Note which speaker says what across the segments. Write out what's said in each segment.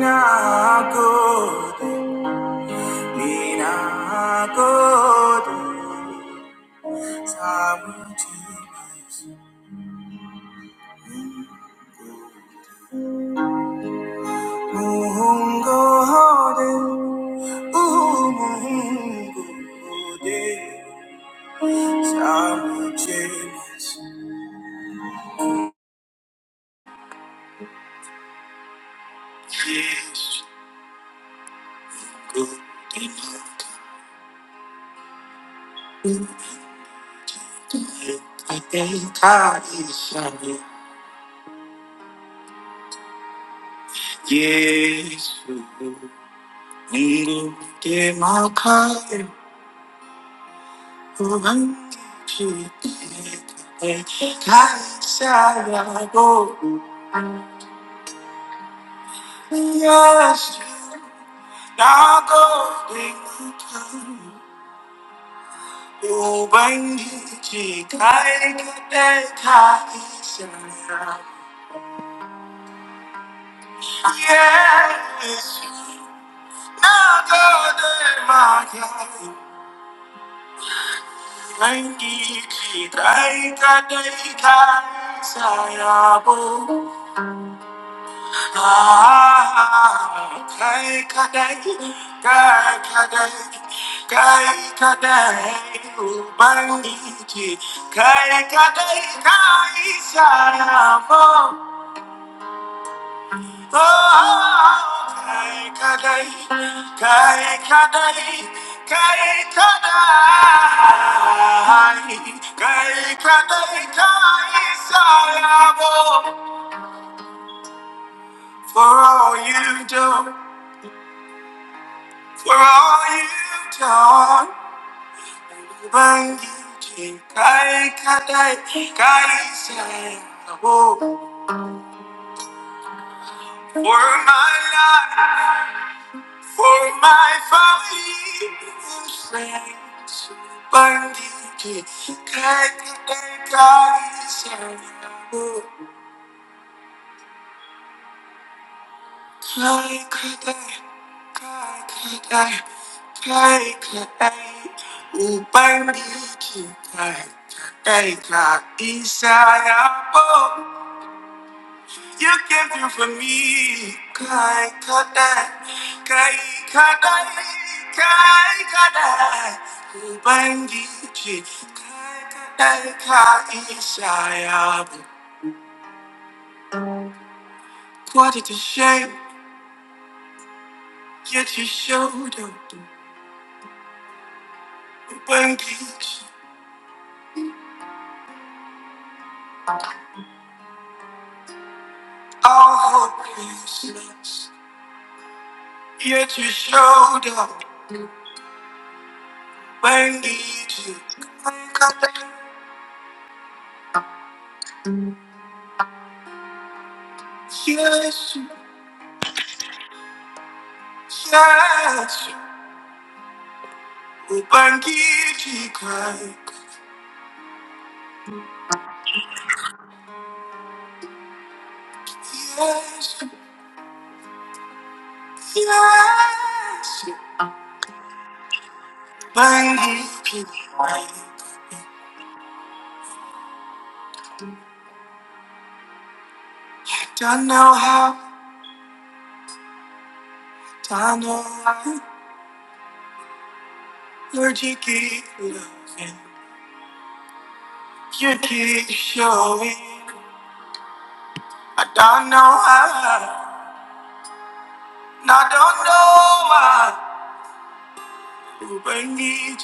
Speaker 1: Nagode, ninagode, samujibas. Muhungode, umungode, samujibas. Yes, good enough. I think I deserve it. Yes, good enough. Thank you. Kai kadai, kai kadai, kai kadai, ubangiji, kai kadai, kai saramo. Oh, kai kadai, kai kadai, kai kadai, kai kadai, kai saramo. For all you do. For all you've done, when you came, I can't, I can't say no. For my life, for my family, you sang so when you came, I can't, I can't say no. Play could I, play could I, play could I, oh baby, you play today, not inside out. You came through for me, play could I, play could I, play could I, oh baby, you play today, not inside out. What did you say? Get your shoulder, baby. you All hopelessness, yet you showed up when needed. Yes, you- yes, you when needed, God. Yes, you- yes, you when needed, God. I don't know how, don't know why, Lord, you keep loving, you keep showing. I don't know how. And I don't know why but I need you bring me to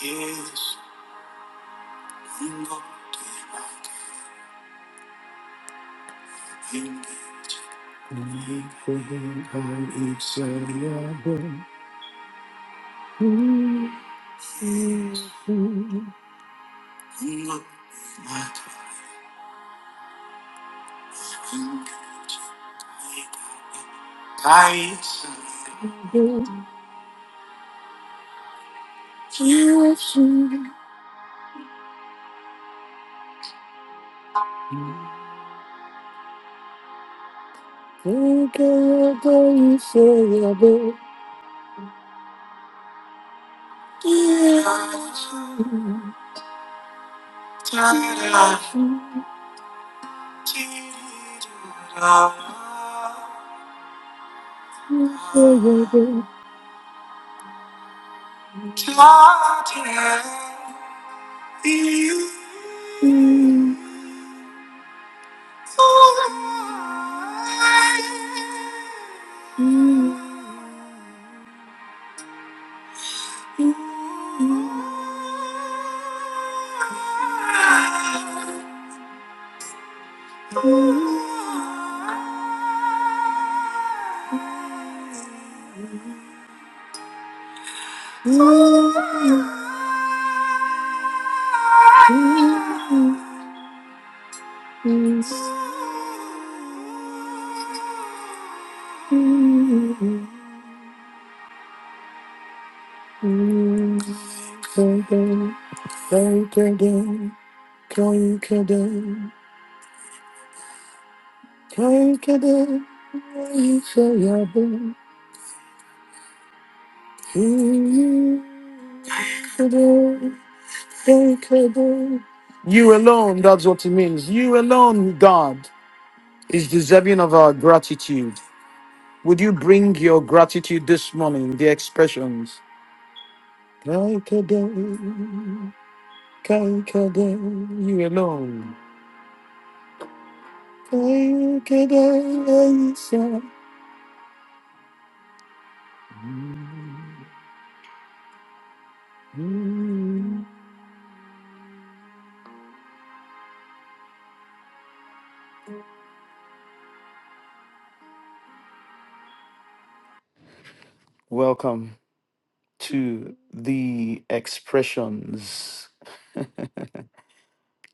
Speaker 1: yes. I'm going not doing it. I'm excellable. I'm going to be like a baby. i gonna excited. I'm gonna not doing it. To know who I am. You alone, that's what it means. You alone, God, is deserving of our gratitude. Would you bring your gratitude this morning, the expressions? Kaikadai, kaikadai, You alone. Kaikadai, Isa. Mm. Welcome to the expressions.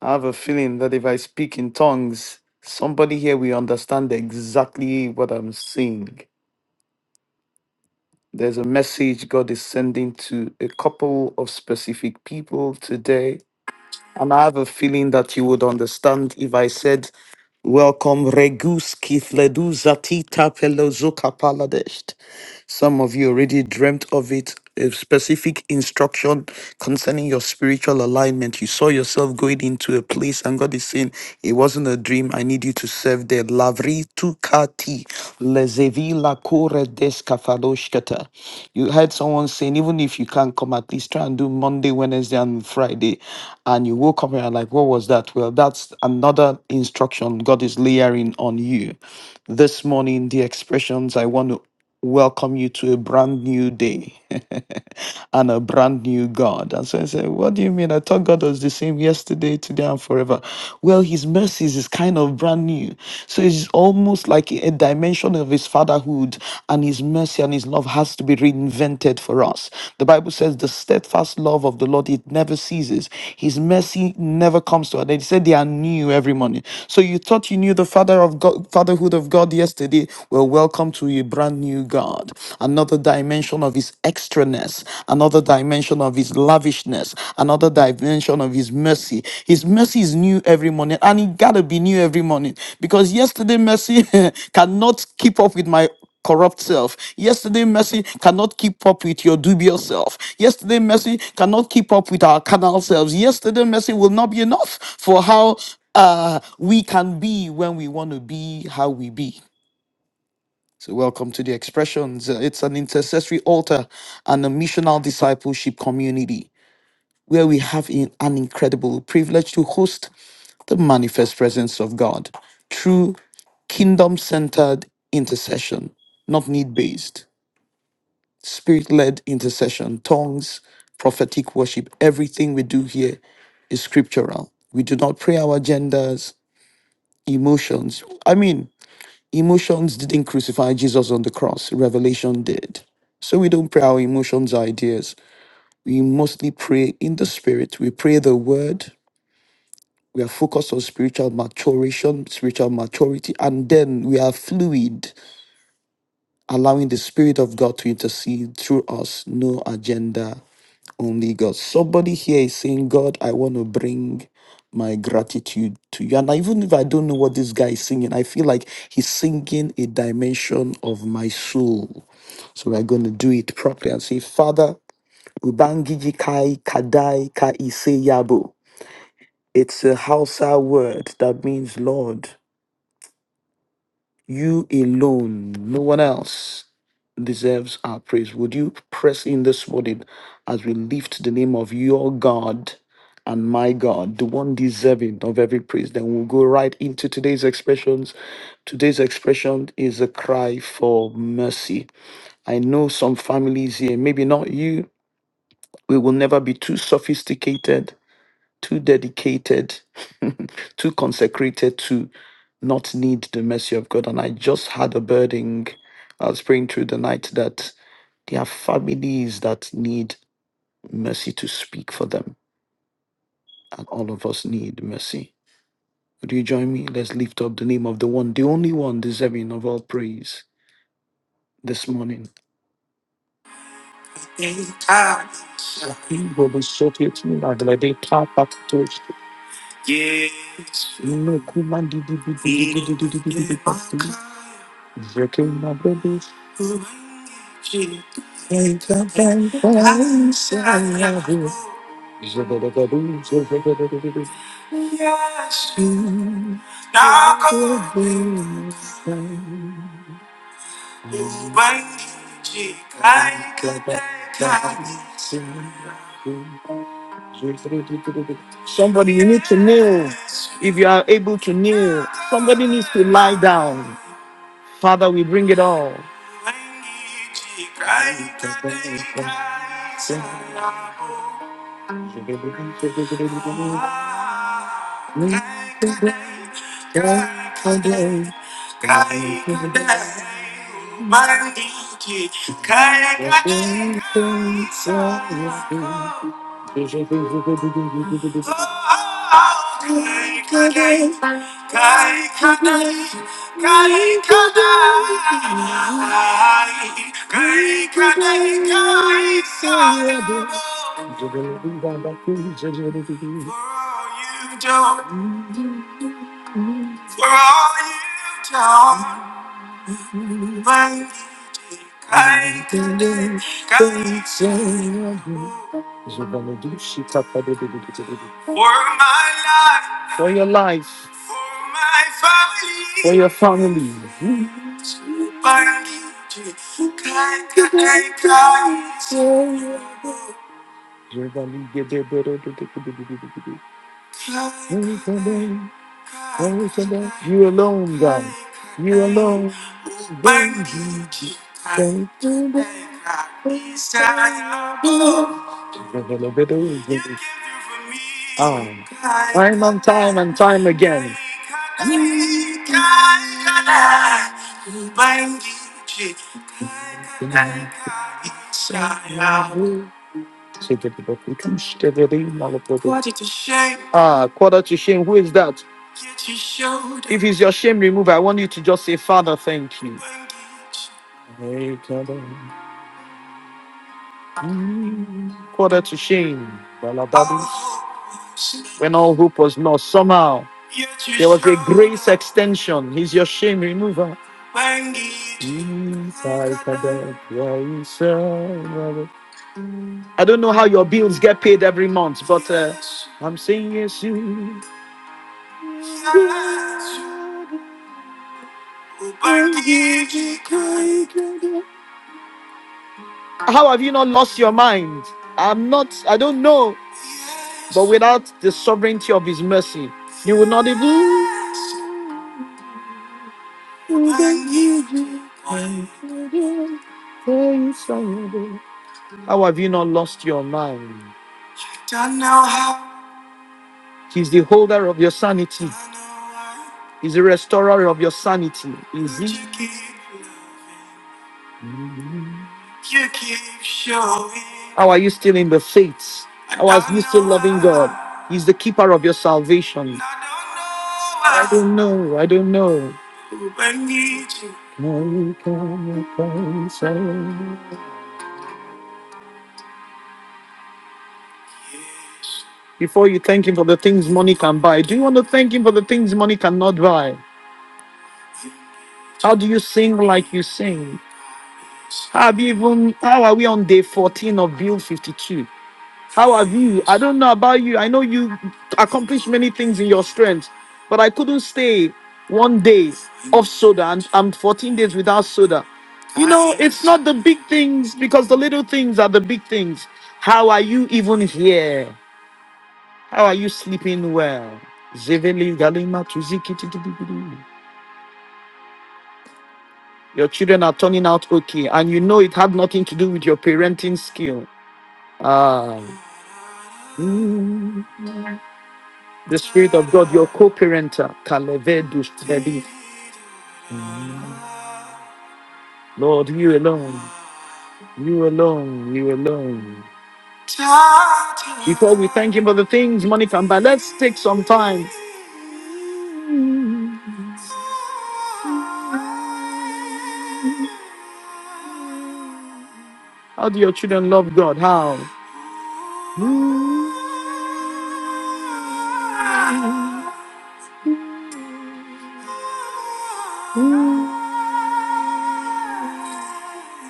Speaker 1: I have a feeling that if I speak in tongues, somebody here will understand exactly what I'm saying. There's a message God is sending to a couple of specific people today And I have a feeling that you would understand if I said, Welcome, Regus Kithledu Zatita Pelozuka Paladest. Some of you already dreamt of it. A specific instruction concerning your spiritual alignment. You saw yourself going into a place, and God is saying, It wasn't a dream. I need you to serve there. Lavri tukati lezevi lakore deskafaloshkata. You heard someone saying, Even if you can't come, at least try and do Monday, Wednesday, and Friday. And you woke up and you're like, What was that? Well, that's another instruction God is layering on you. This morning, the expressions I want to welcome you to a brand new day and a brand new God. And so I said, What do you mean? I thought God was the same yesterday, today, and forever. Well, His mercies is kind of brand new. So it's almost like a dimension of His fatherhood, and His mercy and His love has to be reinvented for us. The Bible says, The steadfast love of the Lord, it never ceases. His mercy never comes to an end. He said, They are new every morning. So you thought you knew the father of God, fatherhood of God yesterday. Well, welcome welcome to a brand new God, another dimension of His extraness, another dimension of His lavishness, another dimension of His mercy. His mercy is new every morning, and it gotta be new every morning because yesterday mercy cannot keep up with my corrupt self. Yesterday, mercy cannot keep up with your dubious self. Yesterday, mercy cannot keep up with our carnal selves. Yesterday, mercy will not be enough for how uh, we can be when we want to be how we be. So, welcome to the expressions. Uh, It's an intercessory altar and a missional discipleship community where we have in- an incredible privilege to host the manifest presence of God through kingdom centered intercession, not need based, spirit led intercession, tongues, prophetic worship. Everything we do here is scriptural. We do not pray our agendas, emotions. I mean, Emotions didn't crucify Jesus on the cross, revelation did. So we don't pray our emotions, our ideas. We mostly pray in the spirit. We pray the word. We are focused on spiritual maturation, spiritual maturity, and then we are fluid, allowing the Spirit of God to intercede through us. No agenda, only God. Somebody here is saying, God, I want to bring my gratitude to you. And even if I don't know what this guy is singing, I feel like he's singing a dimension of my soul. So we're going to do it properly and say, Father, Ubangiji Kai Kadai Kai Yabo. It's a Hausa word that means Lord. You alone, no one else deserves our praise. Would you press in this morning as we lift the name of your God and my God, the one deserving of every praise? Then we'll go right into today's expressions. Today's expression is a cry for mercy. I know some families here, maybe not you, we will never be too sophisticated too dedicated, too consecrated to not need the mercy of God. And I just had a burden. I was praying through the night that there are families that need mercy to speak for them. And all of us need mercy. Would you join me? Let's lift up the name of the one, the only one deserving of all praise this morning. Yes, Somebody, you need to kneel if you are able to kneel. Somebody needs to lie down. Father, we bring it all. Kai, kai, kai, kai, For all you've done, when you take I can do For my life, for your life, for my family, for your family. When you take I can take I You alone, God. You alone. Thank you, Oh, I'm on time and time again. Quarter to shame. Ah, quarter to shame. Who is that? Get your shoulder. If it's your shame remover, I want you to just say, Father, thank you. Quarter to shame. When all hope was lost, somehow there was a grace extension. He's your shame remover. I don't know how your bills get paid every month, but uh, I'm saying yes, you. How have you not lost your mind? I'm not, I don't know. But without the sovereignty of His mercy, you will not even. How have you not lost your mind? He's the holder of your sanity. He's the restorer of your sanity. Is he? How are you still in the faith? How are you still loving God? He's the keeper of your salvation. I don't know. I don't know. Money can reconcile. Before you thank Him for the things money can buy, do you want to thank Him for the things money cannot buy? How do you sing like you sing? Have you even how are we on day 14 of Bill 52? How have you? I don't know about you. I know you accomplished many things in your strength, but I couldn't stay one day off soda and I'm 14 days without soda. You know, it's not the big things because the little things are the big things. How are you even here? How are you sleeping well? Zevele galima tuziki Your children are turning out okay, and you know it had nothing to do with your parenting skill. Ah. The Spirit of God, your co-parenter, Kalevedus Tedi. Lord, you alone, you alone, you alone. Before we thank Him for the things money can buy, let's take some time. How do your children love God? How?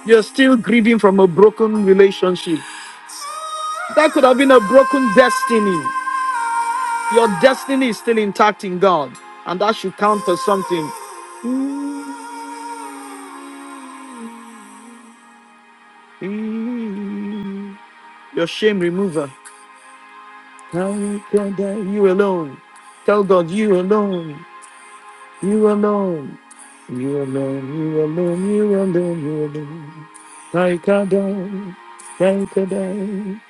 Speaker 1: You're still grieving from a broken relationship. That could have been a broken destiny. Your destiny is still intact in God, and that should count for something. Mm, Your shame remover. Now you can die, you alone. Tell God you alone. You alone. You alone. You alone. You alone. You alone. I can die. I can die.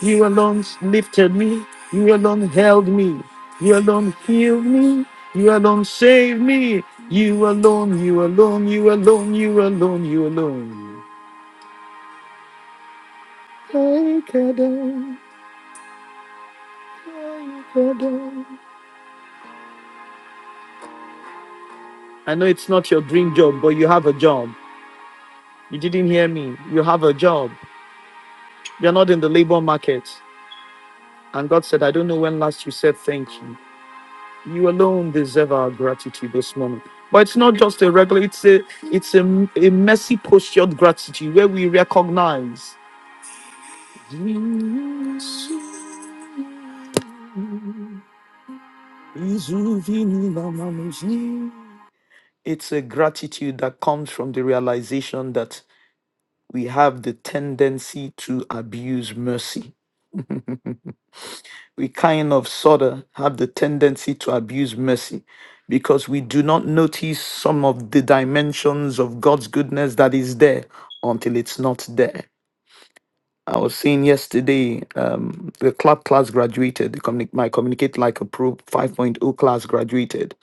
Speaker 1: You alone lifted me. You alone held me. You alone healed me. You alone saved me. You alone. You alone. You alone. You alone. You alone. I can die. I can die. I know it's not your dream job, but you have a job. You didn't hear me. You have a job. You're not in the labor market. And God said, I don't know when last you said thank you. You alone deserve our gratitude this morning. But it's not just a regular, it's a it's a, a messy postured gratitude where we recognize. It's a gratitude that comes from the realization that we have the tendency to abuse mercy we kind of sort of have the tendency to abuse mercy because we do not notice some of the dimensions of God's goodness that is there until it's not there. I was saying yesterday, um, the club class graduated, the communi- my Communicate Like a Pro 5.0 class graduated.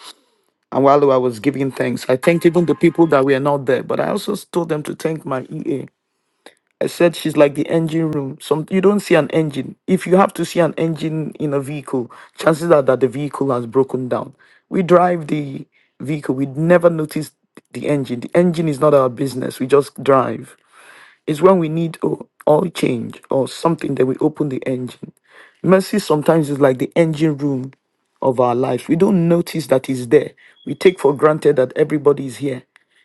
Speaker 1: And while I was giving thanks, I thanked even the people that were not there, but I also told them to thank my EA I said she's like the engine room. Some you don't see an engine. If you have to see an engine in a vehicle, chances are that the vehicle has broken down. We drive the vehicle. We never notice the engine. The engine is not our business. We just drive. It's when we need o- oil change or something that we open the engine. Mercy sometimes is like the engine room of our lives. We don't notice that it's there. We take for granted that everybody is here.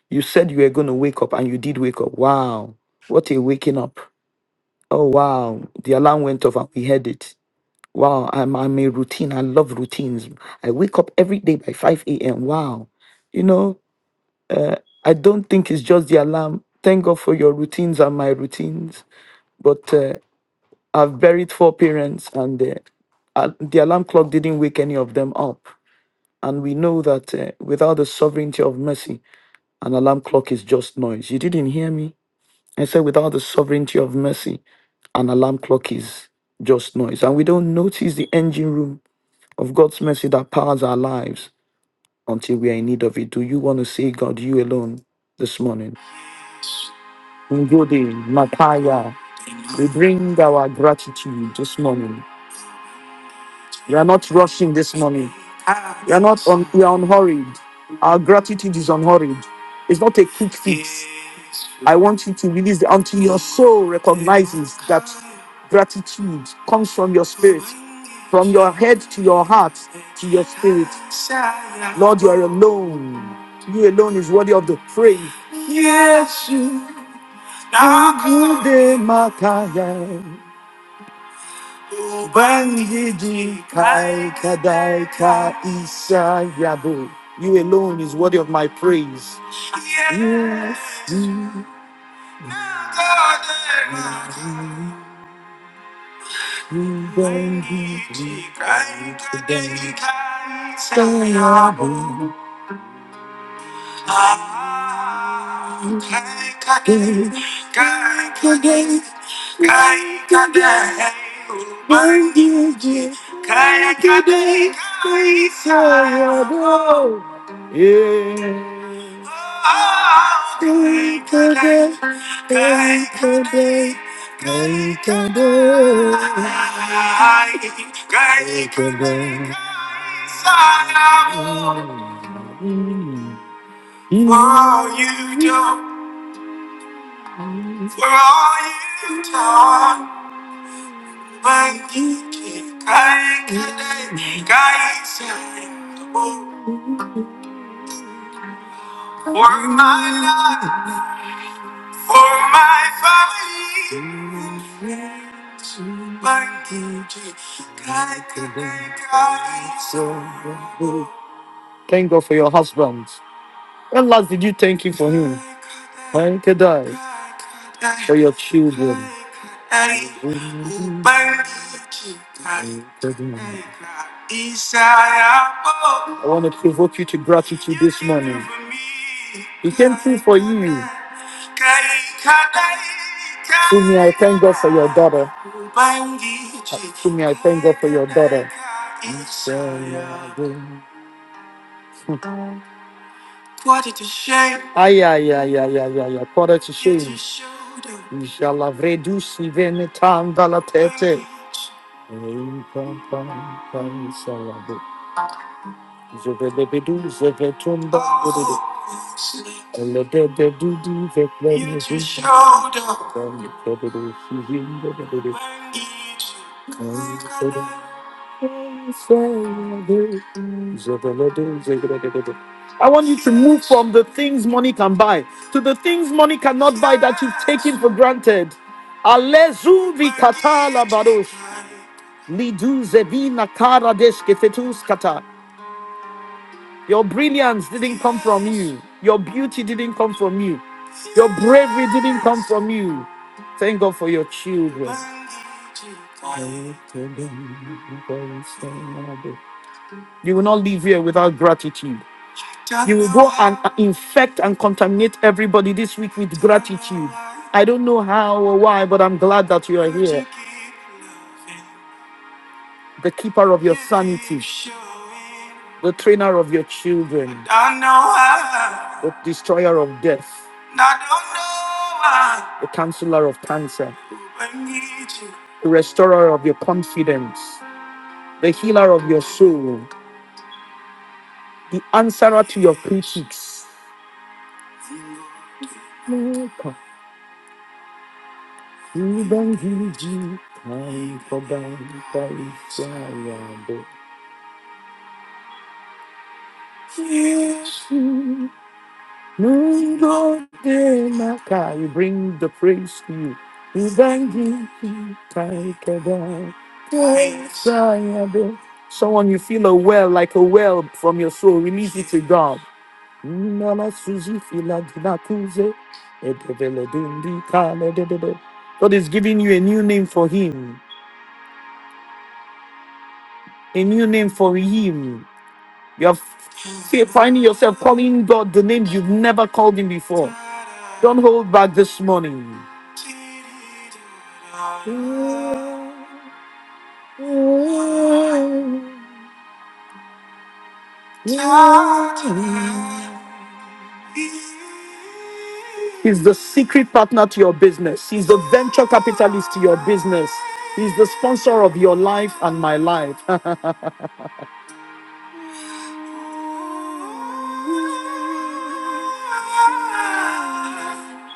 Speaker 1: You said you were going to wake up and you did wake up. Wow. What a waking up. Oh wow, the alarm went off and we heard it. Wow, I'm I'm a routine. I love routines. I wake up every day by 5 a.m. Wow. You know, I don't think it's just the alarm. Thank God for your routines and my routines. But uh, I've buried four parents and uh, uh, the alarm clock didn't wake any of them up. And we know that uh, without the sovereignty of mercy, an alarm clock is just noise. You didn't hear me? And said, without the sovereignty of mercy, an alarm clock is just noise. And we don't notice the engine room of God's mercy that powers our lives until we are in need of it. Do you want to see God, you alone, this morning? Ngodi, Mataya, we bring our gratitude this morning. You are not rushing this morning. You are not on. You are unhurried. Our gratitude is unhurried. It's not a quick fix. I want you to release it until your soul recognizes that gratitude comes from your spirit, from your head to your heart to your spirit. Lord, you are alone. You alone is worthy of the praise. Yes, you. are good, Makaya. Ubangiji kai kadai ka isa yabo. You alone is worthy of my praise. Yes. Ubangiji kai kadai ka isa yabo. Ah, Kai kadai, kai kadai, kai kadai. Ubangiji kai kadai ka isa Yeah. Oh, They could be, they could be, they could be. They could be. For all you do, for all you've done, when you keep crying today, guys, for my life, for my family. Thank God for your husband. When last did you thank him for him? Thank God for your children. I want to provoke you to gratitude this morning. He came through for you. Sumi, I thank God for your daughter. Sumi, I thank God for your daughter. Ay, ay, ay, ay, ay, ay, ay. Quarter to shame. Inshallah, vredu si vene tanda la tete. Pam, pam, pam, salah. I want you to move from the things money can buy to the things money cannot buy that you've taken for granted. Alezu vikatala badosh. Lidu zevina kara deskefetus kata. Your brilliance didn't come from you. Your beauty didn't come from you. Your bravery didn't come from you. Thank God for your children. You will not leave here without gratitude. You will go and infect and contaminate everybody this week with gratitude. I don't know how or why, but I'm glad that you are here the keeper of your sanity, the trainer of your children, the destroyer of death, the counselor of cancer, the restorer of your confidence, the healer of your soul, the answerer to your critics. Lord God, eh, we bring the praise to you. We thank you, we thank you, God. Praise I do. Someone you feel a well, like a well from your soul, release it to God. Nala Suzi Fila Dina Kuze, Edevele Dundi Kale Dedede. God is giving you a new name for Him, a new name for Him. You're f- finding yourself calling God the names you've never called Him before. Don't hold back this morning. He's the secret partner to your business. He's the venture capitalist to your business. He's the sponsor of your life and my life.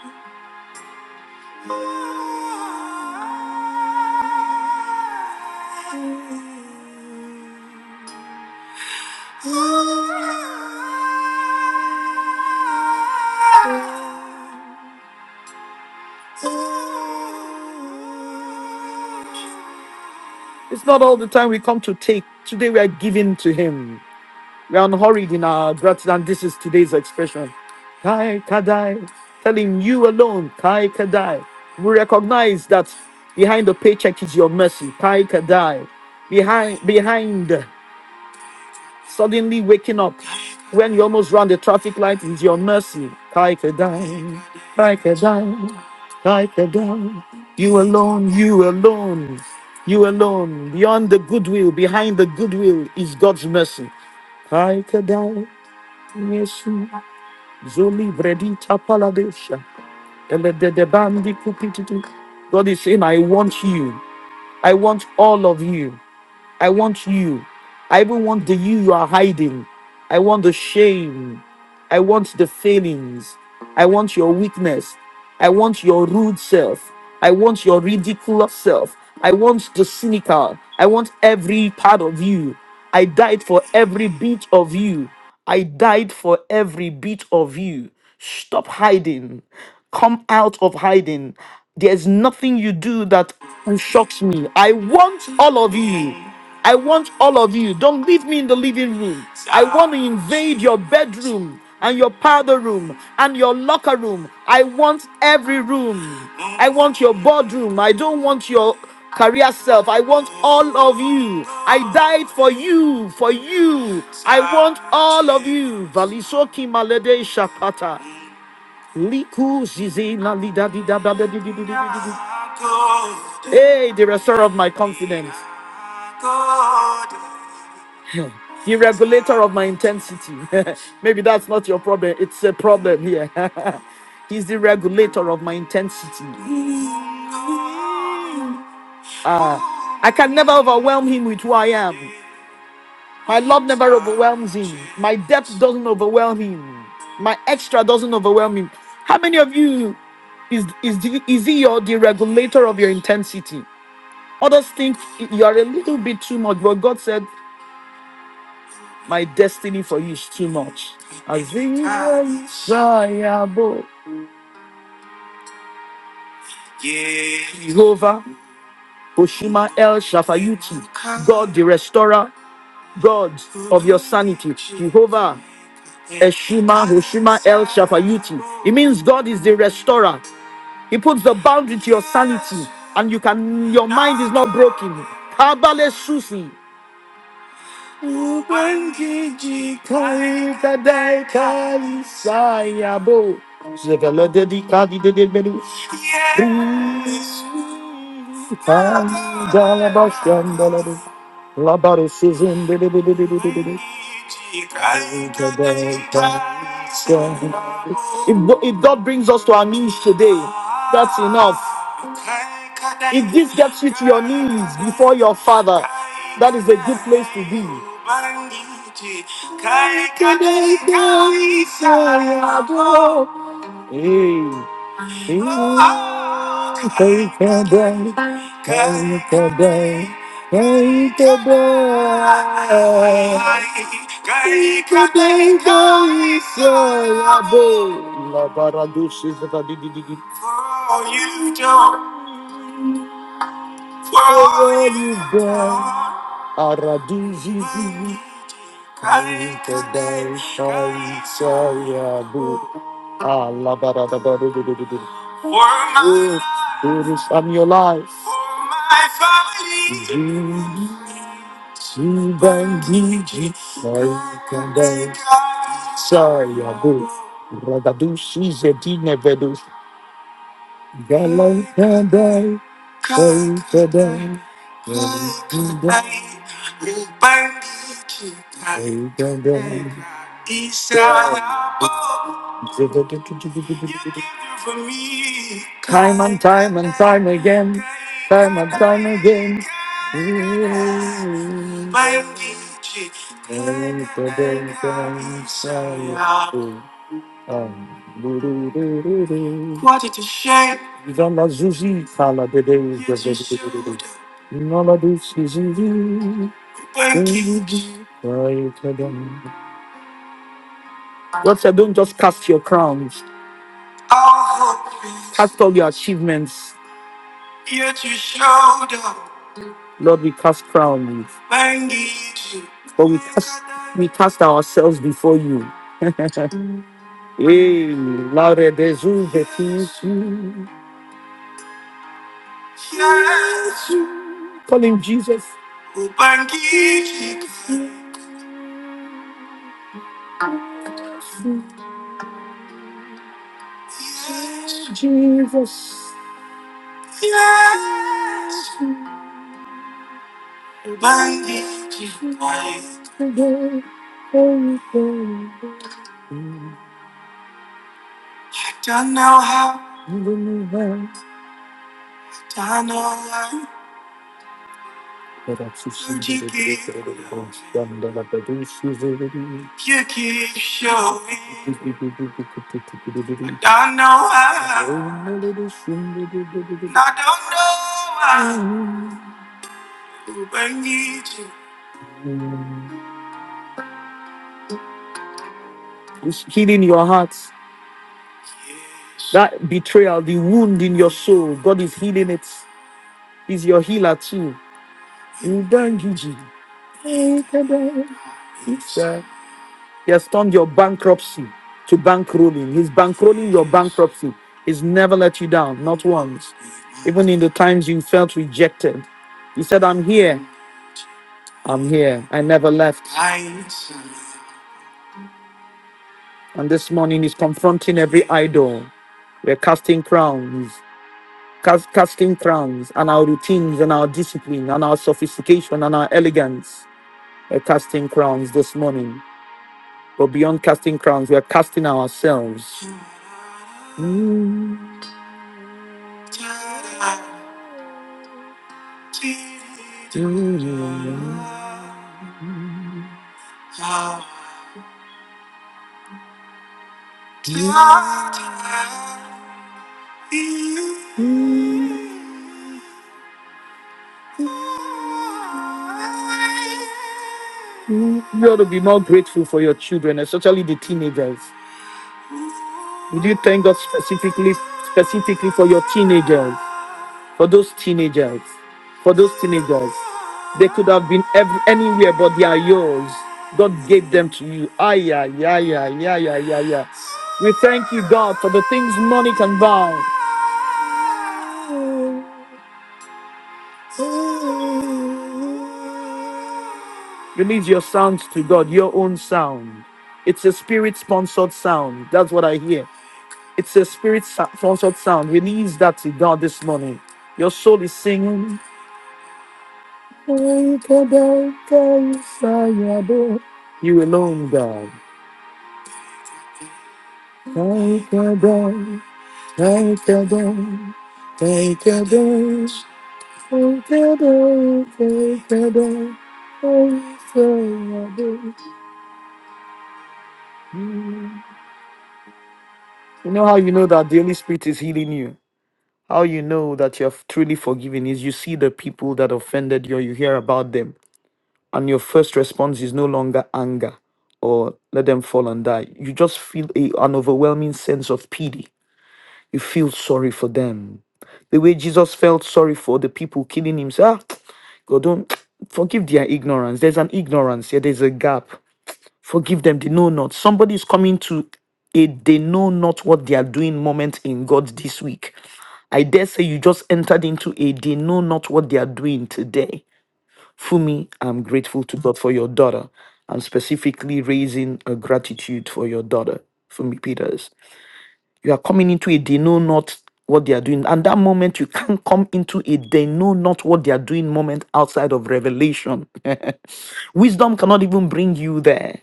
Speaker 1: It's not all the time we come to take. Today we are giving to Him. We are unhurried in our gratitude, and this is today's expression. Kai Kadai, telling you alone, Kai Kadai. We recognize that behind the paycheck is your mercy, Kai Kadai. Behind, behind suddenly waking up when you almost ran the traffic light is your mercy, Kai Kadai, Kai Kadai, Kai Kadai. You alone, you alone, you alone. Beyond the goodwill, behind the goodwill is God's mercy, Kai Kadai. Yesu. Zoli bredita paladesha. Ele de de bandi kupititi. God is saying, I want you. I want all of you. I want you. I even want the you you are hiding. I want the shame. I want the failings. I want your weakness. I want your rude self. I want your ridiculous self. I want the cynical. I want every part of you. I died for every bit of you. I died for every bit of you. Stop hiding. Come out of hiding. There's nothing you do that shocks me. I want all of you. I want all of you. Don't leave me in the living room. I want to invade your bedroom and your powder room and your locker room. I want every room. I want your boardroom. I don't want your career self. I want all of you. I died for you, for you. I want all of you. Valisoki malede shakata. Liku zizina lida di da da da di di di di di di Hey, the restorer of my confidence. The regulator of my intensity. Maybe that's not your problem. It's a problem here. He's the regulator of my intensity. Ah, I can never overwhelm him with who I am. My love never overwhelms him. My depth doesn't overwhelm him. My extra doesn't overwhelm him. How many of you is is the, is he your the regulator of your intensity? Others think you are a little bit too much, but God said. My destiny for you is too much. Azirayabo. Jehovah, Oshima El Shafayuti, God the restorer, God of your sanity, Jehovah, Eshima, Oshima El Shafayuti. It means God is the restorer. He puts the boundary to your sanity, and you can your mind is not broken. Kabale Susi. Ubangiji kaita deka lisayabo. Zevela dedi kadi dedi belu. Yes. If, if God brings us to our knees today, that's enough. If this gets you to your knees before your Father, that is a good place to be. Hey. Kaykadai, kaykadai, kaykadai. Kaykadai, kaykadayabe. Labaradushe zakadidididi. For you don't, for you don't. Aradijiji. Kalikadai Shai Shaya Bu. Ah, la ba da da ba do do do do do. For my Ooh, do this, i your life. For my family. Gigi Bandigi Kalikadai Shaya Bu. Ragadu Shizedine Vedu. Kalikadai Time and time and time again, time and time again. Wanted to share. Zala Zuzi, Kala Bede, Nola Duzi, God said, don't just cast your crowns, cast all your achievements. Lord, we cast crowns, but we cast, we cast ourselves before you. Hey, Laure de Zuzi, Call him Jesus. Ubangiji. Yes, Jesus. Yes, Yes, Ubangiji. I don't know how, don't know how, you keep showing. I do not know how, I don't know why. I need you. He's healing your heart. That betrayal, the wound in your soul, God is healing it. He's your healer too. Ubangiji. Ubangiji. He has turned your bankruptcy to bankrolling. He's bankrolling your bankruptcy. He's never let you down, not once. Even in the times you felt rejected, He said, I'm here. I'm here. I never left. I- And this morning, He's confronting every idol. We're casting crowns. cas- casting crowns and our routines and our discipline and our sophistication and our elegance. We're casting crowns this morning. But beyond casting crowns, we're casting ourselves. You ought to be more grateful for your children, especially the teenagers. Would you thank God specifically, specifically for your teenagers? for those teenagers, for those teenagers. They could have been ev- anywhere, but they are yours. God gave them to you. Ay, yeah, yeah, yeah, yeah, yeah, yeah, yeah. We thank you, God, for the things money can buy. Release your sounds to God, your own sound. It's a spirit sponsored sound. That's what I hear. It's a spirit sponsored sound. Release that to God this morning. Your soul is singing. You alone, God. Thank you, Lord. Thank you, Lord. Thank you, Lord. Thank you, Lord. Thank you, Lord. Thank you, Lord. You know how you know that the Holy Spirit is healing you? How you know that you're truly forgiven is you see the people that offended you, or you hear about them, and your first response is no longer anger or let them fall and die. You just feel a, an overwhelming sense of pity You feel sorry for them. The way Jesus felt sorry for the people killing him, say, ah, God, don't forgive their ignorance. There's an ignorance here, there's a gap. Forgive them, they know not. Somebody's coming to a they know not what they are doing moment in God this week. I dare say you just entered into a they know not what they are doing today. Fumi, I'm grateful to God for your daughter. I'm specifically raising a gratitude for your daughter, Fumi Peters. You are coming into it, they know not what they are doing. And that moment, you can't come into it, they know not what they are doing moment outside of revelation. Wisdom cannot even bring you there.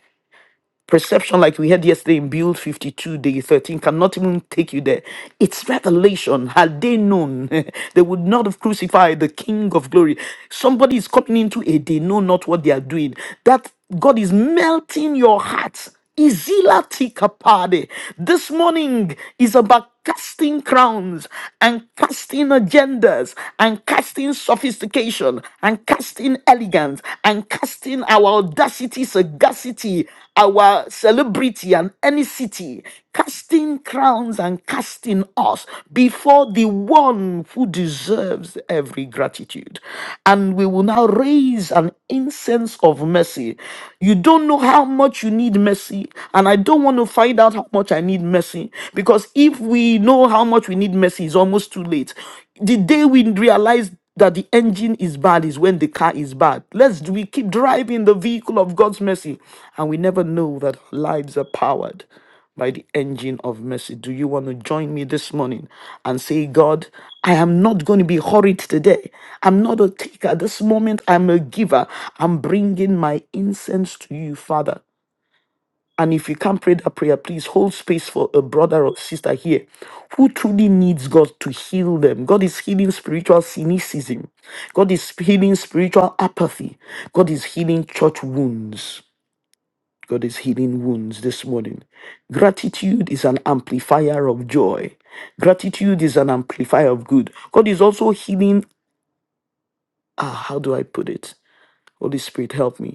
Speaker 1: Perception, like we had yesterday in Build 52, day 13, cannot even take you there. It's revelation. Had they known, they would not have crucified the King of glory. Somebody is coming into it, they know not what they are doing. That God is melting your heart Izila tikapade. This morning is about casting crowns and casting agendas and casting sophistication and casting elegance and casting our audacity, sagacity, our celebrity and any city, casting crowns and casting us before the one who deserves every gratitude. And we will now raise an incense of mercy. You don't know how much you need need mercy, and I don't want to find out how much I need mercy. Because if we know how much we need mercy, it's almost too late. The day we realize that the engine is bad is when the car is bad. Let's we keep driving the vehicle of God's mercy, and we never know that lives are powered by the engine of mercy. Do you want to join me this morning and say, God, I am not going to be hurried today. I'm not a taker. This moment, I'm a giver. I'm bringing my incense to you, Father. And if you can't pray that prayer, please hold space for a brother or sister here who truly needs God to heal them. God is healing spiritual cynicism. God is healing spiritual apathy. God is healing church wounds. God is healing wounds this morning. Gratitude is an amplifier of joy. Gratitude is an amplifier of good. God is also healing. Ah, how do I put it? Holy Spirit, help me.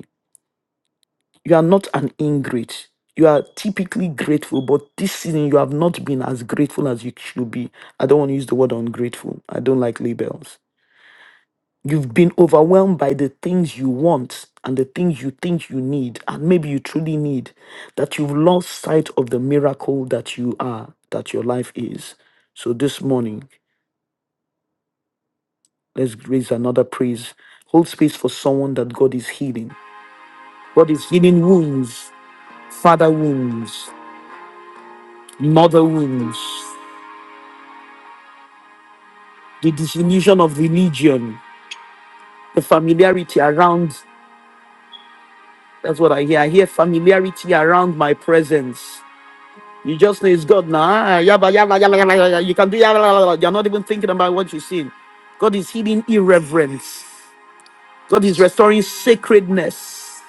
Speaker 1: you are not an ingrate. You are typically grateful, but this season you have not been as grateful as you should be. I don't want to use the word ungrateful. I don't like labels. You've been overwhelmed by the things you want and the things you think you need, and maybe you truly need, that you've lost sight of the miracle that you are, that your life is. So this morning, let's raise another praise. Hold space for someone that God is healing. God is healing wounds, father wounds, mother wounds, the disillusion of religion, the familiarity around. That's what I hear. I hear familiarity around my presence. You just know it's God now. Ah, yabba, yabba, yabba, yabba, yabba. You can do yabba, yabba, yabba. You're not even thinking about what you're seeing. God is healing irreverence. God is restoring sacredness.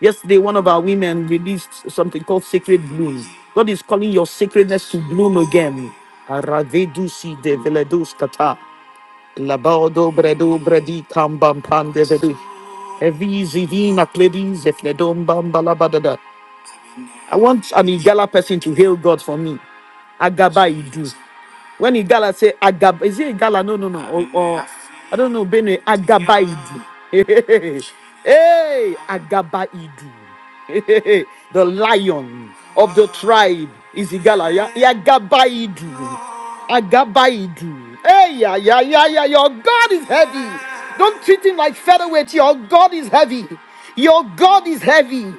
Speaker 1: Yesterday, one of our women released something called Sacred Bloom. God is calling your sacredness to bloom again. Aravedusi de veledus kata. Labado bredo bredi kambam pandevedu. Evizi vina pledis efledom bamba labadada. I want an Igala person to hail God for me. Agaba Idu. When Igala say Agaba, is it Igala? No, no, no. Or, or I don't know, Benue. Agaba Idu. Hey, hey, Agaba Idu. Hey, The lion of the tribe is Igala. Yeah, yeah, Agaba Idu. Agabaidu. Hey, yeah, yeah, yeah, yeah. Your God is heavy. Don't treat him like featherweight. Your God is heavy. Your God is heavy.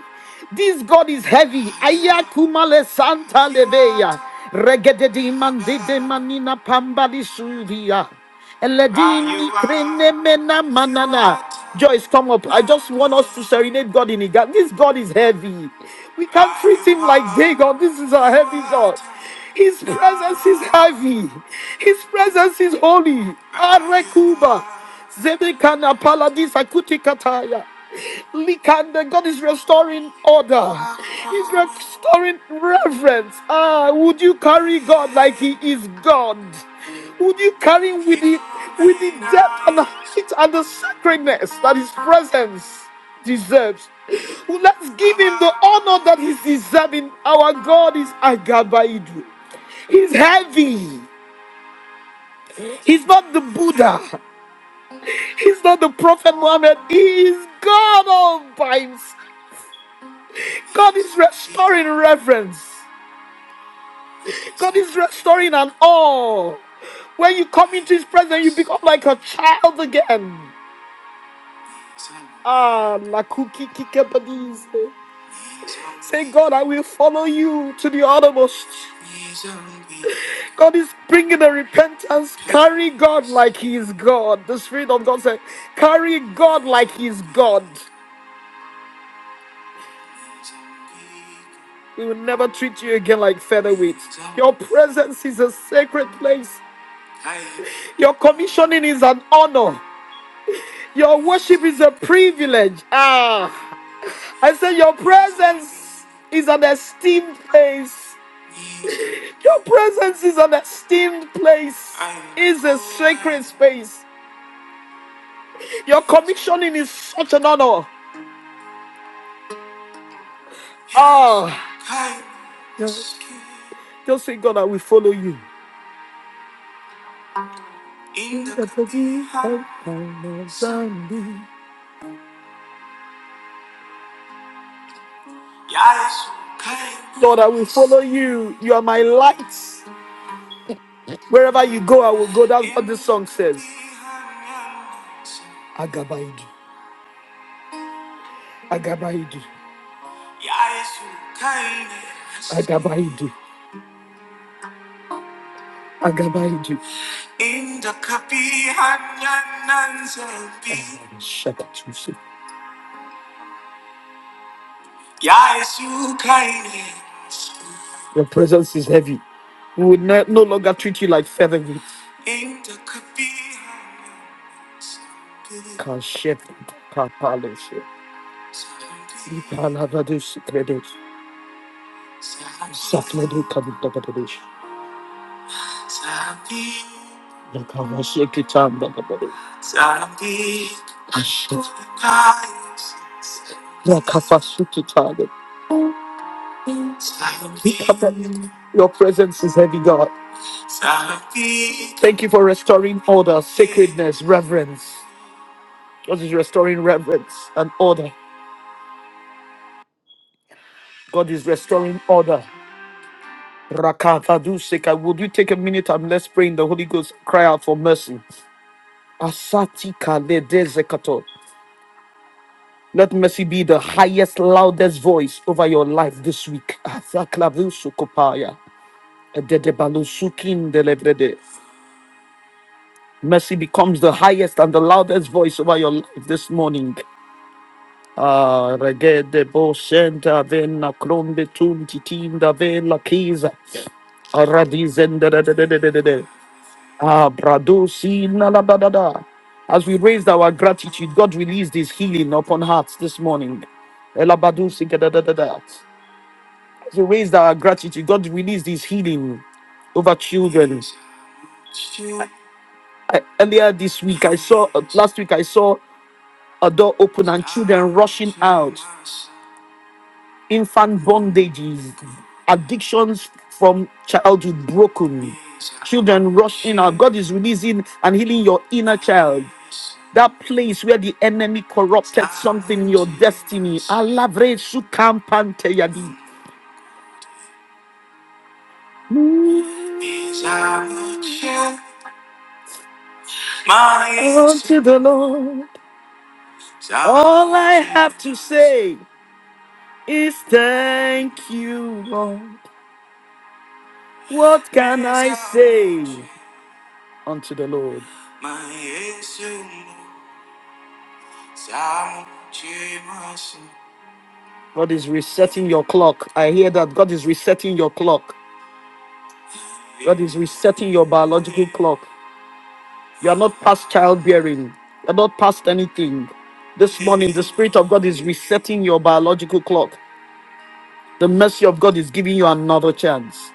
Speaker 1: This God is heavy. Ayakumale Santa Lebeya. Regedede mandi de manina pamba di suvia. Eledini krene mena manana. Joyce, come up. I just want us to serenade God in Iga. This God is heavy. We can't treat him like Dagon. This is a heavy God. His presence is heavy. His presence is holy. Arekuba. Zebekana paladis akutikataya. Likanda, God is restoring order. He's restoring reverence. Ah, would you carry God like He is God? Would you carry with the with the depth and the height and the sacredness that his presence deserves? Well, Let's give him the honor that he's deserving. Our God is Agabaidu. He's heavy. He's not the Buddha. He's not the Prophet Muhammad. He is God all by himself. God is restoring reverence. God is restoring an awe. When you come into his presence, you become like a child again. Ah, la cookie kikabadis. Say, God, I will follow you to the uttermost. God is bringing a repentance. Carry God like He is God. The Spirit of God said, Carry God like He is God. We will never treat you again like featherweights. Your presence is a sacred place. Your commissioning is an honor. Your worship is a privilege. Ah. I said, Your presence is an esteemed place. Your presence is an esteemed place, is a sacred space. Your commissioning is such an honor. Ah, just, just say, God, I will follow you. Lord, I will follow you. You are my light. Wherever you go, I will go. That's what this song says. Agabaidu. Agabaidu. Agabaidu. Agabaidu. In the Shakatusi. Your presence is heavy. We will ne- no longer treat you like featherweight. Kashep. Kapaloshe. Ipalavadusi kredos. Sapledu kabutabadesh. Your presence is heavy, God. Thank you for restoring order, sacredness, reverence. God is restoring reverence and order. God is restoring order. Rakavadu seka. Would you take a minute and let's pray in the Holy Ghost? Cry out for mercy. Asati kale de zekato. Let mercy be the highest, loudest voice over your life this week. Azaklavisukopaya, ededebalusukindelebede. Mercy becomes the highest and the loudest voice over your life this morning. Ah, regede senta vena krombe tum vela kiza. Aradizendededededede. Ah, bradusina la As we raised our gratitude, God released His healing upon hearts this morning. Elabadu sikadadadada. He raised our gratitude. God released his healing over children. I, I- earlier this week, I saw, uh, last week, I saw a door open and children rushing out. Infant bondages, addictions from childhood broken. Children rush in. out. God is releasing and healing your inner child. That place where the enemy corrupted something in your destiny. Alavre sukampante yadi. Unto the Lord, all I have to say is thank you, Lord. What can I say unto the Lord? God is resetting your clock. I hear that God is resetting your clock. God is resetting your biological clock. You are not past childbearing. You are not past anything. This morning, the Spirit of God is resetting your biological clock. The mercy of God is giving you another chance.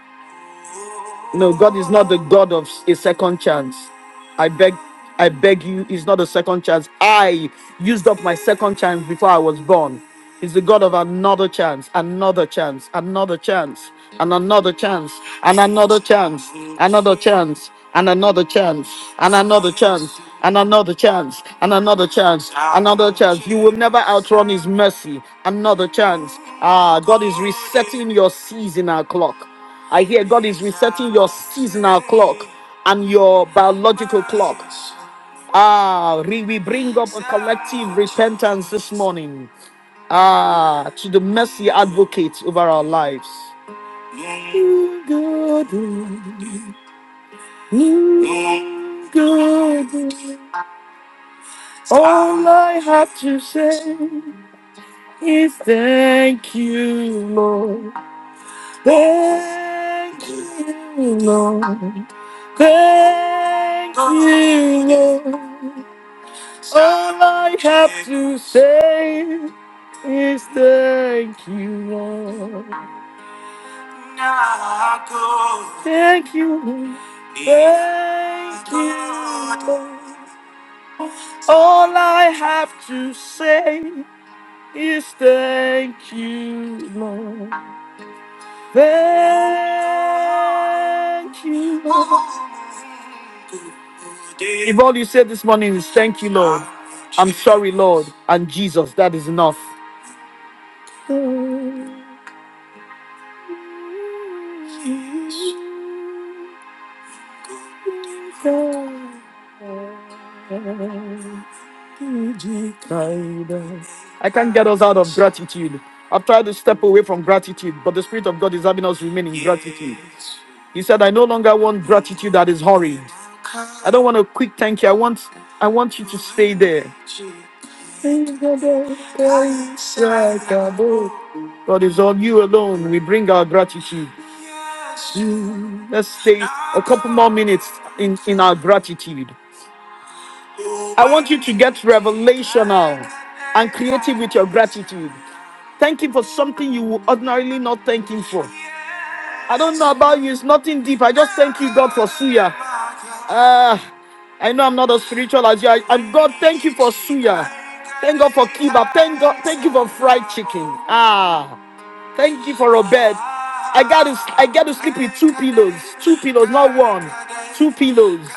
Speaker 1: No, God is not the God of a second chance. I beg, I beg you, He's not a second chance. I used up my second chance before I was born. He's the God of another chance, another chance, another chance, and another chance, and another chance, another chance, and another chance, and another chance, and another chance, and another chance, another chance. You will never outrun His mercy. Another chance. Ah, God is resetting your season our clock. I hear God is resetting your seasonal clock and your biological clock. Ah, re- we bring up a collective repentance this morning. Ah, to the mercy advocate over our lives. God, God, all I have to say is thank you, Lord. Thank you, Lord. Thank you, Lord. All I have to say is thank you, Lord. Thank you, Lord. thank you, Lord. All I have to say is thank you, Lord. Thank you, Lord. If all you said this morning is thank you, Lord, I'm sorry, Lord, and Jesus, that is enough. I can't get us out of gratitude. I've tried to step away from gratitude, but the Spirit of God is having us remain in gratitude. He said, I no longer want gratitude that is hurried. I don't want a quick thank you. I want I want you to stay there. God is on you alone. We bring our gratitude. Let's stay a couple more minutes in, in our gratitude. I want you to get revelational and creative with your gratitude. Thank Him for something you would ordinarily not thank Him for. I don't know about you, it's nothing deep. I just thank you, God, for Suya. Uh, I know I'm not as spiritual as you. I, I'm God, thank you for Suya. Thank God for Kiba. Thank God, thank you for fried chicken. Ah, thank you for a bed. I gotta I gotta sleep with two pillows. Two pillows, not one. Two pillows.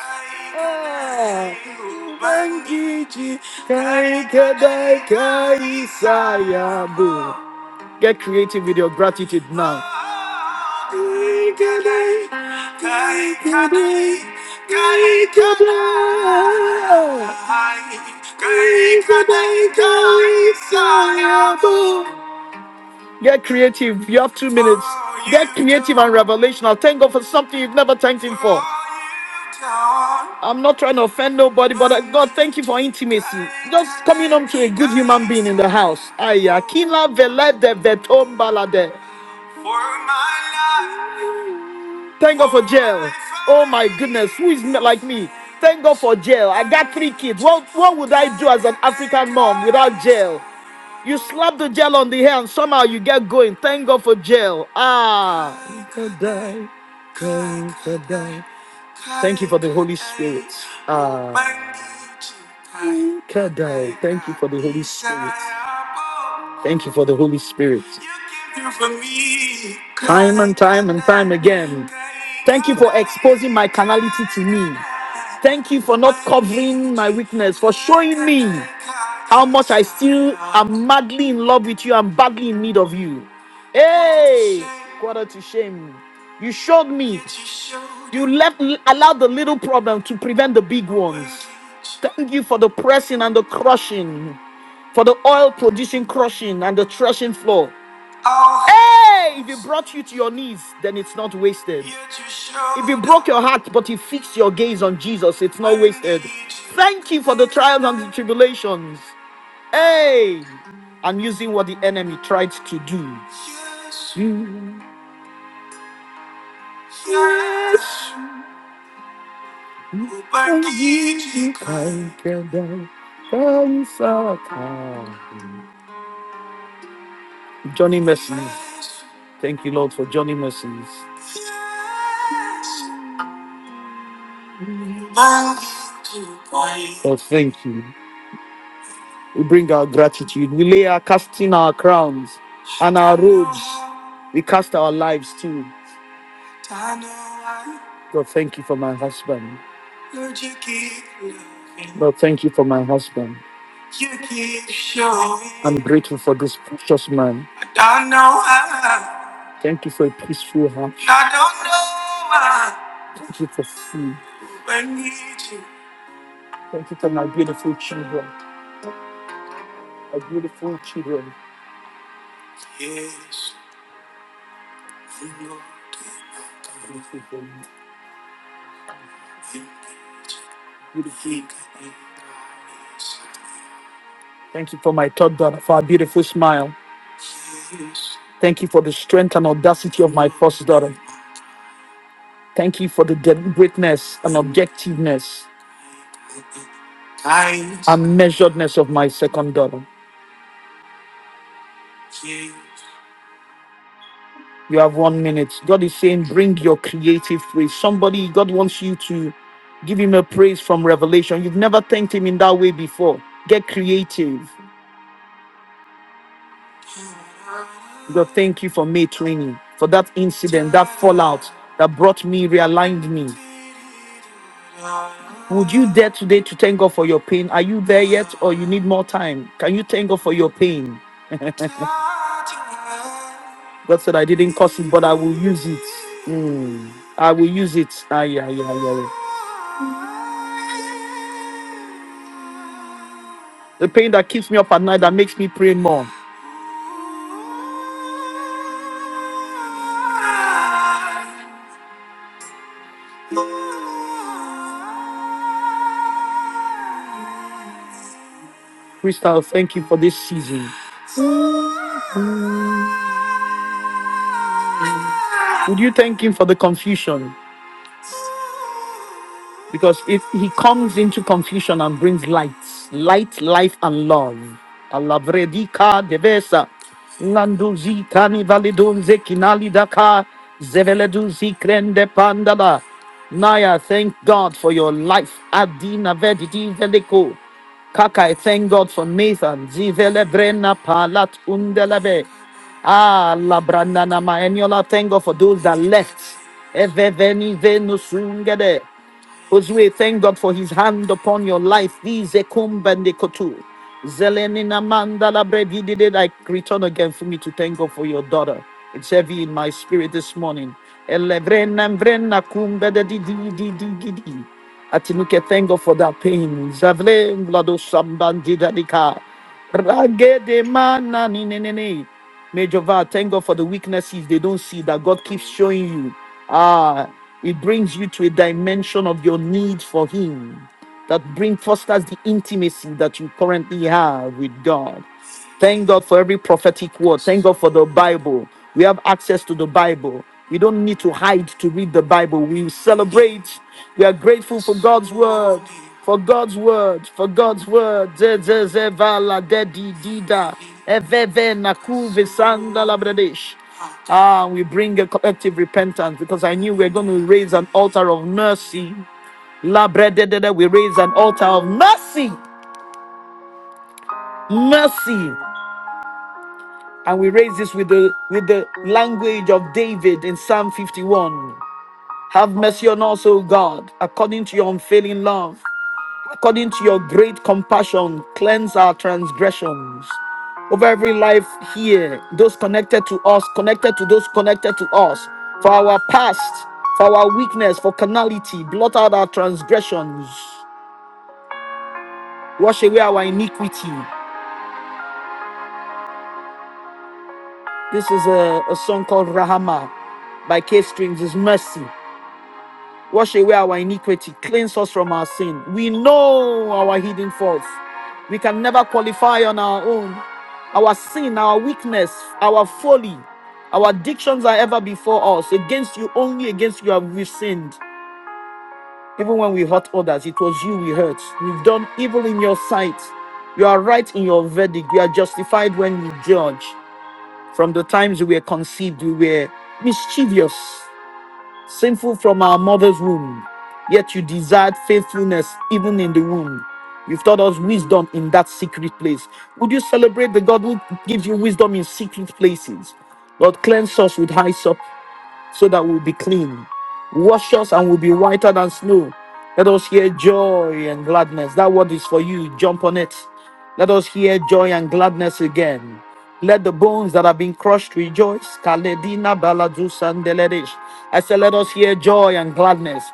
Speaker 1: Kaika Daika Isayabu. Get creative with your gratitude now. Kaika Dai, Kaika Dai. Kaika Daika Isayabu. Get creative. You have two minutes. Get creative and revelational. Thank God for something you've never thanked Him for. I'm not trying to offend nobody, but uh, God, thank you for intimacy. Just coming home to a good human being in the house. Aya, kila vele de vetombala de. Thank God for jail. Oh my goodness, who is not like me? Thank God for jail. I got three kids. What what would I do as an African mom without jail? You slap the gel on the hair and somehow you get going. Thank God for gel. Ah. Kadai, kai, kadai. Thank you for the Holy Spirit. Ah. Kadai, Thank you for the Holy Spirit. Thank you for the Holy Spirit. Time and time and time again. Thank you for exposing my carnality to me. Thank you for not covering my weakness, for showing me how much I still am madly in love with you and badly in need of you. Hey, quarter to shame. You showed me. You left allowed the little problem to prevent the big ones. Thank you for the pressing and the crushing for the oil producing crushing and the threshing floor. Oh, Hey, if he brought you to your knees, then it's not wasted. If he broke your heart, but he fixed your gaze on Jesus, it's not wasted. Thank you for the trials and the tribulations. Hey, I'm using what the enemy tried to do. you. Yes, You yes. I can die. Johnny Mercy. Thank you, Lord, for Johnny Mercies. Oh, thank you. We bring our gratitude. We lay our casting our crowns and our robes. We cast our lives too. Lord, thank you for my husband. Lord, thank you for my husband. I'm grateful for this precious man. Thank you for a peaceful heart. Thank you for food. Thank you for my beautiful children. My beautiful children. Beautiful, beautiful. Thank you for my third daughter, for her beautiful smile. Thank you for the strength and audacity of my first daughter. Thank you for the deliberateness and objectiveness and measuredness of my second daughter. You have one minute. God is saying, bring your creative praise. Somebody, God wants you to give him a praise from revelation. You've never thanked him in that way before. Get creative. God, thank you for May training, for that incident, that fallout that brought me, realigned me. Would you dare today to thank God for your pain? Are you there yet or you need more time? Can you thank God for your pain? God said, I didn't cause it, but I will use it. Mm. I will use it. Ah, yeah, yeah, yeah. The pain that keeps me up at night, that makes me pray more. Crystal, thank you for this season. Would you thank him for the confusion? Because if he comes into confusion and brings light, light, life, and love. Alabredika devesa. Nanduzi kani validunze kinali daka. Zeveleduzi krende pandala. Naya, thank God for your life. Adina vedidi veliko. Kaka, I thank God for Nathan. Zivele brena palat undelebe. Ah, la brandana ma eniola. Thank God for those that left. Eveveni venu sungede. Josue, thank God for his hand upon your life. Izekumbandekotu. Zelenina mandala bread. He did it like return again for me to thank God for your daughter. It's heavy in my spirit this morning. Elevrena mvrena kumbede di di di di di di. Atinuke, thank God for that pain. Zavle mlado sambandidadika. Ragede manani Major Val, thank God for the weaknesses they don't see that God keeps showing you. Ah, it brings you to a dimension of your need for Him that bring fosters the intimacy that you currently have with God. Thank God for every prophetic word. Thank God for the Bible. We have access to the Bible. We don't need to hide to read the Bible. We celebrate. We are grateful for God's word. For God's word. For God's word. Ze- ze- ze- va- la- de- di- di- da. Eve- ve- ve- na- ku- ve- san- da- la- bra- dish. Ah, we bring a collective repentance because I knew we are going to raise an altar of mercy. La bre- de- de- de. We raise an altar of mercy. Mercy. And we raise this with the with the language of David in Psalm 51. Have mercy on us, O God, according to your unfailing love, according to your great compassion, cleanse our transgressions. Over every life here, those connected to us, connected to those connected to us, for our past, for our weakness, for carnality, blot out our transgressions, wash away our iniquity. This is a, a song called Rahama by K Strings, is mercy. wash away our iniquity, cleanse us from our sin. We know our hidden faults. We can never qualify on our own. Our sin, our weakness, our folly, our addictions are ever before us. Against you, only against you have we sinned. Even when we hurt others, it was you we hurt. We've done evil in your sight. You are right in your verdict. We are justified when we judge. From the times we were conceived, we were mischievous sinful from our mother's womb, yet you desired faithfulness even in the womb. You've taught us wisdom in that secret place. Would you celebrate the God who gives you wisdom in secret places? Lord, cleanse us with hyssop so that we'll be clean. Wash us and we'll be whiter than snow. Let us hear joy and gladness. That word is for you. Jump on it. Let us hear joy and gladness again. Let the bones that have been crushed rejoice. Kaledina baladu sandeledish. I said, let us hear joy and gladness.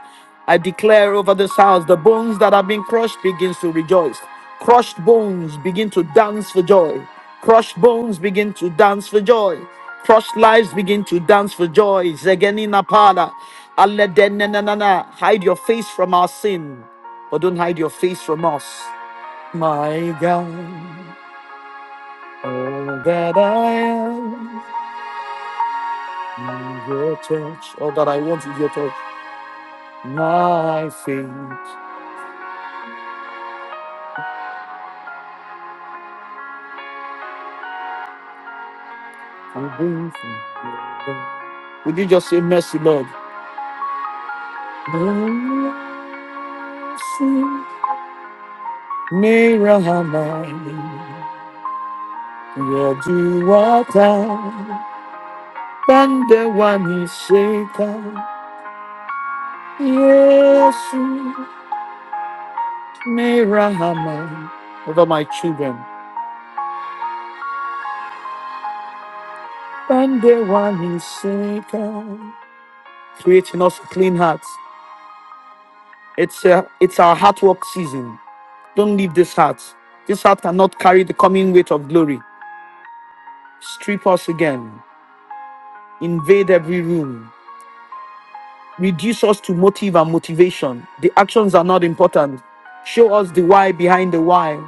Speaker 1: I declare over this house the bones that have been crushed begins to rejoice. Crushed bones begin to dance for joy. Crushed bones begin to dance for joy. Crushed lives begin to dance for joy. Zegenina pala. Aledenenenana. Hide your face from our sin, but don't hide your face from us. My God, all that I am is your touch. All that I want is your touch. My faith, I am you. Would you just say mercy, Lord? Mercy, Mirahama, Yaduata, Bandewani Seka, Yesu, Mirahama, over my children, Bandewani Seka, creating us clean hearts. It's, a, it's our heart work season. Don't leave this heart. This heart cannot carry the coming weight of glory. Strip us again. Invade every room. Reduce us to motive and motivation. The actions are not important. Show us the why behind the why.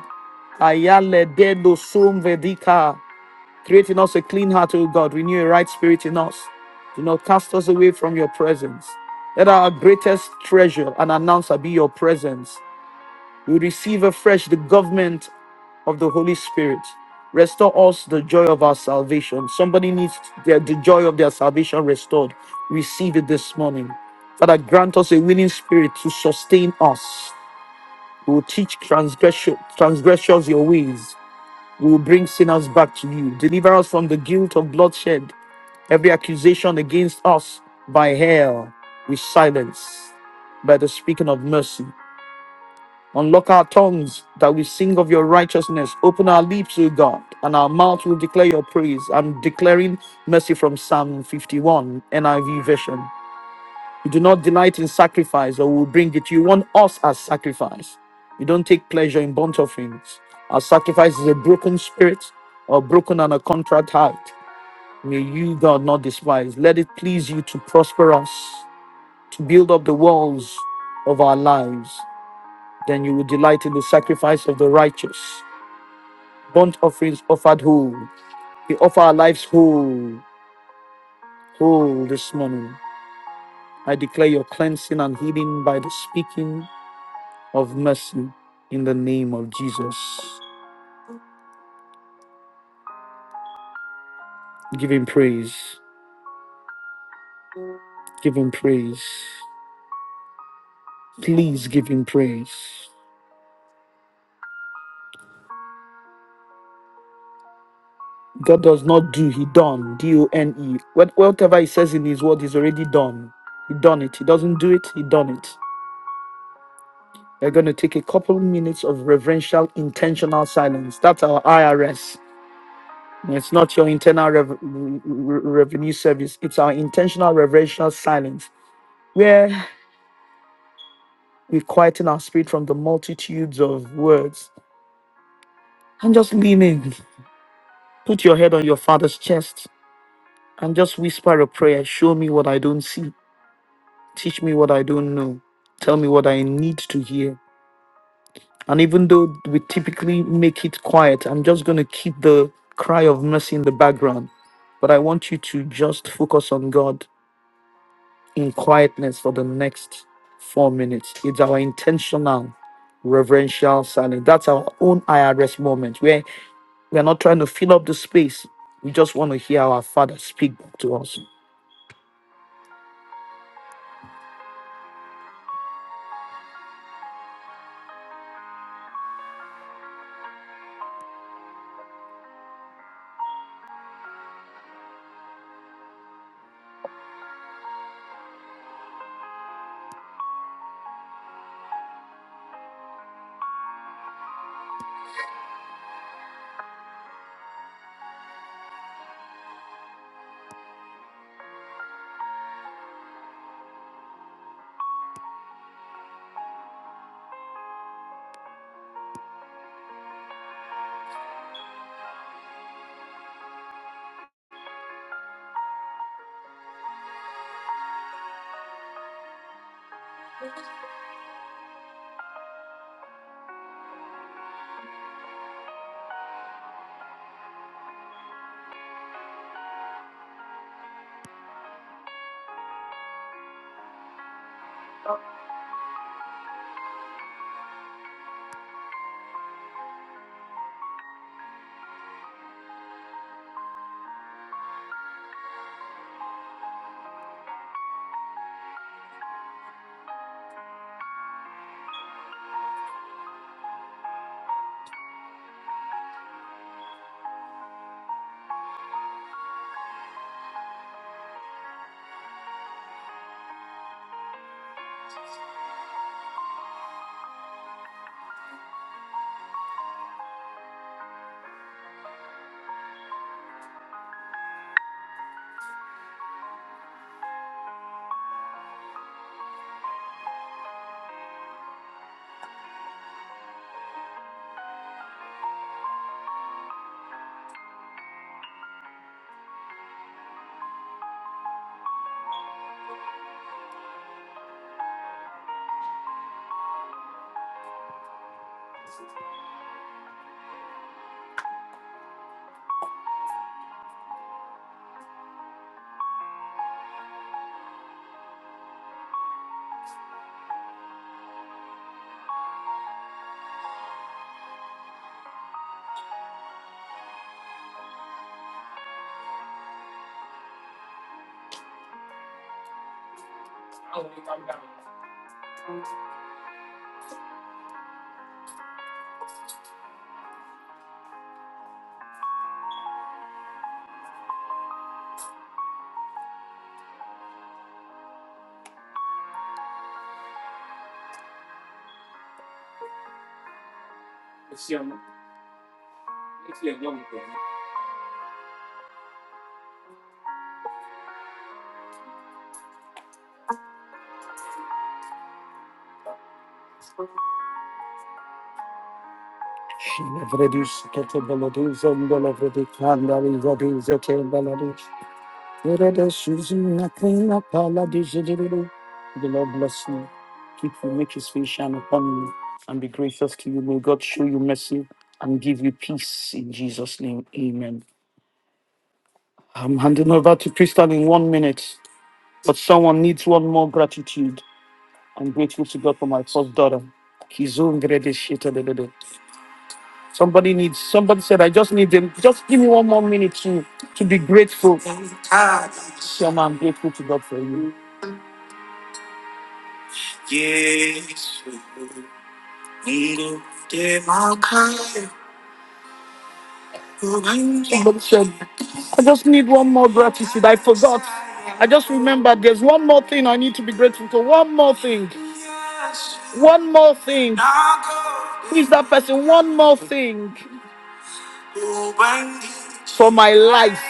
Speaker 1: Ayale dedo sum vedika. Create in us a clean heart, O God. Renew a right spirit in us. Do not cast us away from your presence. Let our greatest treasure and announcer be your presence. We receive afresh the government of the Holy Spirit. Restore us the joy of our salvation. Somebody needs their, the joy of their salvation restored. Receive it this morning. Father, grant us a willing spirit to sustain us. We will teach transgression, transgressors your ways. We will bring sinners back to you. Deliver us from the guilt of bloodshed. Every accusation against us by hell, we silence by the speaking of mercy. Unlock our tongues that we sing of your righteousness. Open our lips, O God, and our mouth will declare your praise. I'm declaring mercy from Psalm 51, NIV version. You do not delight in sacrifice or will bring it. You want us as sacrifice. You don't take pleasure in burnt offerings. Our sacrifice is a broken spirit or broken and a contrite heart. May you, God, not despise. Let it please you to prosper us, to build up the walls of our lives. Then you will delight in the sacrifice of the righteous. Burnt offerings offered whole. We offer our lives whole, whole this morning. I declare your cleansing and healing by the speaking of mercy in the name of Jesus. Give him praise. Give him praise. Please give him praise. God does not do, he done. D-O-N-E. What- Whatever he says in his word is already done. He done it. He doesn't do it, he done it. We're going to take a couple minutes of reverential, intentional silence. That's our IRS. It's not your internal rev- re- re- revenue service, it's our intentional, reverential silence where we quieten our spirit from the multitudes of words and just lean in. Put your head on your father's chest and just whisper a prayer Show me what I don't see, teach me what I don't know, tell me what I need to hear. And even though we typically make it quiet, I'm just going to keep the cry of mercy in the background. But I want you to just focus on God in quietness for the next four minutes. It's our intentional reverential silence. That's our own IRS moment where we are not trying to fill up the space. We just want to hear our Father speak back to us. the Lord bless you. Keep you, make his face shine upon you, and be gracious to you. May God show you mercy and give you peace in Jesus' name. Amen. I'm handing over to Crystal in one minute, but someone needs one more gratitude. I'm grateful to God for my first daughter. Kizungredeshitadadada. Somebody needs somebody said, I just need them. Just give me one more minute to to be grateful. Ah Shema, I'm grateful to God for you. Yesu, Mungu de Makai, Somebody said, I just need one more gratitude. I forgot. I just remembered there's one more thing I need to be grateful for. One more thing. One more thing. Who is that person? One more thing. For my life.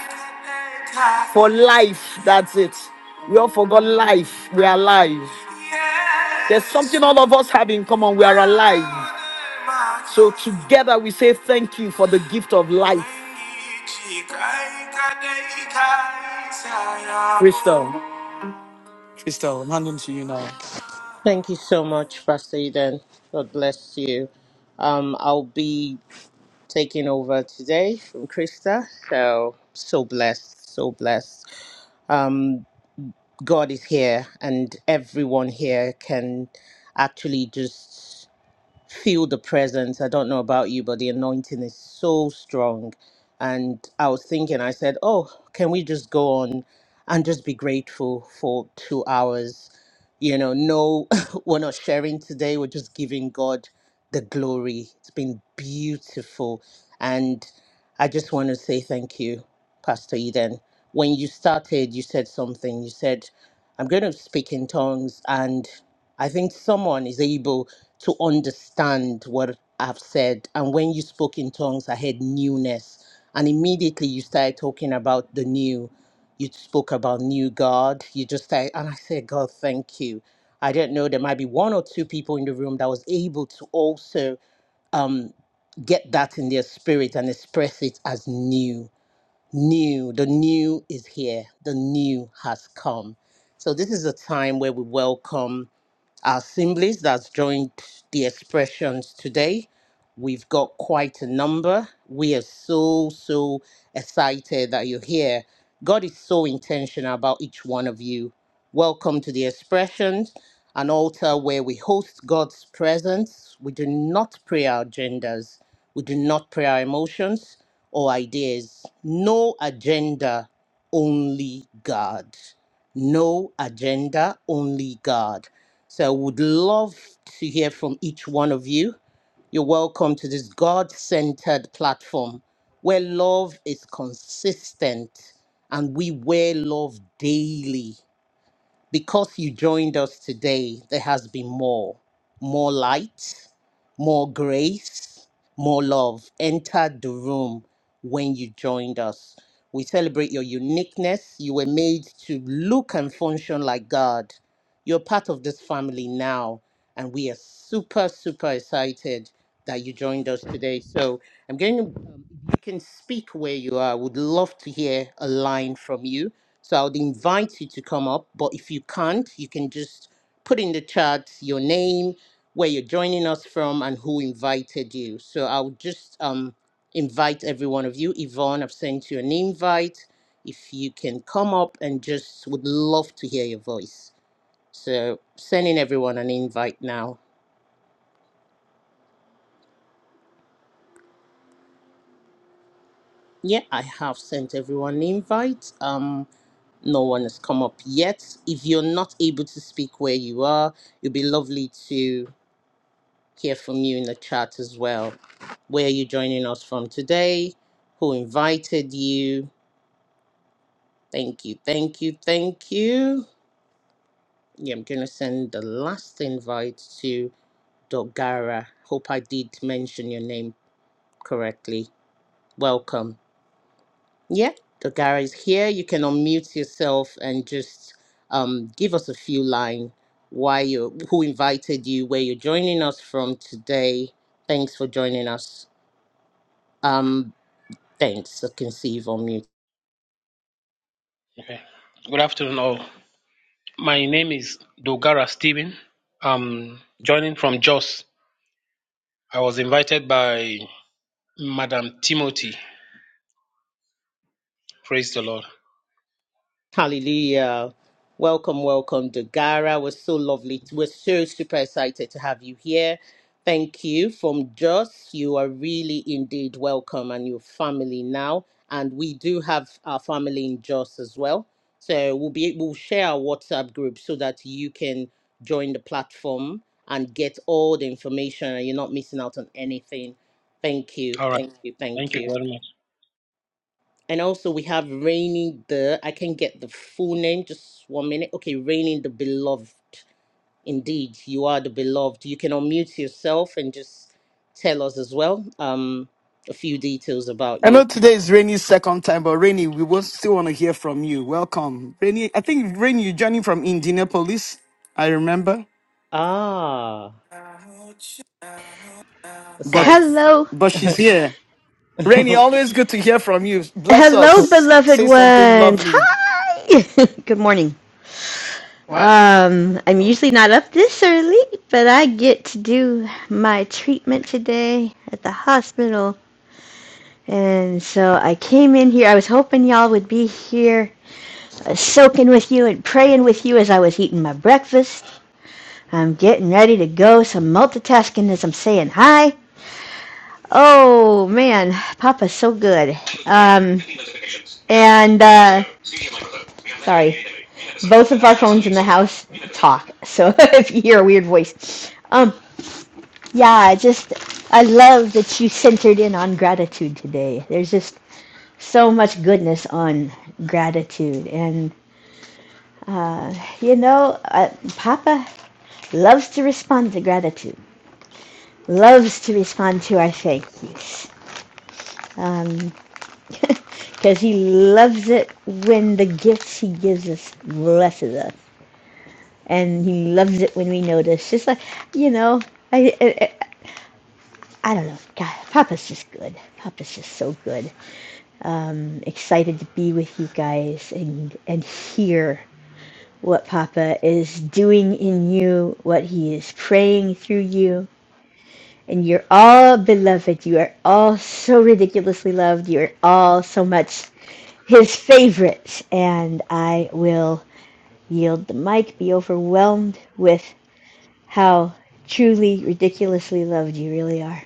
Speaker 1: For life. That's it. We all forgot life. We are alive. There's something all of us have in common. We are alive. So together we say thank you for the gift of life. Crystal. Crystal, I'm handing to you now.
Speaker 2: Thank you so much, Pastor Eden. God bless you. Um, I'll be taking over today from Krista. So, so blessed, so blessed. Um, God is here, and everyone here can actually just feel the presence. I don't know about you, but the anointing is so strong. And I was thinking, I said, oh, can we just go on and just be grateful for two hours? You know, no, we're not sharing today. We're just giving God the glory. It's been beautiful. And I just want to say thank you, Pastor Eden. When you started, you said something. You said, I'm going to speak in tongues. And I think someone is able to understand what I've said. And when you spoke in tongues, I heard newness. And immediately you started talking about the new. You spoke about new God. You just started, and I said, God, thank you. I don't know, there might be one or two people in the room that was able to also um, get that in their spirit and express it as new. New, the new is here, the new has come. So, this is a time where we welcome our assemblies that's joined the expressions today. We've got quite a number. We are so, so excited that you're here. God is so intentional about each one of you. Welcome to the expressions, an altar where we host God's presence. We do not pray our agendas, we do not pray our emotions or ideas. No agenda, only God. No agenda, only God. So would love to hear from each one of you. You're welcome to this God centered platform where love is consistent and we wear love daily. Because you joined us today, there has been more. More light, more grace, more love entered the room when you joined us. We celebrate your uniqueness. You were made to look and function like God. You're part of this family now, and we are super, super excited that you joined us today. So I'm going to, um, if you can speak where you are, I would love to hear a line from you so I would invite you to come up, but if you can't, you can just put in the chat your name, where you're joining us from, and who invited you. So I'll just um, invite every one of you. Yvonne, I've sent you an invite. If you can come up and just would love to hear your voice. So sending everyone an invite now. Yeah, I have sent everyone an invite. Um, no one has come up yet. If you're not able to speak where you are, it'd be lovely to hear from you in the chat as well. Where are you joining us from today? Who invited you? Thank you, thank you, thank you. Yeah, I'm going to send the last invite to Dogara. Hope I did mention your name correctly. Welcome. Yeah, Dogara is here. You can unmute yourself and just um, give us a few line why you, who invited you, where you're joining us from today. Thanks for joining us. Um. Thanks, I can see you've on mute.
Speaker 3: Okay. Good afternoon, all. My name is Dogara Stephen. I'm joining from Jos. I was invited by Madam Timothy. Praise the Lord.
Speaker 2: Hallelujah. Welcome, welcome, Dagara. We're so lovely. We're so super excited to have you here. Thank you from Joss. You are really indeed welcome and your family now. And we do have our family in Joss as well. So we'll be we'll share our WhatsApp group so that you can join the platform and get all the information and you're not missing out on anything. Thank you.
Speaker 3: All right.
Speaker 2: Thank you. Thank
Speaker 3: Thank you
Speaker 2: you.
Speaker 3: very much.
Speaker 2: And also we have reigning the, I can get the full name, just one minute. Okay, reigning the beloved. Indeed, you are the beloved. You can unmute yourself and just tell us as well um, a few details about
Speaker 1: I know
Speaker 2: you.
Speaker 1: today is Rainey's second time, but Rainy, we will still want to hear from you. Welcome. Rainy, I think Rainy, you're joining from Indianapolis, I remember.
Speaker 2: Ah,
Speaker 1: But
Speaker 2: aside.
Speaker 4: Hello,
Speaker 1: but she's here. Rainy,
Speaker 2: Thank
Speaker 1: always good to hear from you. Bless
Speaker 4: hello,
Speaker 1: us.
Speaker 4: beloved
Speaker 1: Say something
Speaker 4: ones.
Speaker 1: lovely.
Speaker 4: Hi. Good morning. Um, I'm usually not up this early, but I get to do my treatment today at the hospital. And so I came in here. I was hoping y'all would be here, uh, soaking with you and praying with you as I was eating my breakfast. I'm getting ready to go. Some multitasking as I'm saying hi. Oh man, Papa's so good. Um, and uh, sorry, both of our phones in the house talk, so if you hear a weird voice, um, yeah, just I love that you centered in on gratitude today. There's just so much goodness on gratitude, and uh, you know, uh, Papa loves to respond to gratitude, loves to respond to our thank yous. Um, Because he loves it when the gifts he gives us blesses us. And he loves it when we notice. Just like, you know, I, I, I don't know. God, Papa's just good. Papa's just so good. Um, excited to be with you guys and, and hear what Papa is doing in you, what he is praying through you. And you're all beloved. You are all so ridiculously loved. You're all so much his favorites. And I will yield the mic, be overwhelmed with how truly ridiculously loved you really are.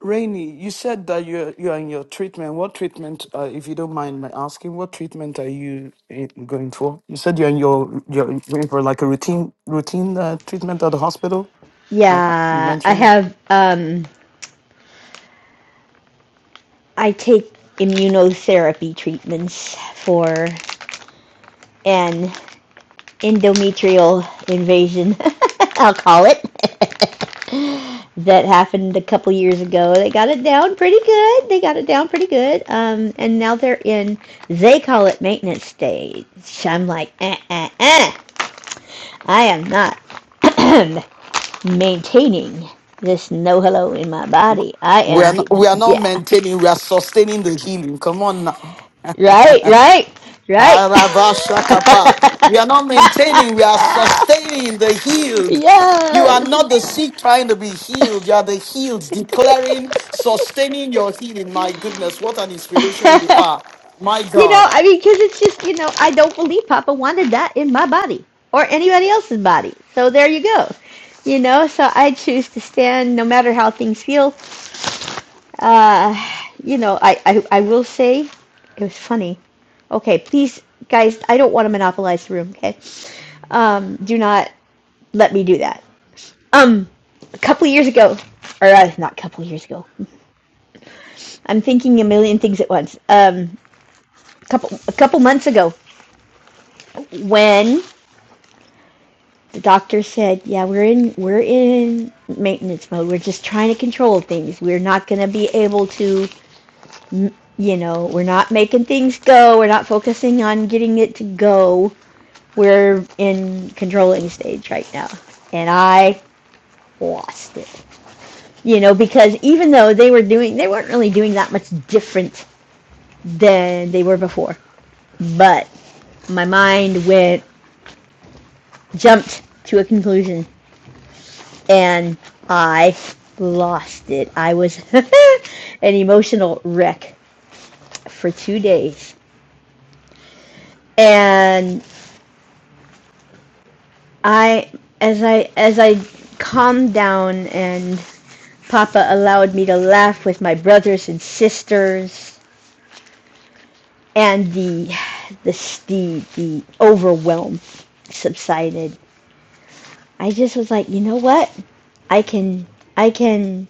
Speaker 1: Rainy, you said that you're you're in your treatment. What treatment, uh, if you don't mind my asking, what treatment are you in, going for? You said you're in your you're going for like a routine routine uh, treatment at the hospital. I, I- you
Speaker 4: Yeah, I
Speaker 1: mentioned it.
Speaker 4: have um I take immunotherapy treatments for an endometrial invasion, I'll call it. that happened a couple years ago. They got it down pretty good. They got it down pretty good. Um, and now they're in, they call it maintenance stage. I'm like, uh, uh, uh. I am not maintaining this no hello in my body. I
Speaker 1: we are
Speaker 4: am
Speaker 1: not, we
Speaker 4: getting,
Speaker 1: are not
Speaker 4: yeah,
Speaker 1: maintaining. We are sustaining the healing. Come on now.
Speaker 4: right, right, right.
Speaker 1: Arabashakapa. We are not maintaining, we are sustaining the
Speaker 4: yes.
Speaker 1: healed. You are not the sick trying to be healed. You are the healed declaring, sustaining your healing. My goodness, what an inspiration you
Speaker 4: you
Speaker 1: are. My
Speaker 4: know,
Speaker 1: God.
Speaker 4: I mean, because it's just, you know, I don't believe Papa wanted that in my body or anybody else's body. So there you go. You know, so I choose to stand no matter how things feel Uh, you know, I, I, I will say it was funny. Okay, please, guys, I don't want to monopolize the room, okay? Um, do not let me do that. Um, a couple of years ago, or uh, not a couple of years ago, I'm thinking a million things at once. Um, a couple, a couple months ago, when the doctor said, "Yeah, we're in, we're in maintenance mode. We're just trying to control things. We're not going to be able to." you know, we're not making things go. We're not focusing on getting it to go. We're in controlling stage right now. And I lost it. You know, because even though they were doing, they weren't really doing that much different than they were before. But my mind went, jumped to a conclusion and I lost it. I was an emotional wreck for two days. And I as I as I calmed down and Papa allowed me to laugh with my brothers and sisters and the the the, the overwhelm subsided. I just was like, you know what? I can I can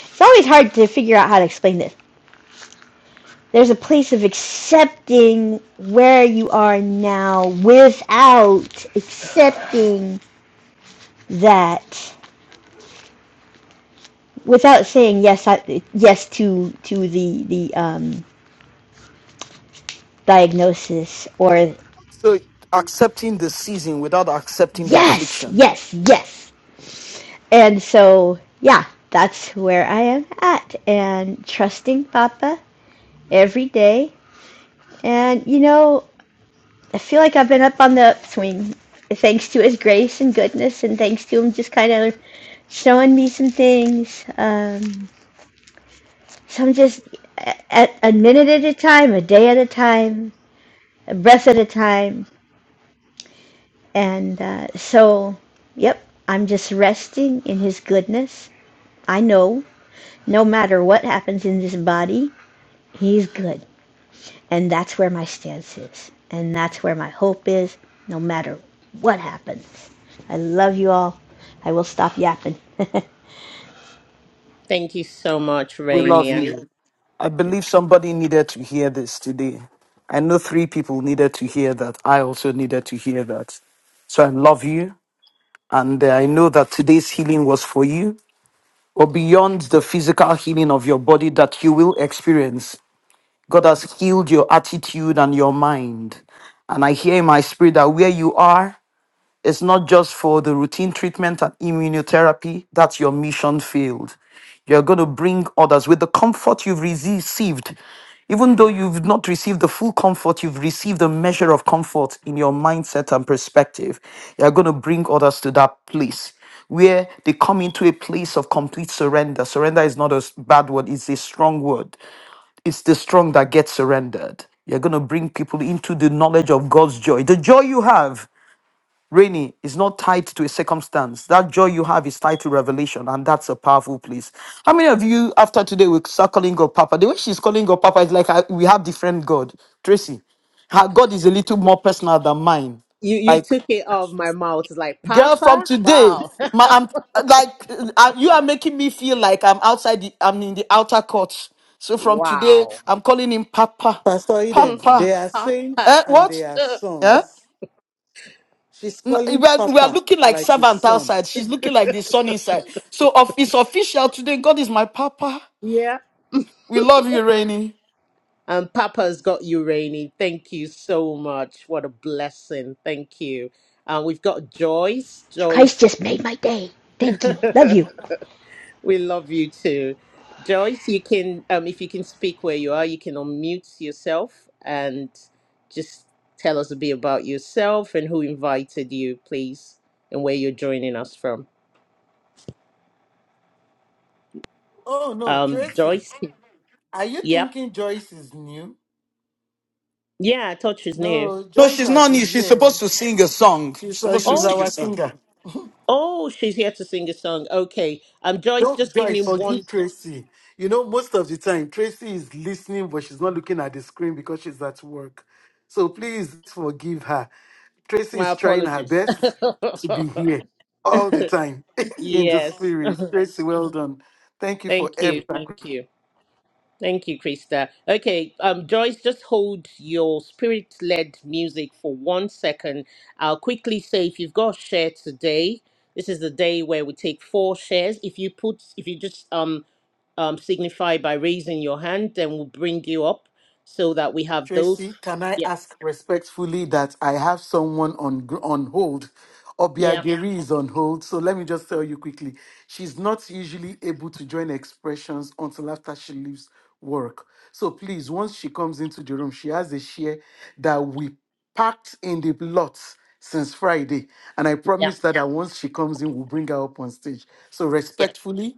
Speaker 4: it's always hard to figure out how to explain this. There's a place of accepting where you are now without accepting that without saying yes, I, yes to to the the um, diagnosis or
Speaker 1: So accepting the season without accepting the
Speaker 4: yes,
Speaker 1: affliction.
Speaker 4: yes, yes. And so yeah, that's where I am at, and trusting Papa every day. And you know, I feel like I've been up on the upswing, thanks to His grace and goodness, and thanks to Him just kind of showing me some things. Um, so I'm just at a minute at a time, a day at a time, a breath at a time And uh, so, yep, I'm just resting in His goodness. I know no matter what happens in this body, He's good. And that's where my stance is. And that's where my hope is, no matter what happens. I love you all. I will stop yapping. you
Speaker 2: you so much,
Speaker 1: We
Speaker 2: Rainy.
Speaker 1: love
Speaker 2: I love
Speaker 1: you. I believe somebody needed to hear this today. I know three people needed to hear that. I also needed to hear that. So I love you. And uh, I know that today's healing was for you. or beyond the physical healing of your body that you will experience. God has healed your attitude and your mind. And I hear in my spirit that where you are, it's not just for the routine treatment and immunotherapy. That's your mission field. You're going to bring others with the comfort you've received. Even though you've not received the full comfort, you've received a measure of comfort in your mindset and perspective. You're going to bring others to that place where they come into a place of complete surrender. Surrender is not a s- bad word, it's a strong word. It's the strong that gets surrendered. You're going to bring people into the knowledge of God's joy, the joy you have Rainy is not tied to a circumstance. That joy you have is tied to revelation, and that's a powerful place. How many of you, after today, will start calling God Papa? The way she's calling God Papa is like I, we have different God. Tracy, her God is a little more personal than mine.
Speaker 2: You you
Speaker 1: Like,
Speaker 2: took it off my mouth. It's like
Speaker 1: girl, from
Speaker 2: Papa.
Speaker 1: today,
Speaker 2: Wow.
Speaker 1: my I'm like uh, uh, you are making me feel like I'm outside. The, I'm in the outer court. So from today,
Speaker 2: Wow.
Speaker 1: I'm calling him Papa.
Speaker 5: Pastor
Speaker 2: Hmm,
Speaker 5: Eden,
Speaker 1: Papa.
Speaker 5: they are saints
Speaker 2: Papa.
Speaker 1: Eh,
Speaker 5: and
Speaker 1: what?
Speaker 5: they are
Speaker 1: Eh?
Speaker 5: sons. She's
Speaker 1: N-
Speaker 5: calling
Speaker 1: We are, we are
Speaker 5: Papa
Speaker 1: looking like
Speaker 5: like his
Speaker 1: servant
Speaker 5: son.
Speaker 1: outside. She's looking like the son inside. So of, it's official today. God is my papa. We love you, Rainy.
Speaker 2: And Papa's got you, Rainy. Thank you so much. What a blessing. Thank you. Uh, we've got Joyce.
Speaker 4: guys
Speaker 2: Joyce,
Speaker 4: just made my day. Thank you. Love you.
Speaker 2: we love you too. Joyce, you can, um, if you can speak where you are, you can unmute yourself and just tell us a bit about yourself and who invited you, please, and where you're joining us from.
Speaker 5: Oh no,
Speaker 2: Um,
Speaker 5: Tracy,
Speaker 2: Joyce,
Speaker 5: are you
Speaker 2: yep.
Speaker 5: thinking Joyce is new?
Speaker 2: Yeah, I thought she's new.
Speaker 5: No,
Speaker 1: No,
Speaker 5: Joyce
Speaker 1: she's
Speaker 5: has
Speaker 1: not new.
Speaker 5: been
Speaker 1: She's
Speaker 5: here.
Speaker 1: supposed to sing a song. She's
Speaker 5: She's, uh,
Speaker 1: supposed to
Speaker 5: she's
Speaker 2: Oh,
Speaker 1: sing a
Speaker 5: our
Speaker 2: she's,
Speaker 1: song.
Speaker 5: singer.
Speaker 2: oh, she's here to sing a song. Okay. Um, Joyce,
Speaker 5: Don't
Speaker 2: just give me
Speaker 5: guys
Speaker 2: one
Speaker 5: forgive Tracy. You know, most of the time Tracy is listening, but she's not looking at the screen because she's at work. So please forgive her. Tracy
Speaker 2: My
Speaker 5: is trying her
Speaker 2: apologies.
Speaker 5: best to be here all the time in the
Speaker 2: yes.
Speaker 5: spirit. Tracy, well done. Thank you for
Speaker 2: Thank you.
Speaker 5: everything.
Speaker 2: Thank you. Thank you, Krista. Okay, um, Joyce, just hold your spirit led music for one second. I'll quickly say if you've got a share today, this is the day where we take four shares. If you put, if you just um, um, signify by raising your hand, then we'll bring you up so that we have those.
Speaker 5: Tracy, can I
Speaker 2: Yeah,
Speaker 5: ask respectfully that I have someone on gr- on hold?
Speaker 2: yeah,
Speaker 5: Obiageri is on hold, so let me just tell you quickly. She's not usually able to join expressions until after she leaves work. So please, once she comes into the room, she has a share that we packed in the lot since Friday, and I
Speaker 2: yeah,
Speaker 5: promise that, that once she comes in, we'll bring her up on stage. So
Speaker 2: yeah.
Speaker 5: respectfully,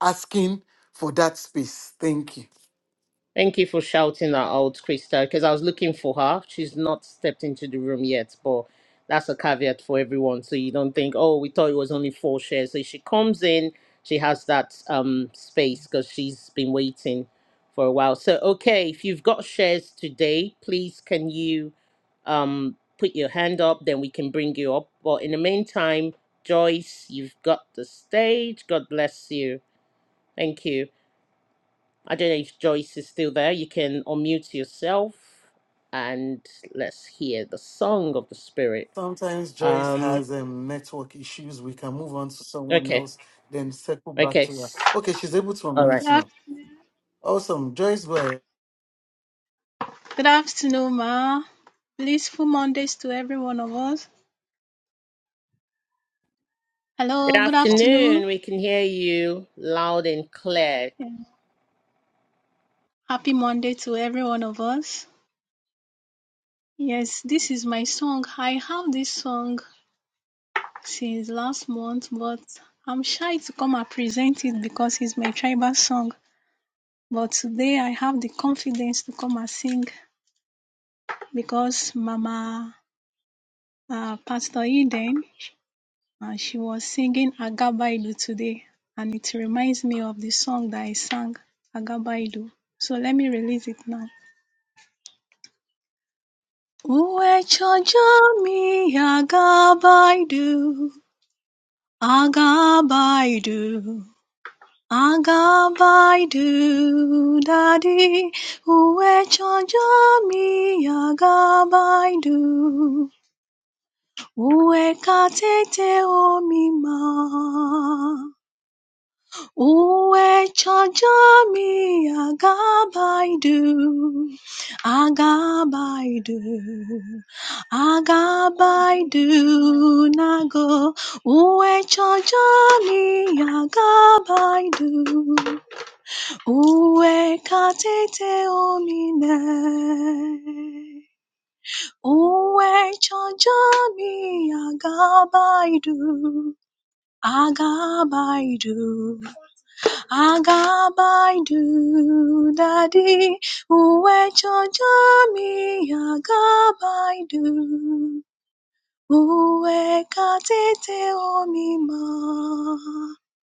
Speaker 5: asking for that space. Thank you.
Speaker 2: Thank you for shouting her out, Krista, because I was looking for her. She's not stepped into the room yet, but that's a caveat for everyone. So you don't think, oh, we thought it was only four shares. So if she comes in, she has that um space because she's been waiting for a while. So okay, if you've got shares today, please can you um put your hand up, then we can bring you up. But in the meantime, Joyce, you've got the stage. God bless you. Thank you. I don't know if Joyce is still there. You can unmute yourself and let's hear the song of the spirit.
Speaker 5: Sometimes Joyce
Speaker 2: Um
Speaker 5: has um, network issues. We can move on to someone
Speaker 2: okay.
Speaker 5: else, then circle back
Speaker 2: Okay.
Speaker 5: to her.
Speaker 2: s-
Speaker 5: Okay, she's able to
Speaker 2: All right.
Speaker 6: Good
Speaker 5: unmute now.
Speaker 6: afternoon.
Speaker 5: Awesome. Joyce, go ahead.
Speaker 6: Good afternoon, Ma. Blissful Mondays to every one of us. Hello,
Speaker 2: Good
Speaker 6: good afternoon.
Speaker 2: afternoon. We can hear you loud and clear.
Speaker 6: Yeah. Happy Monday to every one of us. Yes, this is my song. I have this song since last month, but I'm shy to come and present it because it's my tribal song. But today I have the confidence to come and sing because Mama uh, Pastor Eden and she was singing Agabailu today and it reminds me of the song that I sang Agabailu. So let me release it now. Uwechojami Agabaidu Agabaidu Agabaidu Daddy Uwechojami Agabaidu Uwekatete Omima uwe chajami agabaidu agabaidu agabaidu nago uwe chajami agabaidu uwe katete omine uwe chajami agabaidu agabaidu Agabaidu dadi uwe chojami agabaidu uwe katete omima.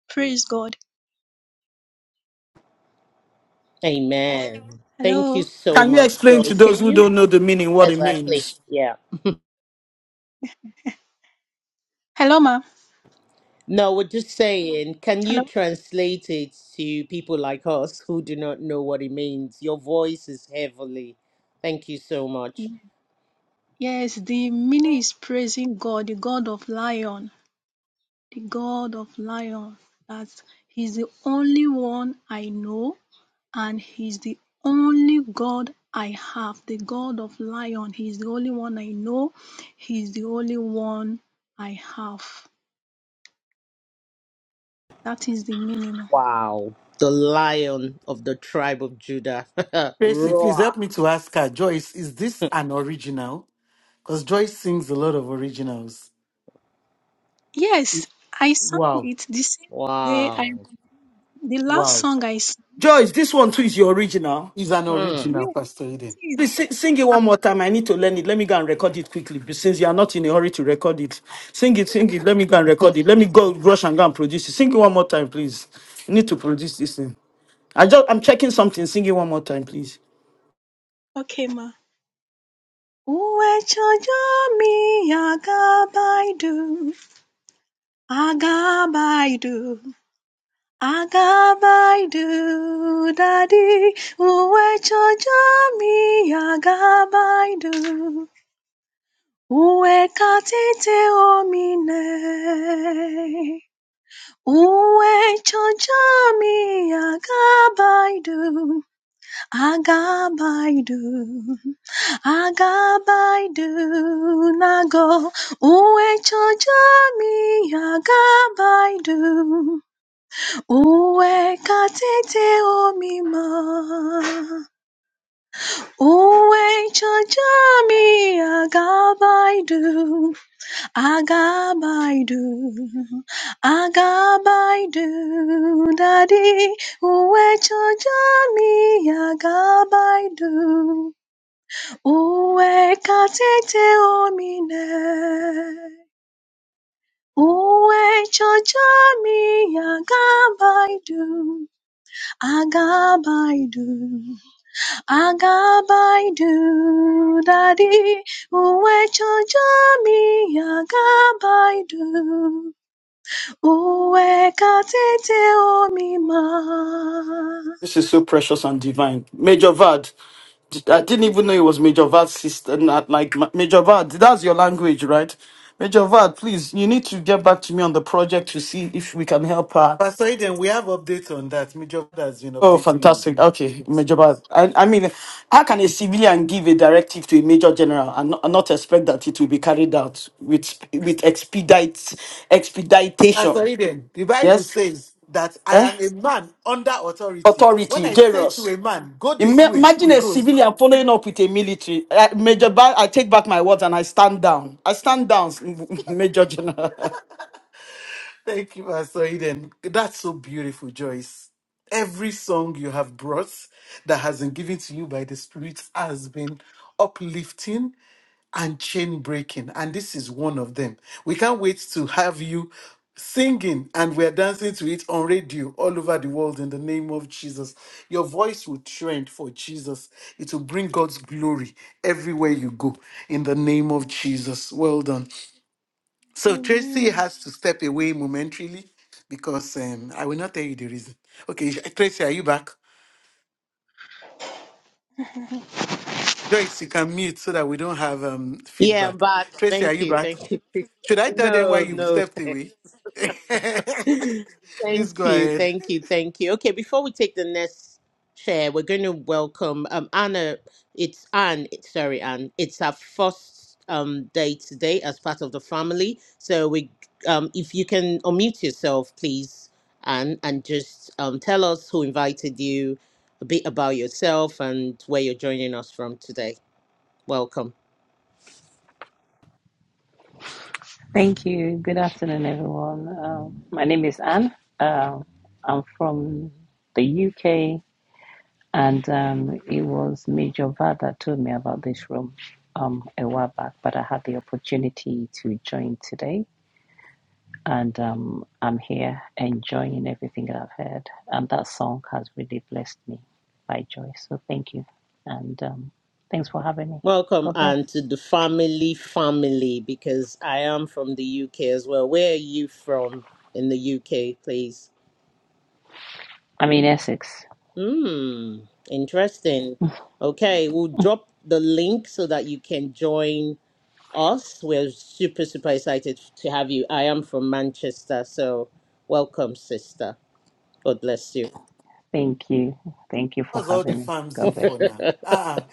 Speaker 6: Praise God.
Speaker 2: Amen. Thank
Speaker 6: Hello.
Speaker 2: you so
Speaker 1: Can you
Speaker 2: much,
Speaker 1: explain to
Speaker 2: Joyce.
Speaker 1: those
Speaker 2: Can
Speaker 1: who
Speaker 2: you?
Speaker 1: don't know the meaning what it
Speaker 2: Exactly.
Speaker 1: means?
Speaker 2: Yeah.
Speaker 6: Hello, ma.
Speaker 2: No, we're just saying, can you
Speaker 6: Hello.
Speaker 2: translate it to people like us who do not know what it means? Your voice is heavenly. Thank you so much.
Speaker 6: Yes, the mini is praising God, the God of Lion, the God of Lion. That He's the only one I know. And he's the only God I have, the God of Lion. He's the only one I know. He's the only one I have. That is the minimum.
Speaker 2: Wow. The lion of the tribe of Judah.
Speaker 5: Tracy, please
Speaker 2: Roar.
Speaker 5: help me to ask her. Joyce, is this an original? Because Joyce sings a lot of originals.
Speaker 6: Yes, I sang
Speaker 5: Wow.
Speaker 6: it the same day. I
Speaker 2: Wow.
Speaker 6: the last
Speaker 5: Wow.
Speaker 6: song I sang.
Speaker 1: Joyce, this one too is your original.
Speaker 5: Is an
Speaker 2: Hmm.
Speaker 5: original,
Speaker 6: Yes,
Speaker 5: Pastor Eden.
Speaker 6: it is.
Speaker 1: Please sing, sing it
Speaker 6: Ah,
Speaker 1: one more time. I need to learn it. Let me go and record it quickly. But Since you are not in a hurry to record it, sing it, sing it. Let me go and record it. Let me go rush and go and produce it. Sing it one more time, please. I need to produce this thing. I just I'm checking something. Sing it one more time, please.
Speaker 6: Okay, ma. Uwe chojo mi agabaidu, agabaidu. Agabaidu, Daddy, uwe chojami, Agabaidu, uwe katite omine, uwe chojami, Agabaidu, Agabaidu, Agabaidu, Nago, uwe chojami, Agabaidu. Uwe katete omima, uwe chachami agabaidu, agabaidu, agabaidu, daddy. Uwe chachami agabaidu, uwe katete omine, uwe chachami agabaidu. Agabaidu, Agabaidu, Daddy, Uwe Chojami, Agabaidu, Uwe Katete Omima.
Speaker 1: This is so precious and divine. Major Vad. I didn't even know it was Major Vad's sister. Not like Ma- Major Vad. That's your language, right? Major Vad, please, you need to get back to me on the project to see if we can help her.
Speaker 5: Pastor Eden, we have updates on that. Major God has been
Speaker 1: Oh,
Speaker 5: updating
Speaker 1: fantastic. Okay,
Speaker 5: you.
Speaker 1: Major Vad. I, I mean, how can a civilian give a directive to a major general and not, and not expect that it will be carried out with sp- with expedite
Speaker 5: Pastor
Speaker 1: expeditation?
Speaker 5: Eden, the Bible
Speaker 1: Yes?
Speaker 5: says that I
Speaker 1: Eh?
Speaker 5: am a man under authority. When
Speaker 1: Authority,
Speaker 5: I say
Speaker 1: Jairus.
Speaker 5: to a man, go this
Speaker 1: Ima-
Speaker 5: way, he
Speaker 1: Imagine a
Speaker 5: goes.
Speaker 1: civilian following up with a military. Uh, Major, ba- I take back my words and I stand down. I stand down, Major General.
Speaker 5: Thank you, Pastor Eden. That's so beautiful, Joyce. Every song you have brought that has been given to you by the Spirit has been uplifting and chain breaking. And this is one of them. We can't wait to have you singing and we're dancing to it on radio all over the world in the name of Jesus. Your voice will trend for Jesus. It will bring God's glory everywhere you go in the name of Jesus. Well done. So Tracy
Speaker 6: Amen.
Speaker 5: has to step away momentarily because um, I will not tell you the reason. Okay, Tracy, are you back? Joyce, you can mute so that we don't have um,
Speaker 2: Yeah, I'm
Speaker 5: feedback.
Speaker 2: back.
Speaker 5: Tracy, are
Speaker 2: Thank
Speaker 5: you
Speaker 2: you.
Speaker 5: back?
Speaker 2: Thank you.
Speaker 5: Should I tell them why
Speaker 2: No,
Speaker 5: you stepped
Speaker 2: no.
Speaker 5: away?
Speaker 2: Thank
Speaker 5: Please go
Speaker 2: you,
Speaker 5: ahead.
Speaker 2: thank you, thank you. Okay, before we take the next share, we're going to welcome um Anna. It's Anne. it's- Sorry, Anne. It's our first um day today as part of the family. So we, um, if you can unmute yourself, please, Anne, and just um tell us who invited you, a bit about yourself, and where you're joining us from today. Welcome.
Speaker 7: Thank you. Good afternoon, everyone. Um, my name is Anne. Um, I'm from the UK, and um, it was Major Vad that told me about this room um, a while back, but I had the opportunity to join today, and um, I'm here enjoying everything that I've heard. And that song has really blessed me by joy. So thank you, and um, thanks for having me.
Speaker 2: Welcome
Speaker 7: God bless.
Speaker 2: and to the family family because I am from the UK as well. Where are you from in the UK, please?
Speaker 7: I'm in Essex.
Speaker 2: Hmm, interesting. Okay, we'll drop the link so that you can join us. We're super, super excited to have you. I am from Manchester, so welcome, sister. God bless you.
Speaker 7: Thank you. Thank you for
Speaker 5: What's all the
Speaker 7: having me.
Speaker 5: farms
Speaker 7: God
Speaker 5: in
Speaker 7: bless
Speaker 5: for
Speaker 7: you.
Speaker 5: now? Uh-uh.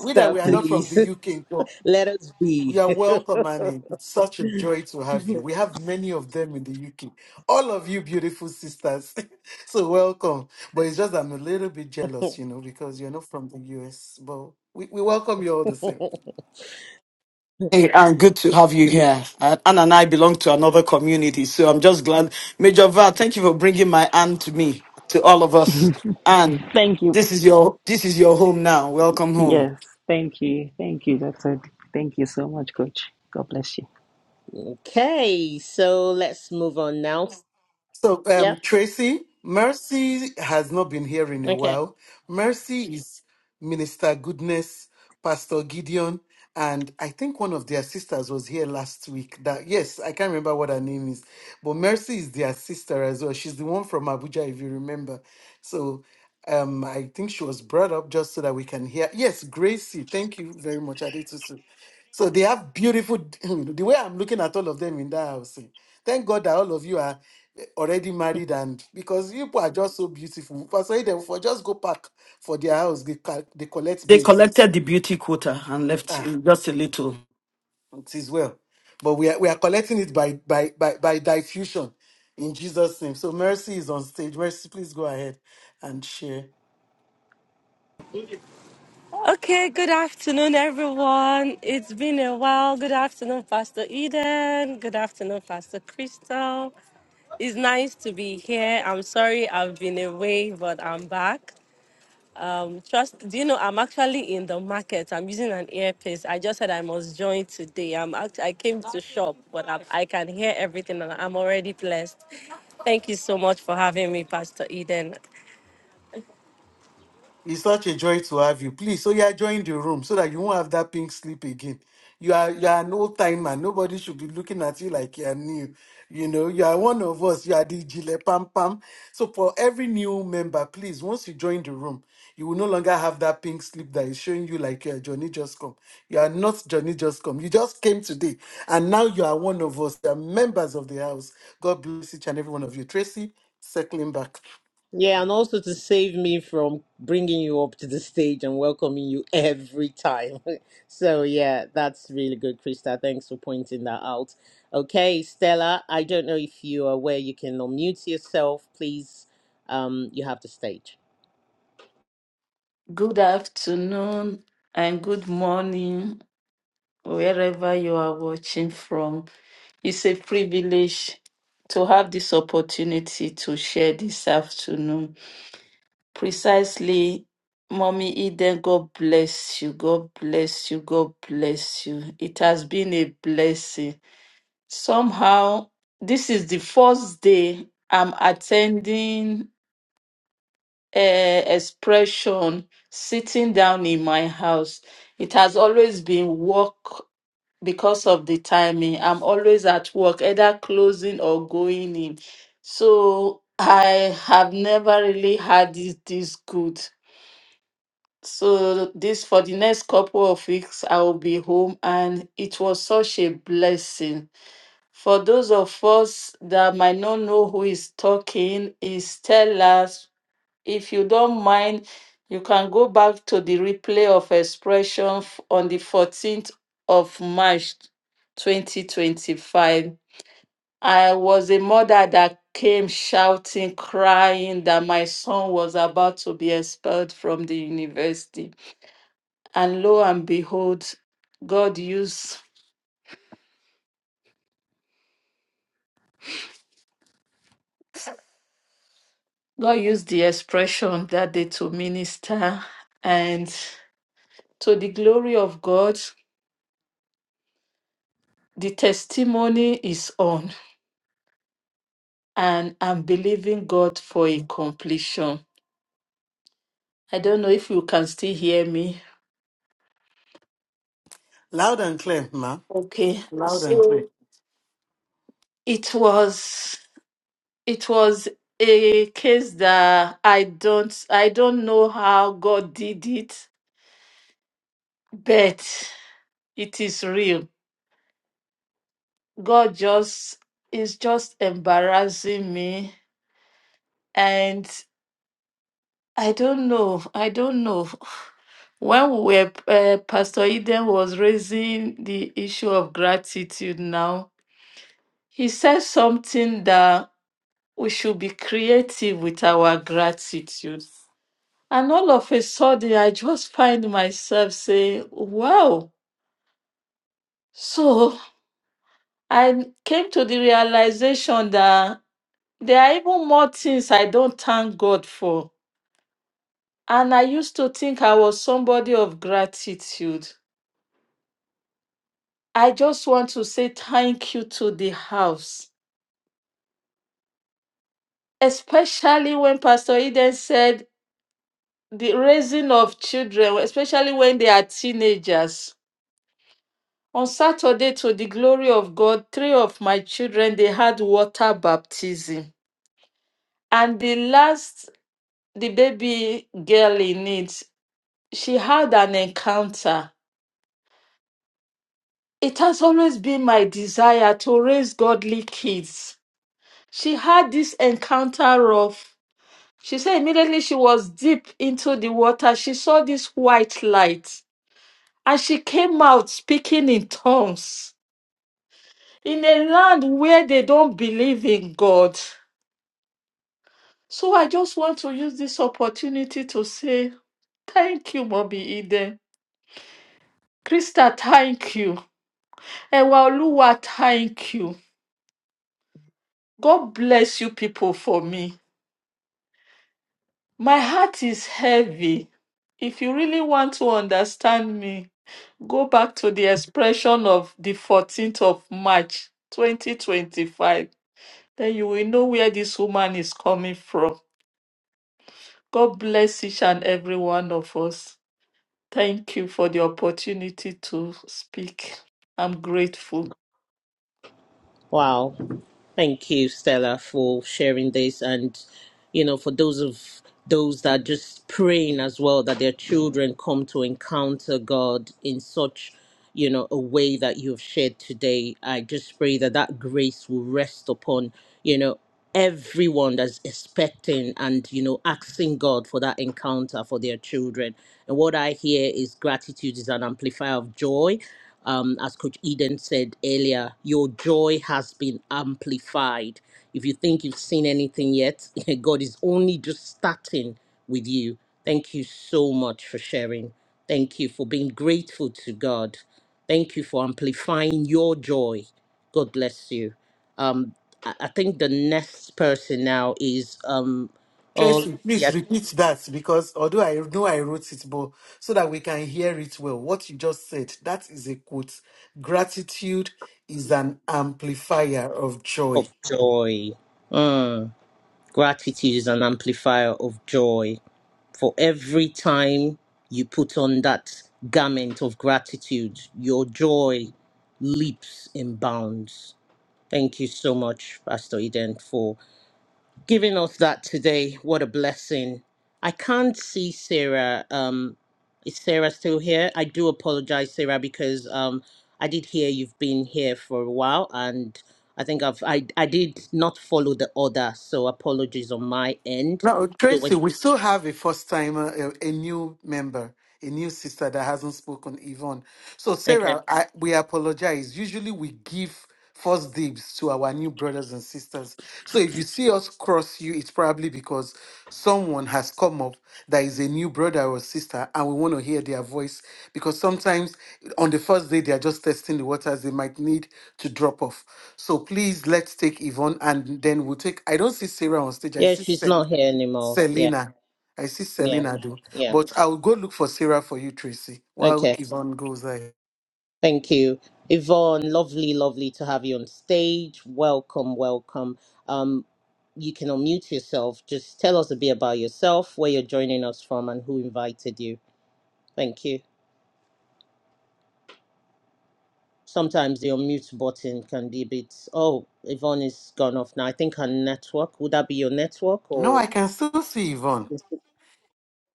Speaker 5: We that we are not from
Speaker 2: please
Speaker 5: the UK, so
Speaker 2: let us
Speaker 5: we
Speaker 2: be.
Speaker 5: are welcome, Annie. It's such a joy to have you. We have many of them in the UK. All of you beautiful sisters. so welcome. But it's just I'm a little bit jealous, you know, because you're not from the US. But we, we welcome you all the same.
Speaker 1: Hey, and good to have you here. Uh, Anne and I belong to another community, so I'm just glad. Major Val, thank you for bringing my Anne to me, to all of us. Anne,
Speaker 7: Thank you.
Speaker 1: this is your this is your home now. Welcome home.
Speaker 7: Yes, thank you. Thank you, Dr. D. Thank you so much, Coach. God bless you.
Speaker 2: okay, so let's move on now.
Speaker 5: So,
Speaker 2: Yeah,
Speaker 5: um, Tracy, Mercy has not been here in a
Speaker 2: okay.
Speaker 5: while. Mercy is Minister Goodness, Pastor Gideon, and I think one of their sisters was here last week. That yes, I can't remember what her name is, but Mercy is their sister as well. She's the one from Abuja, if you remember. So, um, I think she was brought up just so that we can hear. Yes, Gracie, thank you very much, Adetutu. So they have beautiful. The way I'm looking at all of them in that house, eh, thank God that all of you are eh, already married, and because you people are just so beautiful. For say them for just go pack for their house, they, ca- they collect
Speaker 1: They
Speaker 5: babes.
Speaker 1: collected the beauty quota and left uh,
Speaker 5: Ah,
Speaker 1: just a little.
Speaker 5: it is well, but we are we are collecting it by by by by diffusion in Jesus' name. So mercy is on stage. Mercy, please go ahead and share.
Speaker 8: Okay, good afternoon, everyone. It's been a while. Good afternoon, Pastor Eden. Good afternoon, Pastor Crystal. It's nice to be here. I'm sorry I've been away, but I'm back. Um, trust, do you know I'm actually in the market? I'm using an earpiece. I just said I must join today. I'm act- I came to shop, but I, I can hear everything and I'm already blessed. Thank you so much for having me, Pastor Eden.
Speaker 5: It's such a joy to have you. Please, so you are joining the room so that you won't have that pink slip again. You are you are no timer. Nobody should be looking at you like you are new. You know, you are one of us. You are the jile Pam Pam. So for every new member, please, once you join the room, you will no longer have that pink slip that is showing you like you are Johnny Just Come. You are not Johnny Just Come. You just came today, and now you are one of us. You are members of the house. God bless each and every one of you. Tracy, circling back,
Speaker 2: Yeah, and also to save me from bringing you up to the stage and welcoming you every time. so, yeah, that's really good, Krista. Thanks for pointing that out. Okay, Stella, I don't know if you are aware you can unmute yourself. Please, um, you have the stage.
Speaker 9: Good afternoon and good morning, wherever you are watching from. It's a privilege to have this opportunity to share this afternoon. Precisely, Mommy Eden, God bless you. God bless you. God bless you. It has been a blessing. Somehow, this is the first day I'm attending uh, expression sitting down in my house. It has always been work because of the timing. I'm always at work, either closing or going in. So I have never really had it this good. So this for the next couple of weeks I will be home and it was such a blessing. For those of us that might not know who is talking, is Stella if you don't mind, you can go back to the replay of expression f- on the 14th of March 2025. I was a mother that came shouting, crying that my son was about to be expelled from the university. And lo and behold, God used God used the expression that day to minister and to the glory of God, the testimony is on. and I'm believing God for a completion. I don't know if you can still hear me.
Speaker 5: loud and clear, ma.
Speaker 9: Okay,
Speaker 5: Loud and clear.
Speaker 9: so it was it was a case that I don't I don't know how God did it, but it is real. God just is just embarrassing me, and I don't know. I don't know. When we were uh, Pastor Eden was raising the issue of gratitude now He said something that we should be creative with our gratitude. And all of a sudden, I just find myself saying, wow. So I came to the realization that there are even more things I don't thank God for. And I used to think I was somebody of gratitude. I just want to say thank you to the house, especially when Pastor Eden said the raising of children, especially when they are teenagers. On Saturday, to the glory of God, three of my children they had water baptism, and the last, the baby girl in it, she had an encounter. It has always been my desire to raise godly kids. She had this encounter of. She said immediately she was deep into the water, she saw this white light and she came out speaking in tongues in a land where they don't believe in God. So I just want to use this opportunity to say thank you, Mommy Eden. Krista, thank you. Ewa Oluwa, thank you. God bless you people for me. My heart is heavy. If you really want to understand me, go back to the expression of the 14th of March 2025. Then you will know where this woman is coming from. God bless each and every one of us. Thank you for the opportunity to speak. I'm grateful.
Speaker 2: Wow. Thank you, Stella, for sharing this. And, you know, for those of those that are just praying as well that their children come to encounter God in such, you know, a way that you've shared today, I just pray that that grace will rest upon, you know, everyone that's expecting and, you know, asking God for that encounter for their children. And what I hear is gratitude is an amplifier of joy um, as Coach Eden said earlier, your joy has been amplified. If you think you've seen anything yet, God is only just starting with you. Thank you so much for sharing. Thank you for being grateful to God. Thank you for amplifying your joy. God bless you. Um, I I think the next person now is um, oh,
Speaker 5: Tracy, please
Speaker 2: yeah,
Speaker 5: repeat that because although I know I wrote it, but so that we can hear it well, what you just said, that is a quote. Gratitude is an amplifier of joy.
Speaker 2: of joy. Mm, gratitude is an amplifier of joy. for every time you put on that garment of gratitude, your joy leaps and bounds. Thank you so much, Pastor Eden, for giving us that today. What a blessing. I can't see Sarah. Um, is Sarah still here? I do apologize, Sarah, because um, I did hear you've been here for a while and I think I've I, I did not follow the order, so apologies on my end.
Speaker 5: No,
Speaker 2: So when,
Speaker 5: Tracy, we still have a first timer, a, a new member, a new sister that hasn't spoken, Yvonne. So,
Speaker 2: okay.
Speaker 5: Sarah, I, we apologize. Usually we give first dibs to our new brothers and sisters. So, if you see us cross you, it's probably because someone has come up that is a new brother or sister and we want to hear their voice because sometimes on the first day they are just testing the waters, they might need to drop off. So, please let's take Yvonne and then we'll take. I don't see Sarah on stage, I
Speaker 2: Yeah,
Speaker 5: see
Speaker 2: she's
Speaker 5: Sarah.
Speaker 2: not here anymore. Yeah,
Speaker 5: Selena. I see
Speaker 2: yeah,
Speaker 5: Selena do.
Speaker 2: yeah.
Speaker 5: But I will go look for Sarah for you, Tracy, while
Speaker 2: Okay,
Speaker 5: Yvonne goes there.
Speaker 2: thank you, Yvonne. Lovely, lovely to have you on stage. Welcome, welcome. Um, you can unmute yourself. Just tell us a bit about yourself, where you're joining us from, and who invited you. Thank you. Sometimes the unmute button can be a bit. Oh, Yvonne is gone off now. I think her network. Would that be your network
Speaker 5: No,
Speaker 2: or?
Speaker 5: I can still see Yvonne.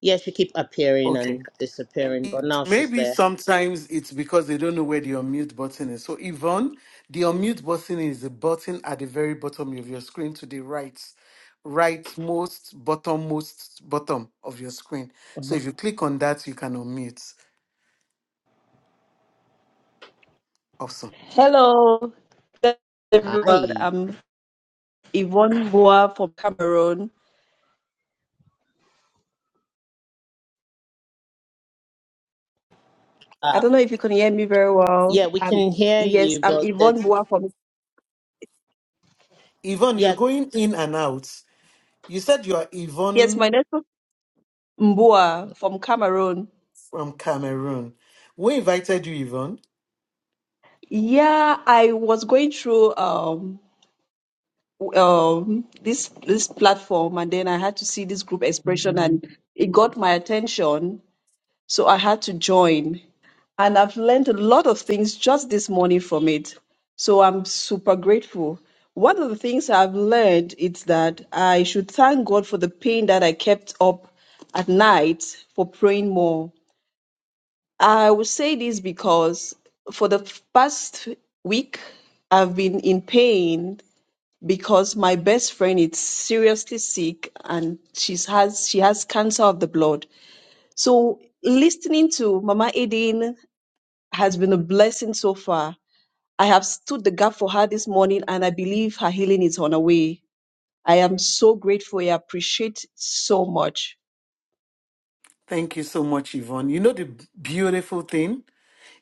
Speaker 2: Yeah, she keep appearing
Speaker 5: Okay.
Speaker 2: and disappearing,
Speaker 5: It-
Speaker 2: but now she's
Speaker 5: Maybe
Speaker 2: there.
Speaker 5: sometimes it's because they don't know where the unmute button is. So, Yvonne, the unmute button is the button at the very bottom of your screen to the right, rightmost, bottommost, bottom of your screen. So,
Speaker 2: Mhm.
Speaker 5: if you click on that, you can unmute. Awesome.
Speaker 10: Hello, everyone.
Speaker 2: Hi.
Speaker 10: I'm Yvonne Boa from Cameroon.
Speaker 2: Uh,
Speaker 10: I don't know if you can hear me very well.
Speaker 2: Yeah, we
Speaker 10: Um,
Speaker 2: can hear
Speaker 10: yes,
Speaker 2: you,
Speaker 10: I'm
Speaker 2: but
Speaker 10: Yvonne
Speaker 2: that's
Speaker 10: Boa from,
Speaker 5: Yvonne, you're
Speaker 2: yeah.
Speaker 5: going in and out. You said you are
Speaker 10: yes, my
Speaker 5: Yvonne
Speaker 10: name is Mboa from Cameroon.
Speaker 5: from Cameroon. We invited you, Yvonne.
Speaker 10: Yeah, I was going through um, w- um, this this platform and then I had to see this group expression and it got my attention So I had to join. And I've learned a lot of things just this morning from it. So I'm super grateful. One of the things I've learned is that I should thank God for the pain that I kept up at night for praying more. I will say this because for the past week, I've been in pain because my best friend is seriously sick and she's has she has cancer of the blood so listening to Mama Eden has been a blessing so far. I have stood the gap for her this morning and I believe her healing is on her way. I am so grateful. I appreciate so much.
Speaker 5: Thank you so much, Yvonne. You know the beautiful thing?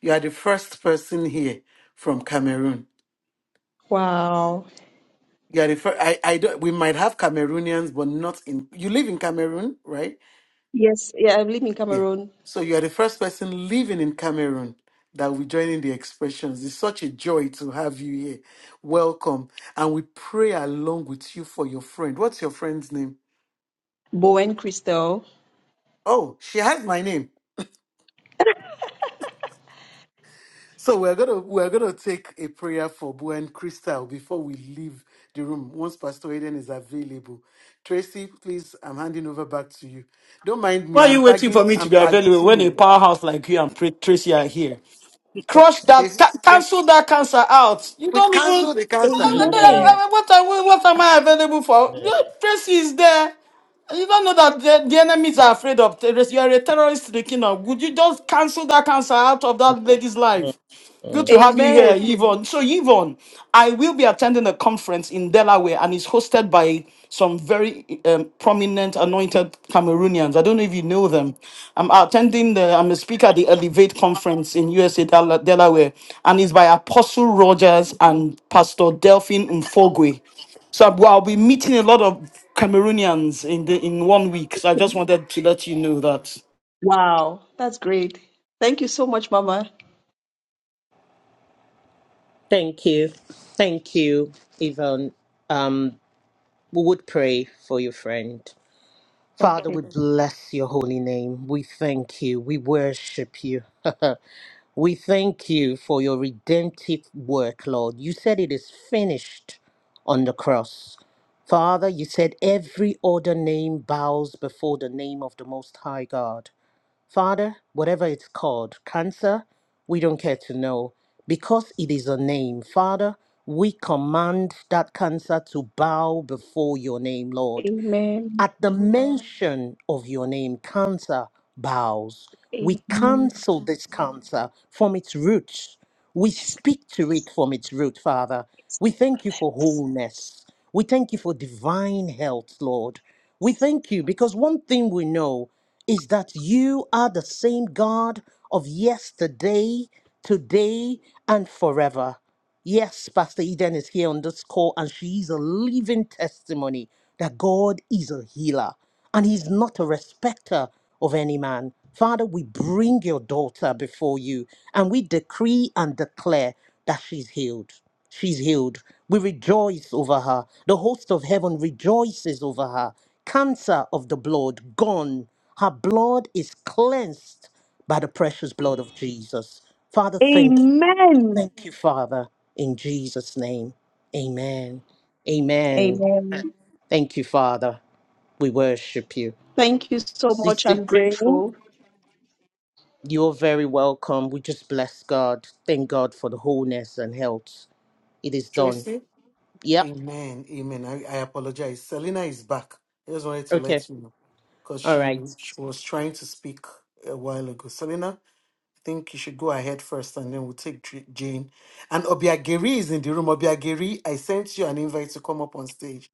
Speaker 5: You are the first person here from Cameroon.
Speaker 10: Wow.
Speaker 5: You are the first. I, I don't, we might have Cameroonians, but not in. You live in Cameroon, right?
Speaker 10: Yes, yeah, I live in
Speaker 5: Yeah.
Speaker 10: Cameroon.
Speaker 5: So you are the first person living in Cameroon that will join in the expressions. It's such a joy to have you here. Welcome. And we pray along with you for your friend. What's your friend's name?
Speaker 10: Bowen Crystal.
Speaker 5: Oh, she has my name. So we're gonna we're gonna take a prayer for Buen Crystal before we leave the room. Once Pastor Eden is available, Tracy, please, I'm handing over back to you. Don't mind me.
Speaker 1: Why are
Speaker 5: I'm
Speaker 1: you waiting
Speaker 5: tagging.
Speaker 1: for me to
Speaker 5: I'm
Speaker 1: be available
Speaker 5: tagging.
Speaker 1: when a
Speaker 5: him.
Speaker 1: powerhouse like you and Pr- Tracy are here? Crush that,
Speaker 5: Okay?
Speaker 1: ca-
Speaker 5: Yes,
Speaker 1: cancel that cancer out. You
Speaker 5: we
Speaker 1: don't even.
Speaker 5: cancel the
Speaker 1: I-
Speaker 5: cancer.
Speaker 1: I-
Speaker 10: Amen.
Speaker 2: Amen.
Speaker 1: I- I- What, am- what am I available for? Your Tracy is there. You don't know that the, the enemies are afraid of terrorists. You are a terrorist, Rekina. Would you just cancel that cancer out of that lady's life? Good
Speaker 2: Mm.
Speaker 1: to have you here,
Speaker 10: Amen.
Speaker 1: Yvonne. So, Yvonne, I will be attending a conference in Delaware and it's hosted by some very um, prominent anointed Cameroonians. I don't know if you know them. I'm attending, the, I'm a speaker at the Elevate conference in USA, Dela- Delaware, and it's by Apostle Rogers and Pastor Delphine Mfogwe. So I'll I'll be meeting a lot of Cameroonians in the in one week. So I just wanted to let you know that.
Speaker 10: Wow, that's great. Thank you so much, Mama.
Speaker 2: Thank you, thank you, Yvonne. Um, we would pray for your friend. Father,
Speaker 10: Okay.
Speaker 2: we bless your holy name. We thank you. We worship you. we thank you for your redemptive work, Lord. You said it is finished on the cross. Father, you said every other name bows before the name of the Most High God. Father, whatever it's called, cancer, we don't care to know because it is a name. Father, we command that cancer to bow before your name, Lord.
Speaker 10: Amen.
Speaker 2: At the mention of your name, cancer bows. We
Speaker 10: Amen.
Speaker 2: cancel this cancer from its roots. We
Speaker 10: Yes.
Speaker 2: speak to it from its root, Father.
Speaker 10: yes.
Speaker 2: We thank you for wholeness. We thank you for divine health, Lord. We thank you because one thing we know is that you are the same God of yesterday, today, and forever. Yes, Pastor Eden is here on this call, and she is a living testimony that God is a healer and He's not a respecter of any man. Father, we bring your daughter before you and we decree and declare that she's healed. She's healed. We rejoice over her. The host of heaven rejoices over her. Cancer of the blood gone. Her blood is cleansed by the precious blood of Jesus. Father, thank you.
Speaker 10: Amen.
Speaker 2: Thank you, Father, in Jesus' name. Amen. Amen.
Speaker 10: Amen.
Speaker 2: Thank you, Father. We worship you.
Speaker 10: Thank you so much.
Speaker 2: Sister
Speaker 10: I'm
Speaker 2: Jane,
Speaker 10: grateful.
Speaker 2: you're very welcome. We just bless God. Thank God for the wholeness and health. It is done.
Speaker 5: Tracy.
Speaker 2: Yep.
Speaker 5: Amen. Amen. I, I apologize. Selena is back. I just wanted to
Speaker 2: Okay.
Speaker 5: let you know because
Speaker 2: All
Speaker 5: she,
Speaker 2: right.
Speaker 5: she was trying to speak a while ago. Selena, I think you should go ahead first and then we'll take J- Jane. And Obiageri is in the room. Obiageri, I sent you an invite to come up on stage.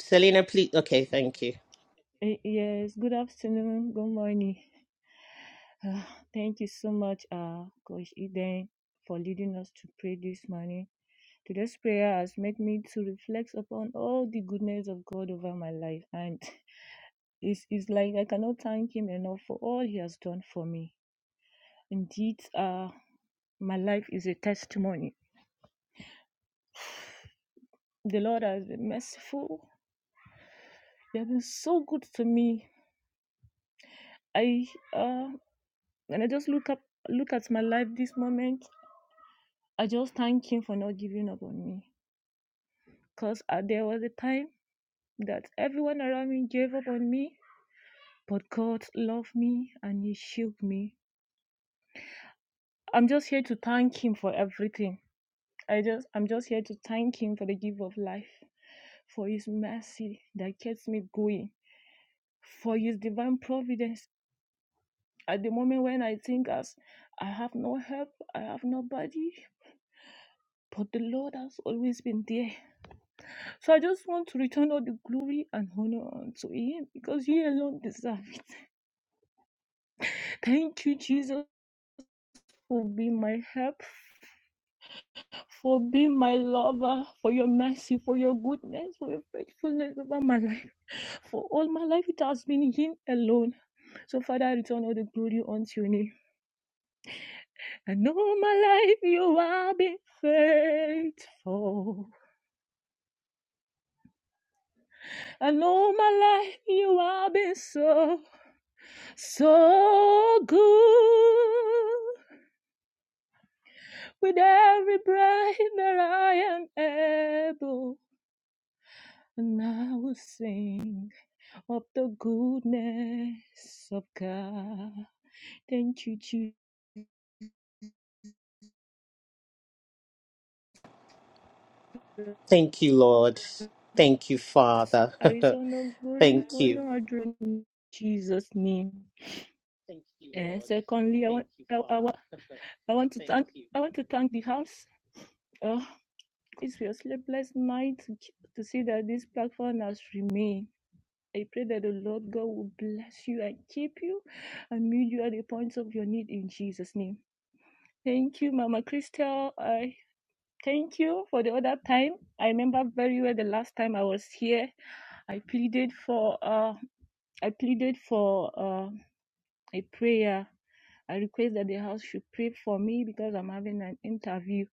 Speaker 2: Selena, please. Okay. Thank you.
Speaker 11: Eh, Yes, good afternoon, good morning. Uh, thank you so much, uh, Coach Eden, for leading us to pray this morning. Today's prayer has made me to reflect upon all the goodness of God over my life, and it's, it's like I cannot thank Him enough for all He has done for me. Indeed, uh, my life is a testimony. The Lord has been merciful. He has been so good to me. I uh, when I just look up, look at my life this moment. I just thank him for not giving up on me. Because uh, there was a time that everyone around me gave up on me, but God loved me and He shielded me. I'm just here to thank Him for everything. I just, I'm just here to thank Him for the gift of life, for His mercy that keeps me going, for His divine providence. At the moment when I think as I have no help, I have nobody, but the Lord has always been there So I just want to return all the glory and honor unto Him because He alone deserves it. Thank you, Jesus, for being my help, for being my lover, for your mercy, for your goodness, for your faithfulness over my life. For all my life, it has been Him alone. So, Father, I return all the glory unto your name. And all my life, you have been faithful. And all my life, you have been so, so good. with every breath that I am able. And I will sing of the goodness of God. Thank you, Jesus.
Speaker 2: Thank you, Lord. Thank you, Father.
Speaker 11: Arizona glory,
Speaker 2: Thank you.
Speaker 11: honor, adoration in Jesus' name. And secondly, I want I, I, I want to thank I want to thank the house. Oh, it's your sleepless night to, to see that this platform has remained. I pray that the Lord God will bless you and keep you and meet you at the points of your need in Jesus' name. Thank you, Mama Christel. I thank you for the other time. I remember very well the last time I was here. I pleaded for uh I pleaded for uh, a prayer. I request that the house should pray for me because I'm having an interview.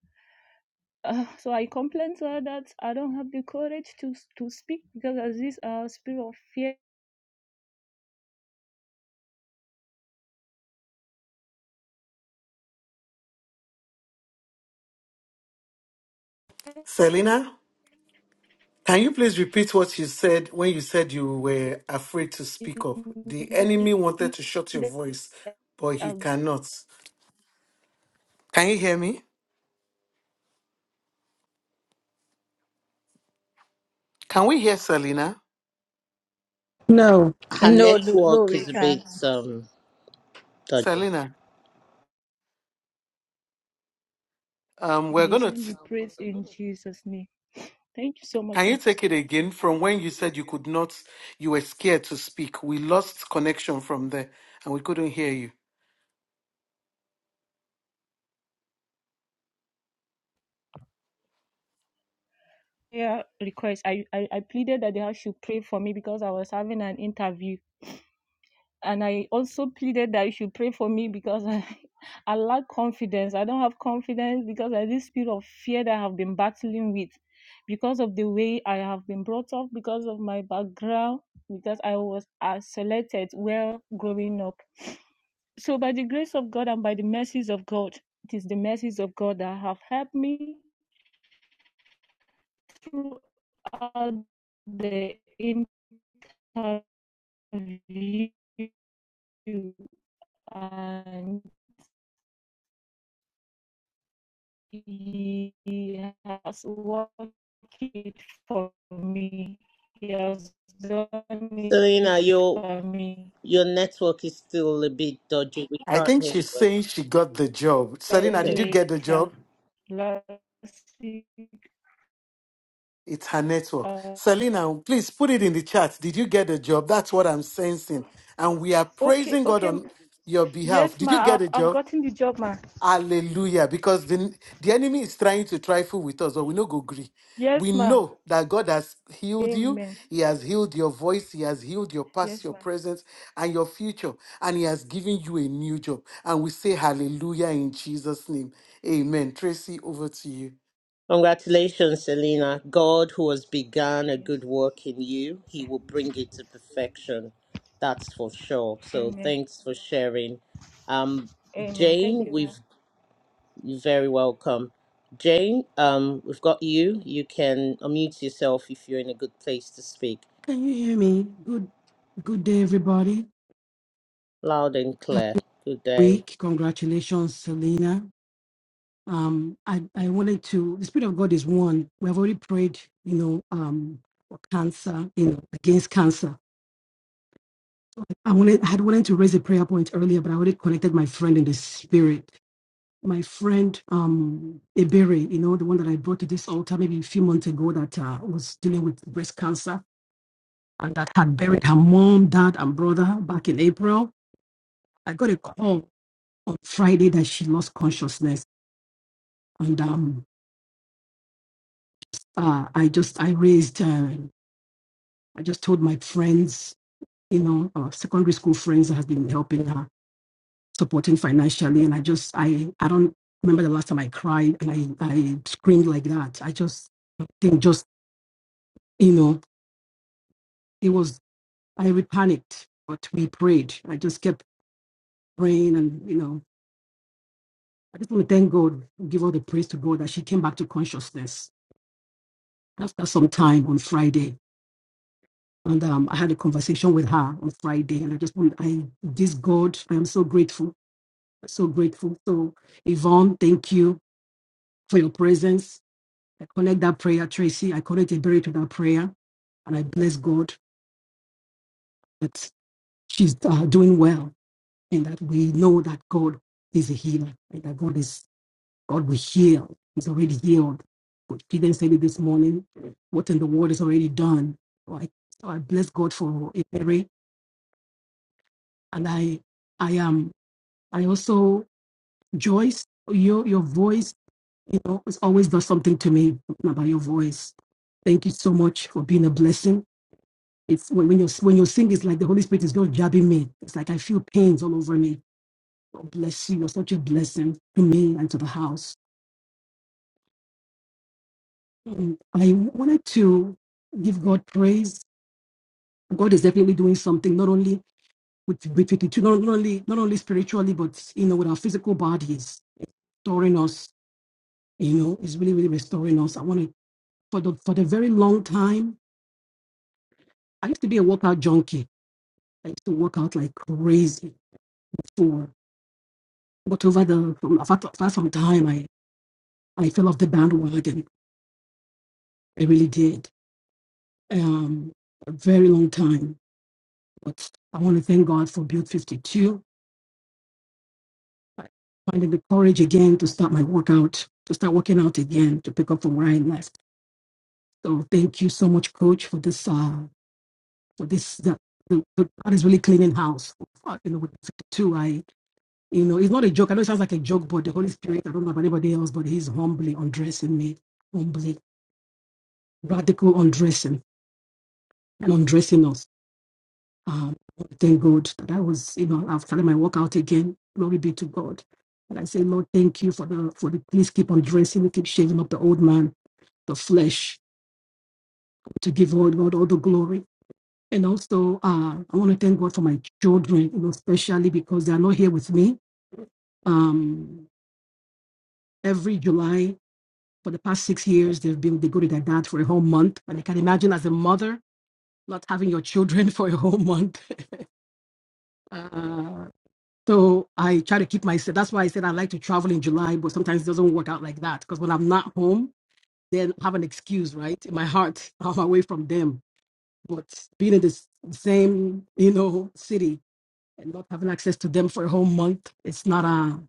Speaker 11: Uh, so I complained to her that I don't have the courage to to speak because of this uh, spirit of fear
Speaker 5: Selena, can you please repeat what you said when you said you were afraid to
Speaker 11: In
Speaker 5: speak up? The enemy wanted to shut your voice, but he cannot. Can you hear me? Can we hear Selena?
Speaker 12: No.
Speaker 2: Her
Speaker 13: No, no, no,
Speaker 2: network
Speaker 13: we
Speaker 2: is a bit
Speaker 13: can't.
Speaker 2: um dodgy.
Speaker 5: Selena, um, we're
Speaker 11: His
Speaker 5: gonna
Speaker 11: name be praised in Jesus' name. Thank you so much,
Speaker 5: Can
Speaker 11: ma.
Speaker 5: you take it again from when you said you could not, you were scared to speak? We lost connection from there and we couldn't hear you.
Speaker 11: Prayer request. I, I, I pleaded that they should pray for me because I was having an interview. And I also pleaded that you should pray for me because I, I lack confidence. I don't have confidence because of this spirit of fear that I have been battling with, because of the way I have been brought up, because of my background, because I was uh, selected well growing up. So by the grace of God and by the mercies of God, it is the mercies of God that have helped me throughout the interview, and He has worked it for me. He has done
Speaker 2: Selena,
Speaker 11: it
Speaker 2: you
Speaker 11: for me.
Speaker 2: Your network is still a bit dodgy. We
Speaker 5: I
Speaker 2: can't
Speaker 5: think
Speaker 2: hear you.
Speaker 5: she's
Speaker 2: well.
Speaker 5: saying she got the job.
Speaker 11: Then
Speaker 5: Selena, did
Speaker 2: Okay.
Speaker 5: you get the
Speaker 11: later,
Speaker 5: job?
Speaker 11: last week,
Speaker 5: It's her network.
Speaker 11: uh,
Speaker 5: Selena, please put it in the chat. Did you get the job? That's what I'm sensing. And we are
Speaker 11: okay,
Speaker 5: praising God
Speaker 11: okay,
Speaker 5: on your behalf.
Speaker 11: yes,
Speaker 5: Did you
Speaker 11: ma,
Speaker 5: get
Speaker 11: I've
Speaker 5: a
Speaker 11: I've
Speaker 5: job?
Speaker 11: gotten the job, ma.
Speaker 5: Hallelujah. Because the, the enemy is trying to trifle with us, but we no go gree. We
Speaker 11: Yes, ma.
Speaker 5: know that God has healed you.
Speaker 11: Amen.
Speaker 5: He has healed your voice. He has healed your past,
Speaker 11: Yes,
Speaker 5: your
Speaker 11: ma'am.
Speaker 5: present, and your future. And He has given you a new job. And we say hallelujah in Jesus' name. Amen. Tracy, over to you.
Speaker 2: Congratulations, Selena. God, who has begun a
Speaker 11: Yes.
Speaker 2: good work in you, he
Speaker 11: yes.
Speaker 2: will bring it to perfection. That's for sure. So
Speaker 11: Amen.
Speaker 2: thanks for sharing. Um,
Speaker 11: Amen. Thank
Speaker 2: Jane,
Speaker 11: you, ma'am.
Speaker 2: we've you're very welcome. Jane, um, we've got you. You can unmute yourself if you're in a good place to speak.
Speaker 12: Can you hear me? Good good day everybody.
Speaker 2: Loud and
Speaker 12: Happy
Speaker 2: clear. Good day.
Speaker 12: week. Congratulations, Selena. Um I, I wanted to the Spirit of God is one. We have already prayed, you know, um for cancer, you know, against cancer. I wanted I had wanted to raise a prayer point earlier, but I already connected my friend in the spirit. My friend um Ebere, you know, the one that I brought to this altar maybe a few months ago that uh, was dealing with breast cancer and that had buried her mom, dad, and brother back in April I got a call on Friday that she lost consciousness, and um, uh, I just I raised, uh, I just told my friends, you know, uh, secondary school friends that has been helping her, supporting financially, and I just I I don't remember the last time I cried and I I screamed like that. I just I think just you know it was I panicked, but we prayed. I just kept praying, and you know. I just want to thank God, give all the praise to God that she came back to consciousness after some time on Friday And um, I had a conversation with her on Friday, and I just want, I, this God, I am so grateful, so grateful. So, Yvonne, thank you for your presence. I connect that prayer, Tracy. I connect a to that prayer, and I bless God that she's uh, doing well, and that we know that God is a healer, and that God is God will heal. He's already healed. But She didn't say it this morning. What in the world is already done? So I, so I bless God for Mary, and I, I am. I also, Joyce, your your voice, you know, it's always done something to me about your voice. Thank you so much for being a blessing. It's when, when you when you sing, it's like the Holy Spirit is just jabbing me. It's like I feel pains all over me. God bless you. You're such a blessing to me and to the house. Mm. I wanted to give God praise. God is definitely doing something, not only with with with it, not, not only not only spiritually, but you know, with our physical bodies, restoring us you know, it's really, really restoring us. I want to for the for the very long time. I used to be a workout junkie. I used to work out like crazy for but over the from apart from time I, I fell off the bandwagon. I really did. Um a very long time. But I want to thank God for Build 52. I Finding the courage again to start my workout, to start working out again, to pick up from where I left. So thank you so much, Coach, for this. Uh, for this, the, the, the God is really cleaning house. In the 52, I You know, it's not a joke. I know it sounds like a joke, but the Holy Spirit, I don't know about anybody else, but He's humbly undressing me, humbly, radical undressing and undressing us. Um, thank God that I was, you know, I've started my workout again. Glory be to God. And I say, Lord, thank you for the, for the, please keep undressing me, keep shaving up the old man, the flesh, to give all God all the glory. And also, uh, I want to thank God for my children, you know, especially because they are not here with me. Um, every July. for the past six years they've been they go to their dad for a whole month and i can imagine as a mother not having your children for a whole month uh, so i try to keep myself that's why i said i like to travel in july but sometimes it doesn't work out like that because when i'm not home then I have an excuse right in my heart i'm away from them but being in this same you know city and not having access to them for a whole month it's not a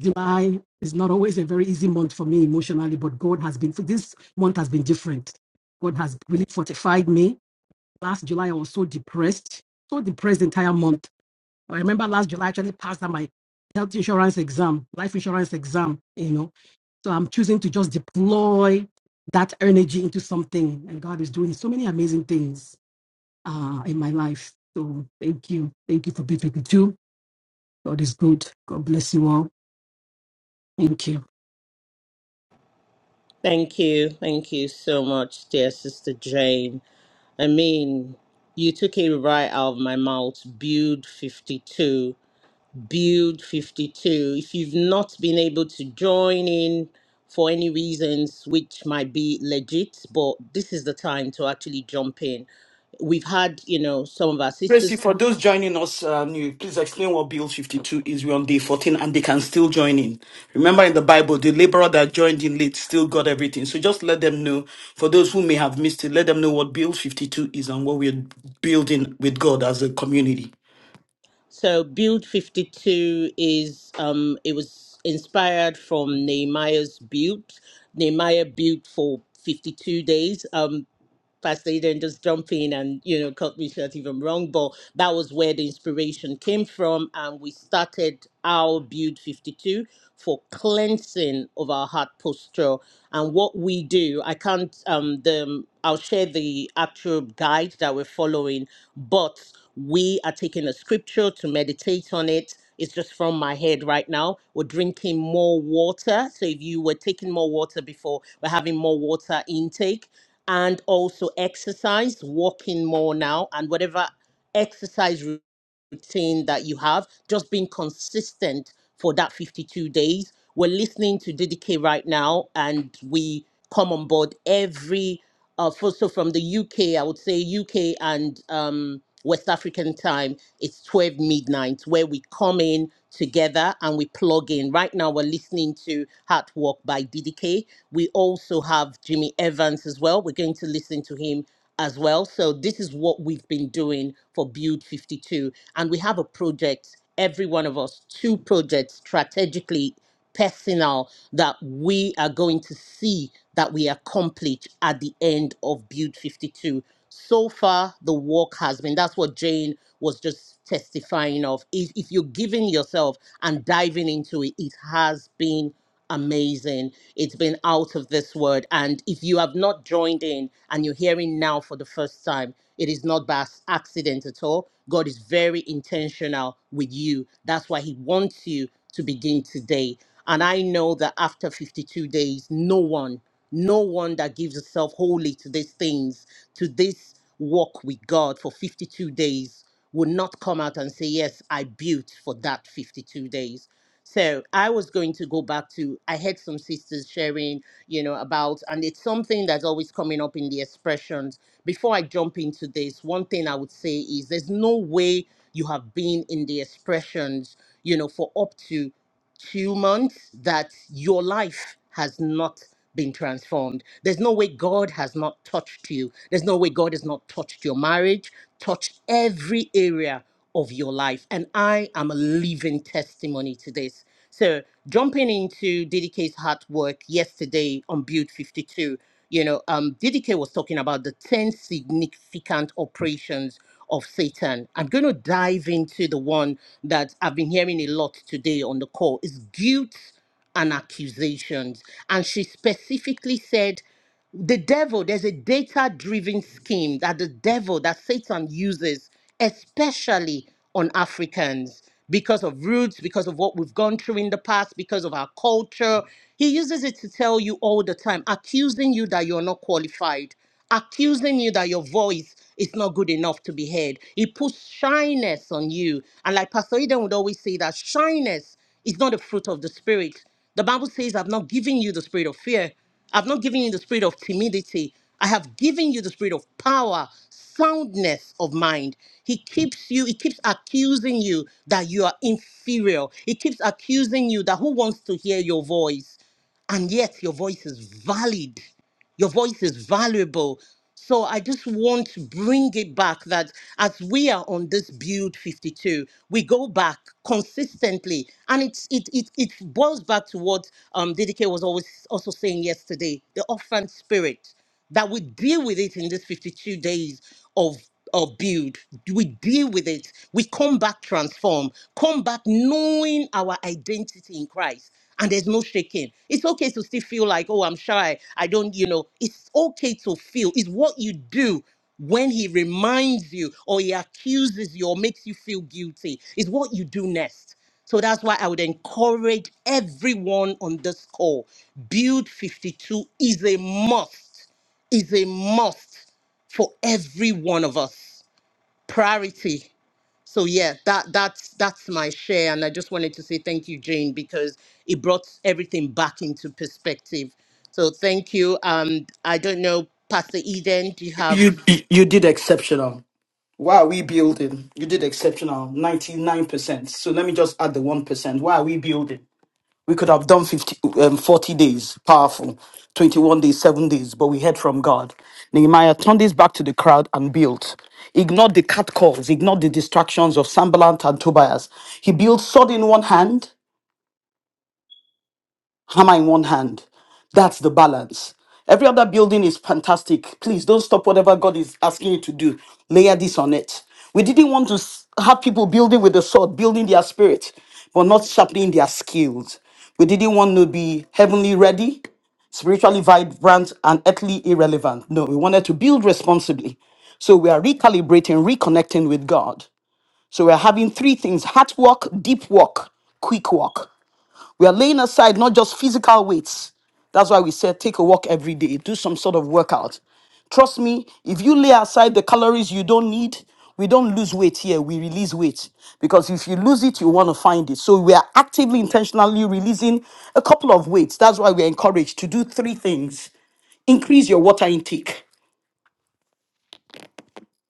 Speaker 12: July is not always a very easy month for me emotionally, but God has been, this month has been different. God has really fortified me. Last July, I was so depressed, so depressed the entire month. I remember last July, I actually passed my health insurance exam, life insurance exam, you know. So I'm choosing to just deploy that energy into something. And God is doing so many amazing things uh, in my life. So thank you. Thank you for being with me too. God is good. God bless you all. Thank you.
Speaker 2: Thank you. Thank you so much, dear Sister Jane. I mean, you took it right out of my mouth. Build 52. Build 52. If you've not been able to join in for any reasons which might be legit, but this is the time to actually jump in. We've had, you know, some of our
Speaker 1: Tracy,
Speaker 2: sisters.
Speaker 1: for
Speaker 2: come.
Speaker 1: those joining us uh, new, please explain what Bill 52 is. We're on day 14 and they can still join in. Remember in the Bible, the laborer that joined in late still got everything. So just let them know, for those who may have missed it, let them know what Bill 52 is and what we're building with God as a community.
Speaker 2: So Build 52 is, um, it was inspired from Nehemiah's Build. Nehemiah built for 52 days. Um, Pastor Eden just jump in and you know cut me short if I'm wrong, but that was where the inspiration came from, and we started our build 52 for cleansing of our heart posture and what we do. I can't um the um, I'll share the actual guide that we're following, but we are taking a scripture to meditate on it. It's just from my head right now. We're drinking more water. So if you were taking more water before, we're having more water intake and also exercise, walking more now, and whatever exercise routine that you have, just being consistent for that 52 days. We're listening to DDK right now, and we come on board every uh, for, so from the UK, I would say UK and um, West African time, it's 12 midnight where we come in together and we plug in. Right now, we're listening to Heart Walk by DDK. We also have Jimmy Evans as well. We're going to listen to him as well. So, this is what we've been doing for Build 52. And we have a project, every one of us, two projects strategically personal that we are going to see that we accomplish at the end of Build 52. So far, the work has been that's what Jane was just testifying of. If, if you're giving yourself and diving into it, it has been amazing. It's been out of this world. And if you have not joined in and you're hearing now for the first time, it is not by s- accident at all. God is very intentional with you. That's why He wants you to begin today. And I know that after 52 days, no one, no one that gives itself wholly to these things, to this walk with God for 52 days, will not come out and say, Yes, I built for that 52 days. So I was going to go back to, I had some sisters sharing, you know, about, and it's something that's always coming up in the expressions. Before I jump into this, one thing I would say is there's no way you have been in the expressions, you know, for up to two months that your life has not been transformed. There's no way God has not touched you. There's no way God has not touched your marriage, touched every area of your life. And I am a living testimony to this. So, jumping into DDK's hard work yesterday on Build 52, you know, um, DDK was talking about the 10 significant operations of Satan. I'm going to dive into the one that I've been hearing a lot today on the call is guilt and accusations. And she specifically said the devil there's a data driven scheme that the devil that satan uses especially on africans because of roots because of what we've gone through in the past because of our culture he uses it to tell you all the time accusing you that you're not qualified accusing you that your voice is not good enough to be heard he puts shyness on you and like pastor eden would always say that shyness is not a fruit of the spirit the Bible says, I've not given you the spirit of fear, I've not given you the spirit of timidity. I have given you the spirit of power, soundness of mind. He keeps you, he keeps accusing you that you are inferior. He keeps accusing you that who wants to hear your voice? And yet your voice is valid. Your voice is valuable. So I just want to bring it back that as we are on this build 52, we go back consistently. And it's it it it boils back to what um DDK was always also saying yesterday, the orphan spirit that we deal with it in these 52 days of of build we deal with it we come back transformed come back knowing our identity in christ and there's no shaking it's okay to still feel like oh i'm shy i don't you know it's okay to feel it's what you do when he reminds you or he accuses you or makes you feel guilty It's what you do next so that's why I would encourage everyone on this call. Build 52 is a must is a must for every one of us. Priority. So yeah, that that's that's my share, and I just wanted to say thank you, Jane, because it brought everything back into perspective. So thank you. Um, I don't know, Pastor Eden, do you have?
Speaker 1: You, you you did exceptional. Why are we building? You did exceptional, 99%. So let me just add the 1%. Why are we building? We could have done 50, um, 40 days, powerful, 21 days, 7 days, but we heard from God. Nehemiah turned his back to the crowd and built. Ignored the catcalls, ignored the distractions of Sambalat and Tobias. He built sword in one hand, hammer in one hand. That's the balance. Every other building is fantastic. Please don't stop whatever God is asking you to do. Layer this on it. We didn't want to s- have people building with the sword, building their spirit, but not sharpening their skills. We didn't want to be heavenly ready, spiritually vibrant, and earthly irrelevant. No, we wanted to build responsibly. So we are recalibrating, reconnecting with God. So we're having three things heart work, deep work, quick work. We are laying aside not just physical weights. That's why we said take a walk every day, do some sort of workout. Trust me, if you lay aside the calories you don't need, we don't lose weight here, we release weight. Because if you lose it, you want to find it. So we are actively, intentionally releasing a couple of weights. That's why we're encouraged to do three things increase your water intake,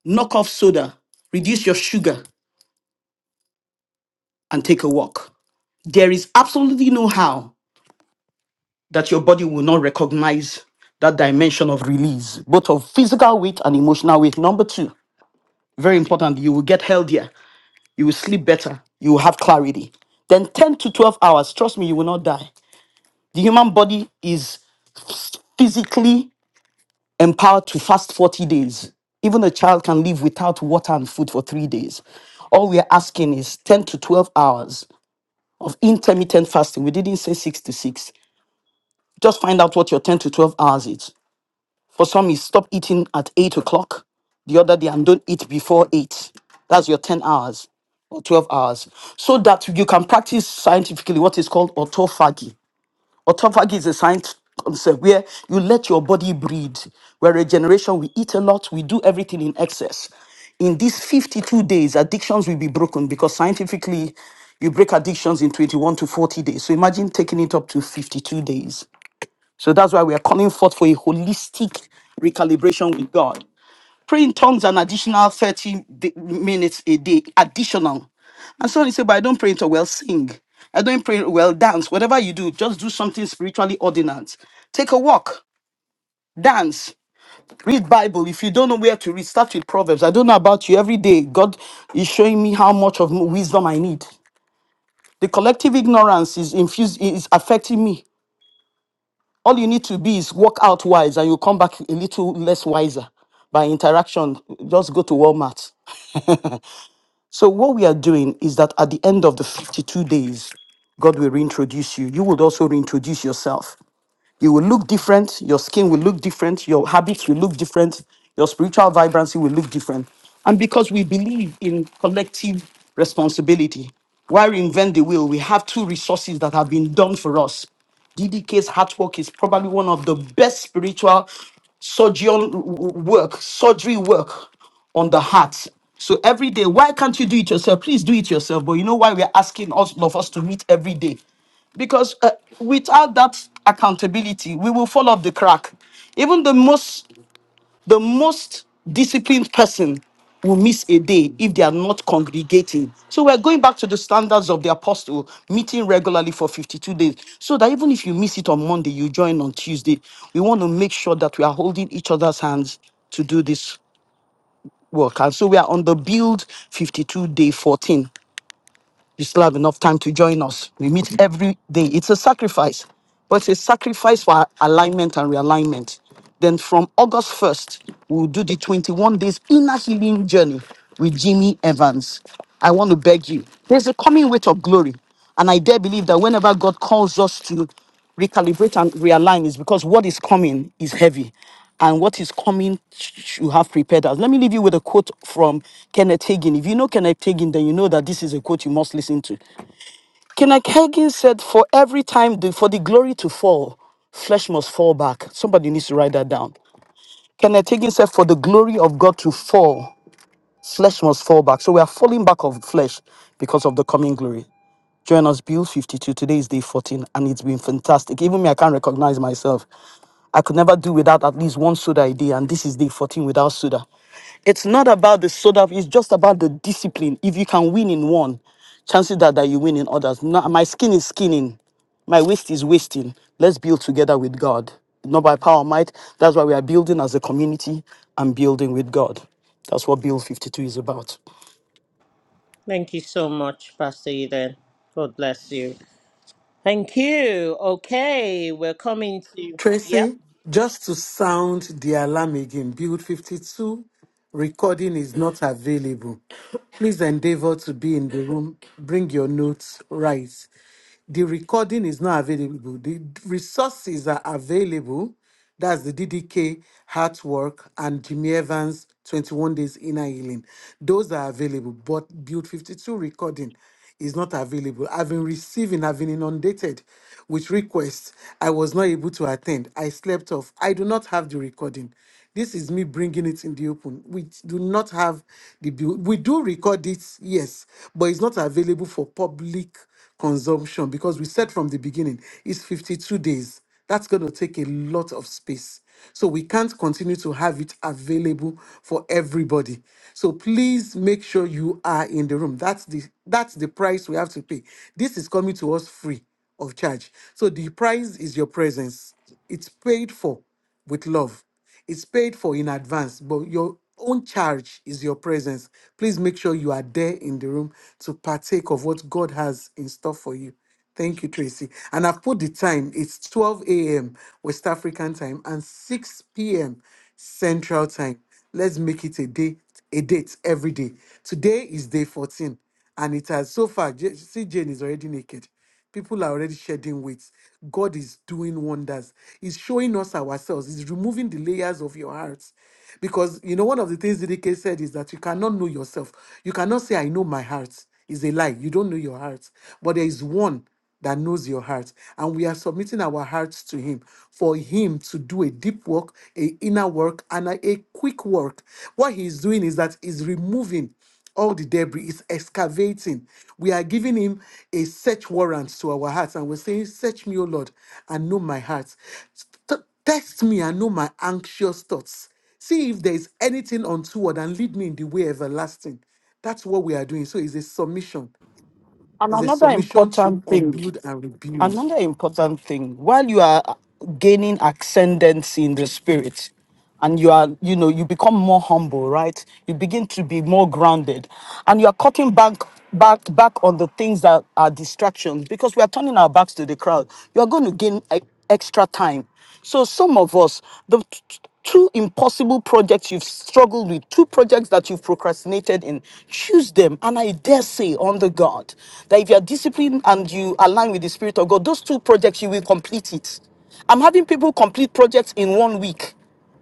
Speaker 1: knock off soda, reduce your sugar, and take a walk. There is absolutely no how that your body will not recognize that dimension of release, both of physical weight and emotional weight. Number two, very important, you will get healthier, you will sleep better, you will have clarity. Then 10 to 12 hours, trust me, you will not die. The human body is physically empowered to fast 40 days. Even a child can live without water and food for three days. All we are asking is 10 to 12 hours of intermittent fasting. We didn't say six to six. Just find out what your 10 to 12 hours is For some, you stop eating at eight o'clock the other day and don't eat before eight. That's your 10 hours or 12 hours. So that you can practice scientifically what is called autophagy. Autophagy is a science concept where you let your body breed. We're a generation, we eat a lot, we do everything in excess. In these 52 days, addictions will be broken because scientifically, you break addictions in 21 to 40 days. So imagine taking it up to 52 days. So that's why we are coming forth for a holistic recalibration with God. Pray in tongues an additional 30 di- minutes a day, additional. And so you say, but I don't pray in tongues. Well, sing. I don't pray. Well, dance. Whatever you do, just do something spiritually ordinate. Take a walk, dance, read Bible. If you don't know where to read, start with Proverbs. I don't know about you. Every day, God is showing me how much of wisdom I need. The collective ignorance is infused is affecting me. All you need to be is walk out wise and you come back a little less wiser by interaction. Just go to Walmart. so, what we are doing is that at the end of the 52 days, God will reintroduce you. You would also reintroduce yourself. You will look different. Your skin will look different. Your habits will look different. Your spiritual vibrancy will look different. And because we believe in collective responsibility, why reinvent the wheel? We have two resources that have been done for us. DDK's heart work is probably one of the best spiritual surgeon work, surgery work on the heart. So every day, why can't you do it yourself? Please do it yourself. But you know why we're asking all of us to meet every day? because uh, without that accountability we will fall off the crack even the most the most disciplined person will miss a day if they are not congregating so we're going back to the standards of the apostle meeting regularly for 52 days so that even if you miss it on monday you join on tuesday we want to make sure that we are holding each other's hands to do this work and so we are on the build 52 day 14 you still have enough time to join us. We meet every day. It's a sacrifice, but it's a sacrifice for alignment and realignment. Then from August 1st, we'll do the 21 days inner healing journey with Jimmy Evans. I want to beg you, there's a coming weight of glory. And I dare believe that whenever God calls us to recalibrate and realign is because what is coming is heavy and what is coming sh- you have prepared us let me leave you with a quote from kenneth hagin if you know kenneth hagin then you know that this is a quote you must listen to kenneth hagin said for every time the, for the glory to fall flesh must fall back somebody needs to write that down kenneth hagin said for the glory of god to fall Flesh must fall back. So we are falling back of flesh because of the coming glory. Join us, Build 52. Today is day 14, and it's been fantastic. Even me, I can't recognize myself. I could never do without at least one soda a day, and this is day 14 without soda. It's not about the soda, it's just about the discipline. If you can win in one, chances are that you win in others. No, my skin is skinning, my waist is wasting. Let's build together with God. Not by power or might. That's why we are building as a community and building with God. That's what Build 52 is about.
Speaker 2: Thank you so much, Pastor Eden. God bless you. Thank you. Okay, we're coming to. Yep.
Speaker 5: Tracy, just to sound the alarm again, Build 52 recording is not available. Please endeavor to be in the room. Bring your notes, Write. The recording is not available. The resources are available. That's the DDK Heartwork and Jimmy Evans 21 Days Inner Healing. Those are available, but Build 52 recording is not available. I've been receiving, I've been inundated with requests. I was not able to attend. I slept off. I do not have the recording. This is me bringing it in the open. We do not have the build. We do record it, yes, but it's not available for public consumption because we said from the beginning it's 52 days. That's going to take a lot of space. So we can't continue to have it available for everybody. So please make sure you are in the room. That's the that's the price we have to pay. This is coming to us free of charge. So the price is your presence. It's paid for with love. It's paid for in advance, but your own charge is your presence. Please make sure you are there in the room to partake of what God has in store for you. Thank you, Tracy. And I've put the time. It's 12 a.m. West African time and 6 p.m. Central time. Let's make it a day, a date every day. Today is day 14, and it has so far. J- See, Jane is already naked. People are already shedding weight. God is doing wonders. He's showing us ourselves. He's removing the layers of your hearts. Because, you know, one of the things DDK said is that you cannot know yourself. You cannot say, I know my heart. It's a lie. You don't know your heart. But there is one that knows your heart. And we are submitting our hearts to Him for Him to do a deep work, a inner work, and a, a quick work. What He's doing is that He's removing all the debris is excavating. We are giving him a search warrant to our hearts, and we're saying, Search me, O Lord, and know my heart. T- Test me and know my anxious thoughts. See if there is anything untoward and lead me in the way everlasting. That's what we are doing. So it's a submission.
Speaker 1: And
Speaker 5: It's a
Speaker 1: another
Speaker 5: submission to
Speaker 1: important thing.
Speaker 5: unbuild and rebuild.
Speaker 1: another important thing while you are gaining ascendancy in the spirit and you are you know you become more humble right you begin to be more grounded and you are cutting back back back on the things that are distractions because we are turning our backs to the crowd you are going to gain e- extra time so some of us, the t- t- two impossible projects you've struggled with, two projects that you've procrastinated in, choose them. And I dare say on the God that if you're disciplined and you align with the Spirit of God, those two projects you will complete it. I'm having people complete projects in one week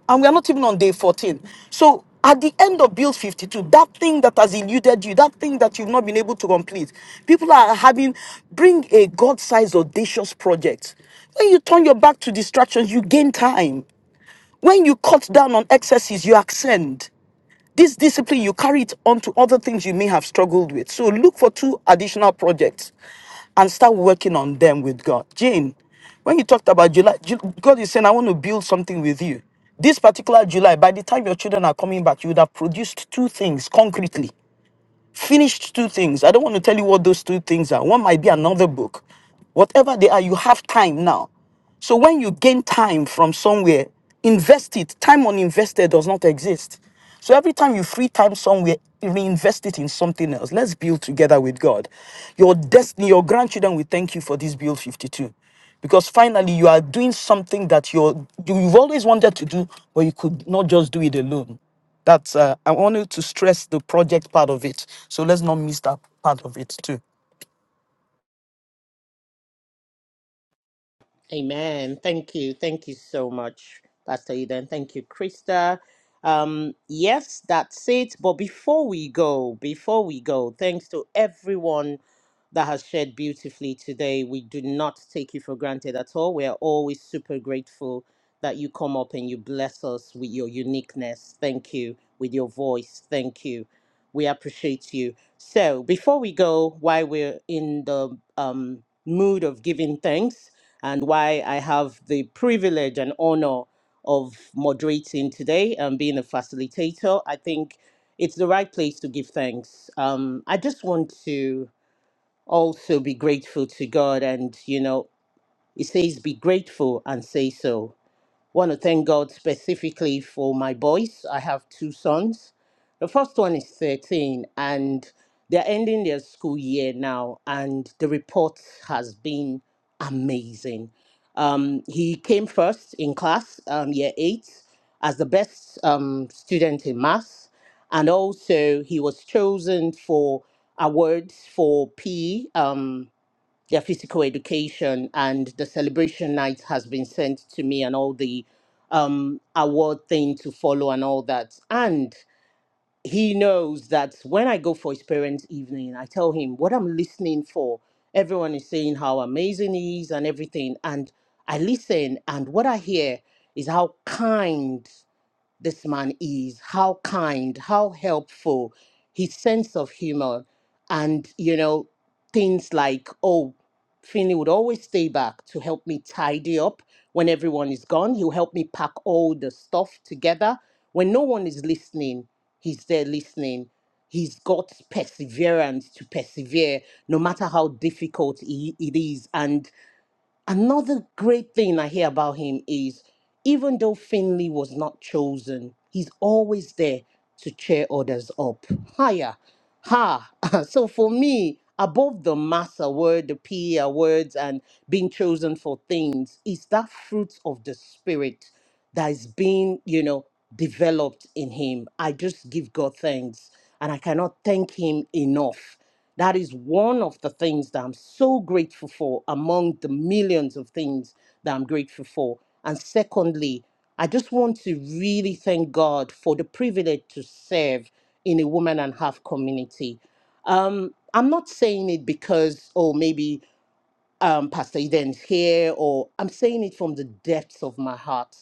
Speaker 1: and we are not even on day 14. So at the end of Build 52, that thing that has eluded you, that thing that you've not been able to complete, people are having, bring a God-sized audacious project. When you turn your back to distractions, you gain time. When you cut down on excesses, you ascend. This discipline, you carry it on to other things you may have struggled with. So look for two additional projects and start working on them with God. Jane, when you talked about July, Ju- God is saying, I want to build something with you. This particular July, by the time your children are coming back, you would have produced two things concretely finished two things. I don't want to tell you what those two things are. One might be another book. Whatever they are, you have time now. So when you gain time from somewhere, invest it. Time uninvested does not exist. So every time you free time somewhere, reinvest it in something else. Let's build together with God. Your destiny, your grandchildren will thank you for this build 52. Because finally you are doing something that you're, you've always wanted to do, but you could not just do it alone. That's uh, I wanted to stress the project part of it. So let's not miss that part of it too.
Speaker 2: Amen. Thank you. Thank you so much, Pastor Eden. Thank you, Krista. Um, yes, that's it. But before we go, before we go, thanks to everyone that has shared beautifully today. We do not take you for granted at all. We are always super grateful that you come up and you bless us with your uniqueness. Thank you. With your voice. Thank you. We appreciate you. So before we go, while we're in the um, mood of giving thanks, and why I have the privilege and honor of moderating today and being a facilitator. I think it's the right place to give thanks. Um, I just want to also be grateful to God, and you know, it says, Be grateful and say so want to thank God specifically for my boys. I have two sons. The first one is 13 and they're ending their school year now, and the report has been amazing. Um, he came first in class, um, year eight, as the best um, student in maths. And also, he was chosen for awards for PE their physical education and the celebration night has been sent to me and all the um award thing to follow and all that and he knows that when i go for his parents evening i tell him what i'm listening for everyone is saying how amazing he is and everything and i listen and what i hear is how kind this man is, how kind, how helpful, his sense of humor, and you know, things like, oh, Finley would always stay back to help me tidy up when everyone is gone. He'll help me pack all the stuff together. When no one is listening, he's there listening. He's got perseverance to persevere no matter how difficult i- it is. And Another great thing I hear about him is even though Finley was not chosen, he's always there to cheer others up. Higher. Ha. So for me, above the mass award, the PE words, and being chosen for things, is that fruit of the spirit that is being, you know, developed in him. I just give God thanks and I cannot thank him enough that is one of the things that I'm so grateful for among the millions of things that I'm grateful for. And secondly, I just want to really thank God for the privilege to serve in a woman and half community. Um, I'm not saying it because, oh, maybe um, Pastor Eden's here, or I'm saying it from the depths of my heart.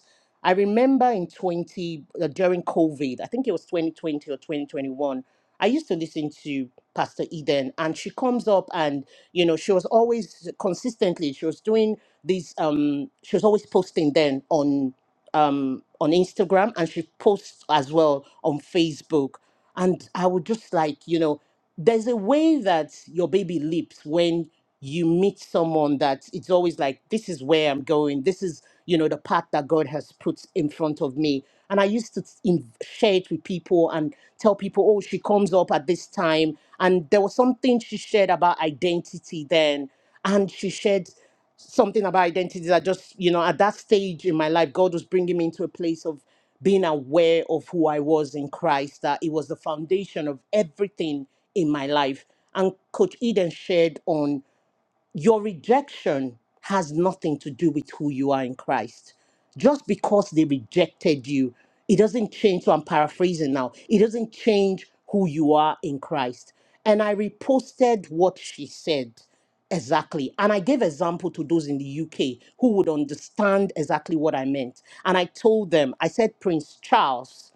Speaker 2: I remember in 20, uh, during COVID, I think it was 2020 or 2021, I used to listen to Pastor Eden, and she comes up and, you know, she was always consistently, she was doing these, um, she was always posting then on um, on Instagram and she posts as well on Facebook. And I would just like, you know, there's a way that your baby leaps when you meet someone that it's always like, this is where I'm going. This is, you know, the path that God has put in front of me. And I used to in- share it with people and tell people, oh, she comes up at this time. And there was something she shared about identity then. And she shared something about identity that just you know at that stage in my life god was bringing me into a place of being aware of who i was in christ that it was the foundation of everything in my life and coach eden shared on your rejection has nothing to do with who you are in Christ. Just because they rejected you, it doesn't change. So I'm paraphrasing now. It doesn't change who you are in Christ. And I reposted what she said exactly. And I gave example to those in the UK who would understand exactly what I meant. And I told them, I said, Prince Charles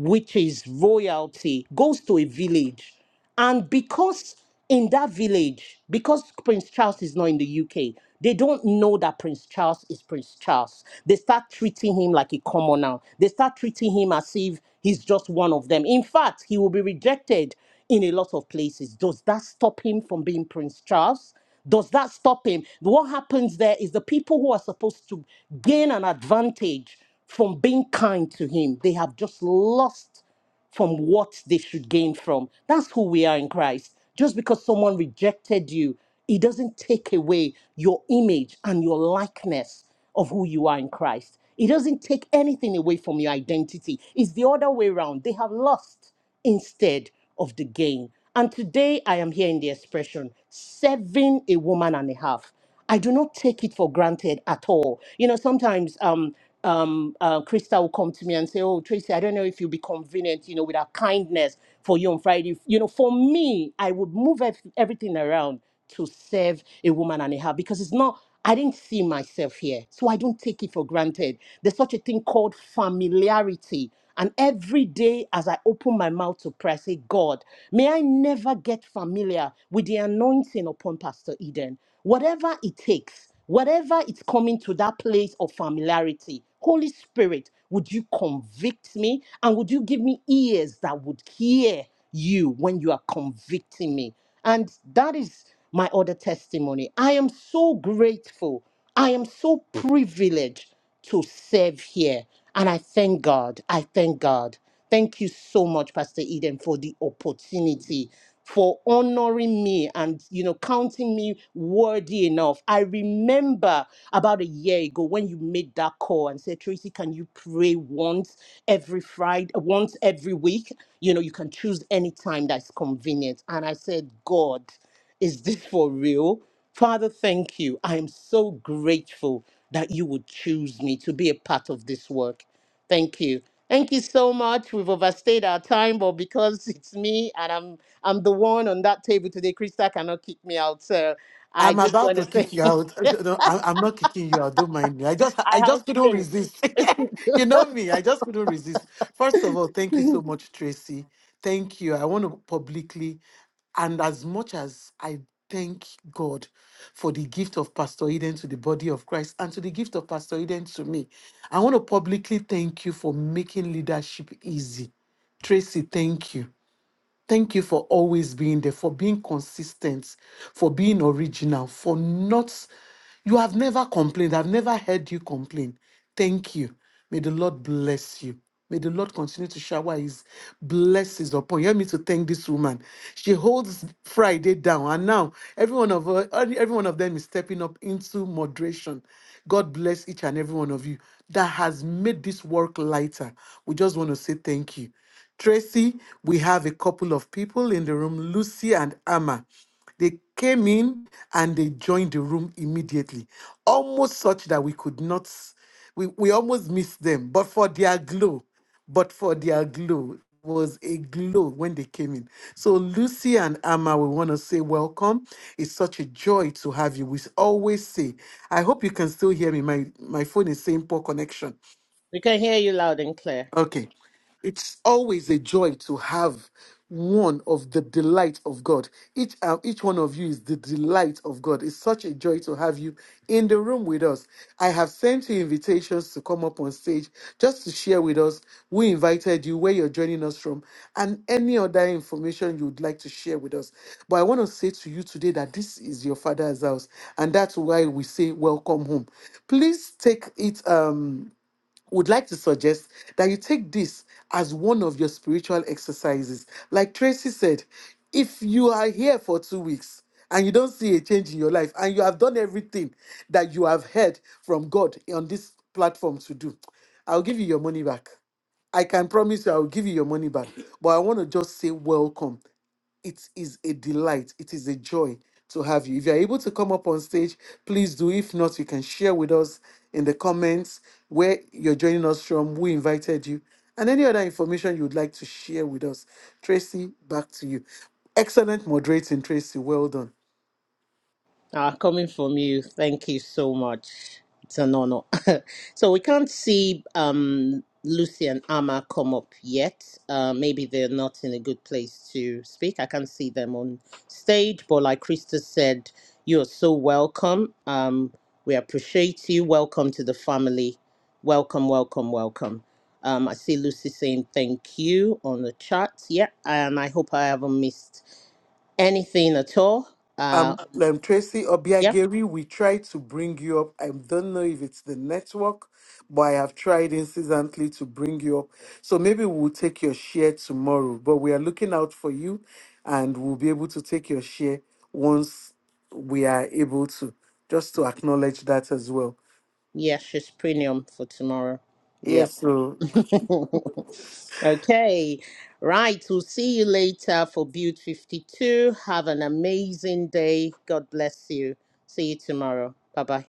Speaker 2: which is royalty, goes to a village. And because in that village, because Prince Charles is not in the UK, they don't know that Prince Charles is Prince Charles. They start treating him like a commoner. They start treating him as if he's just one of them. In fact, he will be rejected in a lot of places. Does that stop him from being Prince Charles? Does that stop him? What happens there is the people who are supposed to gain an advantage from being kind to him, they have just lost from what they should gain from. That's who we are in Christ. Just because someone rejected you, it doesn't take away your image and your likeness of who you are in Christ. It doesn't take anything away from your identity. It's the other way around. They have lost instead of the gain. And today I am hearing the expression serving a woman and a half. I do not take it for granted at all. You know, sometimes um, um, uh, Krista will come to me and say, Oh, Tracy, I don't know if you'll be convenient, you know, with our kindness for you on Friday. You know, for me, I would move ev- everything around to serve a woman and a half because it's not I didn't see myself here. So I don't take it for granted. There's such a thing called familiarity. And every day as I open my mouth to pray, I say, God, may I never get familiar with the anointing upon Pastor Eden. Whatever it takes, whatever it's coming to that place of familiarity, Holy Spirit, would you convict me? And would you give me ears that would hear you when you are convicting me? And that is my other testimony. I am so grateful. I am so privileged to serve here. And I thank God. I thank God. Thank you so much, Pastor Eden, for the opportunity, for honoring me and you know counting me worthy enough. I remember about a year ago when you made that call and said, Tracy, can you pray once? every Friday, once every week. You know, you can choose any time that's convenient. And I said, God, is this for real? Father, thank you. I am so grateful that you would choose me to be a part of this work. Thank you. Thank you so much. We've overstayed our time, but because it's me and I'm I'm the one on that table today, Krista cannot kick me out. So I
Speaker 5: I'm
Speaker 2: just
Speaker 5: about
Speaker 2: want to
Speaker 5: to kick
Speaker 2: say
Speaker 5: you out. No, i I'm not kicking you out. Don't mind me. I just
Speaker 2: I
Speaker 5: I
Speaker 2: have
Speaker 5: just couldn't
Speaker 2: finished.
Speaker 5: resist. you know me. I just couldn't resist. First of all, thank you so much, Tracy. Thank you. I want to publicly, and as much as I thank God for the gift of Pastor Eden to the body of Christ and to the gift of Pastor Eden to me, I want to publicly thank you for making leadership easy. Tracy, thank you. Thank you for always being there, for being consistent, for being original, for not, you have never complained. I've never heard you complain. Thank you. May the Lord bless you. May the Lord continue to shower his blessings upon you. Help me to thank this woman. She holds Friday down, and now every one of her, every every one of them is stepping up into moderation. God bless each and every one of you that has made this work lighter. We just want to say thank you. Tracy, we have a couple of people in the room, Lucy and Amma. They came in and they joined the room immediately, almost such that we could not, s- we, we almost missed them, but for their glow, but for their glow was a glow when they came in. So Lucy and Amma, we want to say welcome. It's such a joy to have you. We always say, I hope you can still hear me. My my phone is saying poor connection.
Speaker 2: We can hear you loud and clear.
Speaker 5: Okay. It's always a joy to have one of the delight of God. Each uh, each one of you is the delight of God. It's such a joy to have you in the room with us. I have sent you invitations to come up on stage just to share with us who invited you, where you're joining us from, and any other information you would like to share with us. But I want to say to you today that this is your father's house, and that's why we say welcome home. Please take it. Um, would like to suggest that you take this as one of your spiritual exercises. Like Tracy said, if you are here for two weeks and you don't see a change in your life and you have done everything that you have heard from God on this platform to do, I'll give you your money back. I can promise you, I'll give you your money back. But I want to just say welcome it is a delight it is a joy to have you if you're able to come up on stage please do if not you can share with us in the comments where you're joining us from who invited you and any other information you'd like to share with us tracy back to you excellent moderating tracy well done
Speaker 2: Ah, coming from you, thank you so much. It's an honor. so we can't see um, Lucy and Amma come up yet. Uh, maybe they're not in a good place to speak. I can't see them on stage, but like Krista said, you are so welcome. Um, we appreciate you. Welcome to the family. Welcome, welcome, welcome. Um, I see Lucy saying thank you on the chat. Yeah, and I hope I haven't missed anything at all. Uh,
Speaker 5: Um, um, Tracy
Speaker 2: yeah.
Speaker 5: Obiageri, we tried to bring you up. I don't know if it's the network, but I have tried incessantly to bring you up. So maybe we'll take your share tomorrow. But we are looking out for you, and we'll be able to take your share once we are able to. Just to acknowledge that as well.
Speaker 2: Yeah, she's premium for tomorrow. Yep.
Speaker 5: Yes. so
Speaker 2: okay. Right. We'll see you later for Build 52. Have an amazing day. God bless you. See you tomorrow. Bye bye.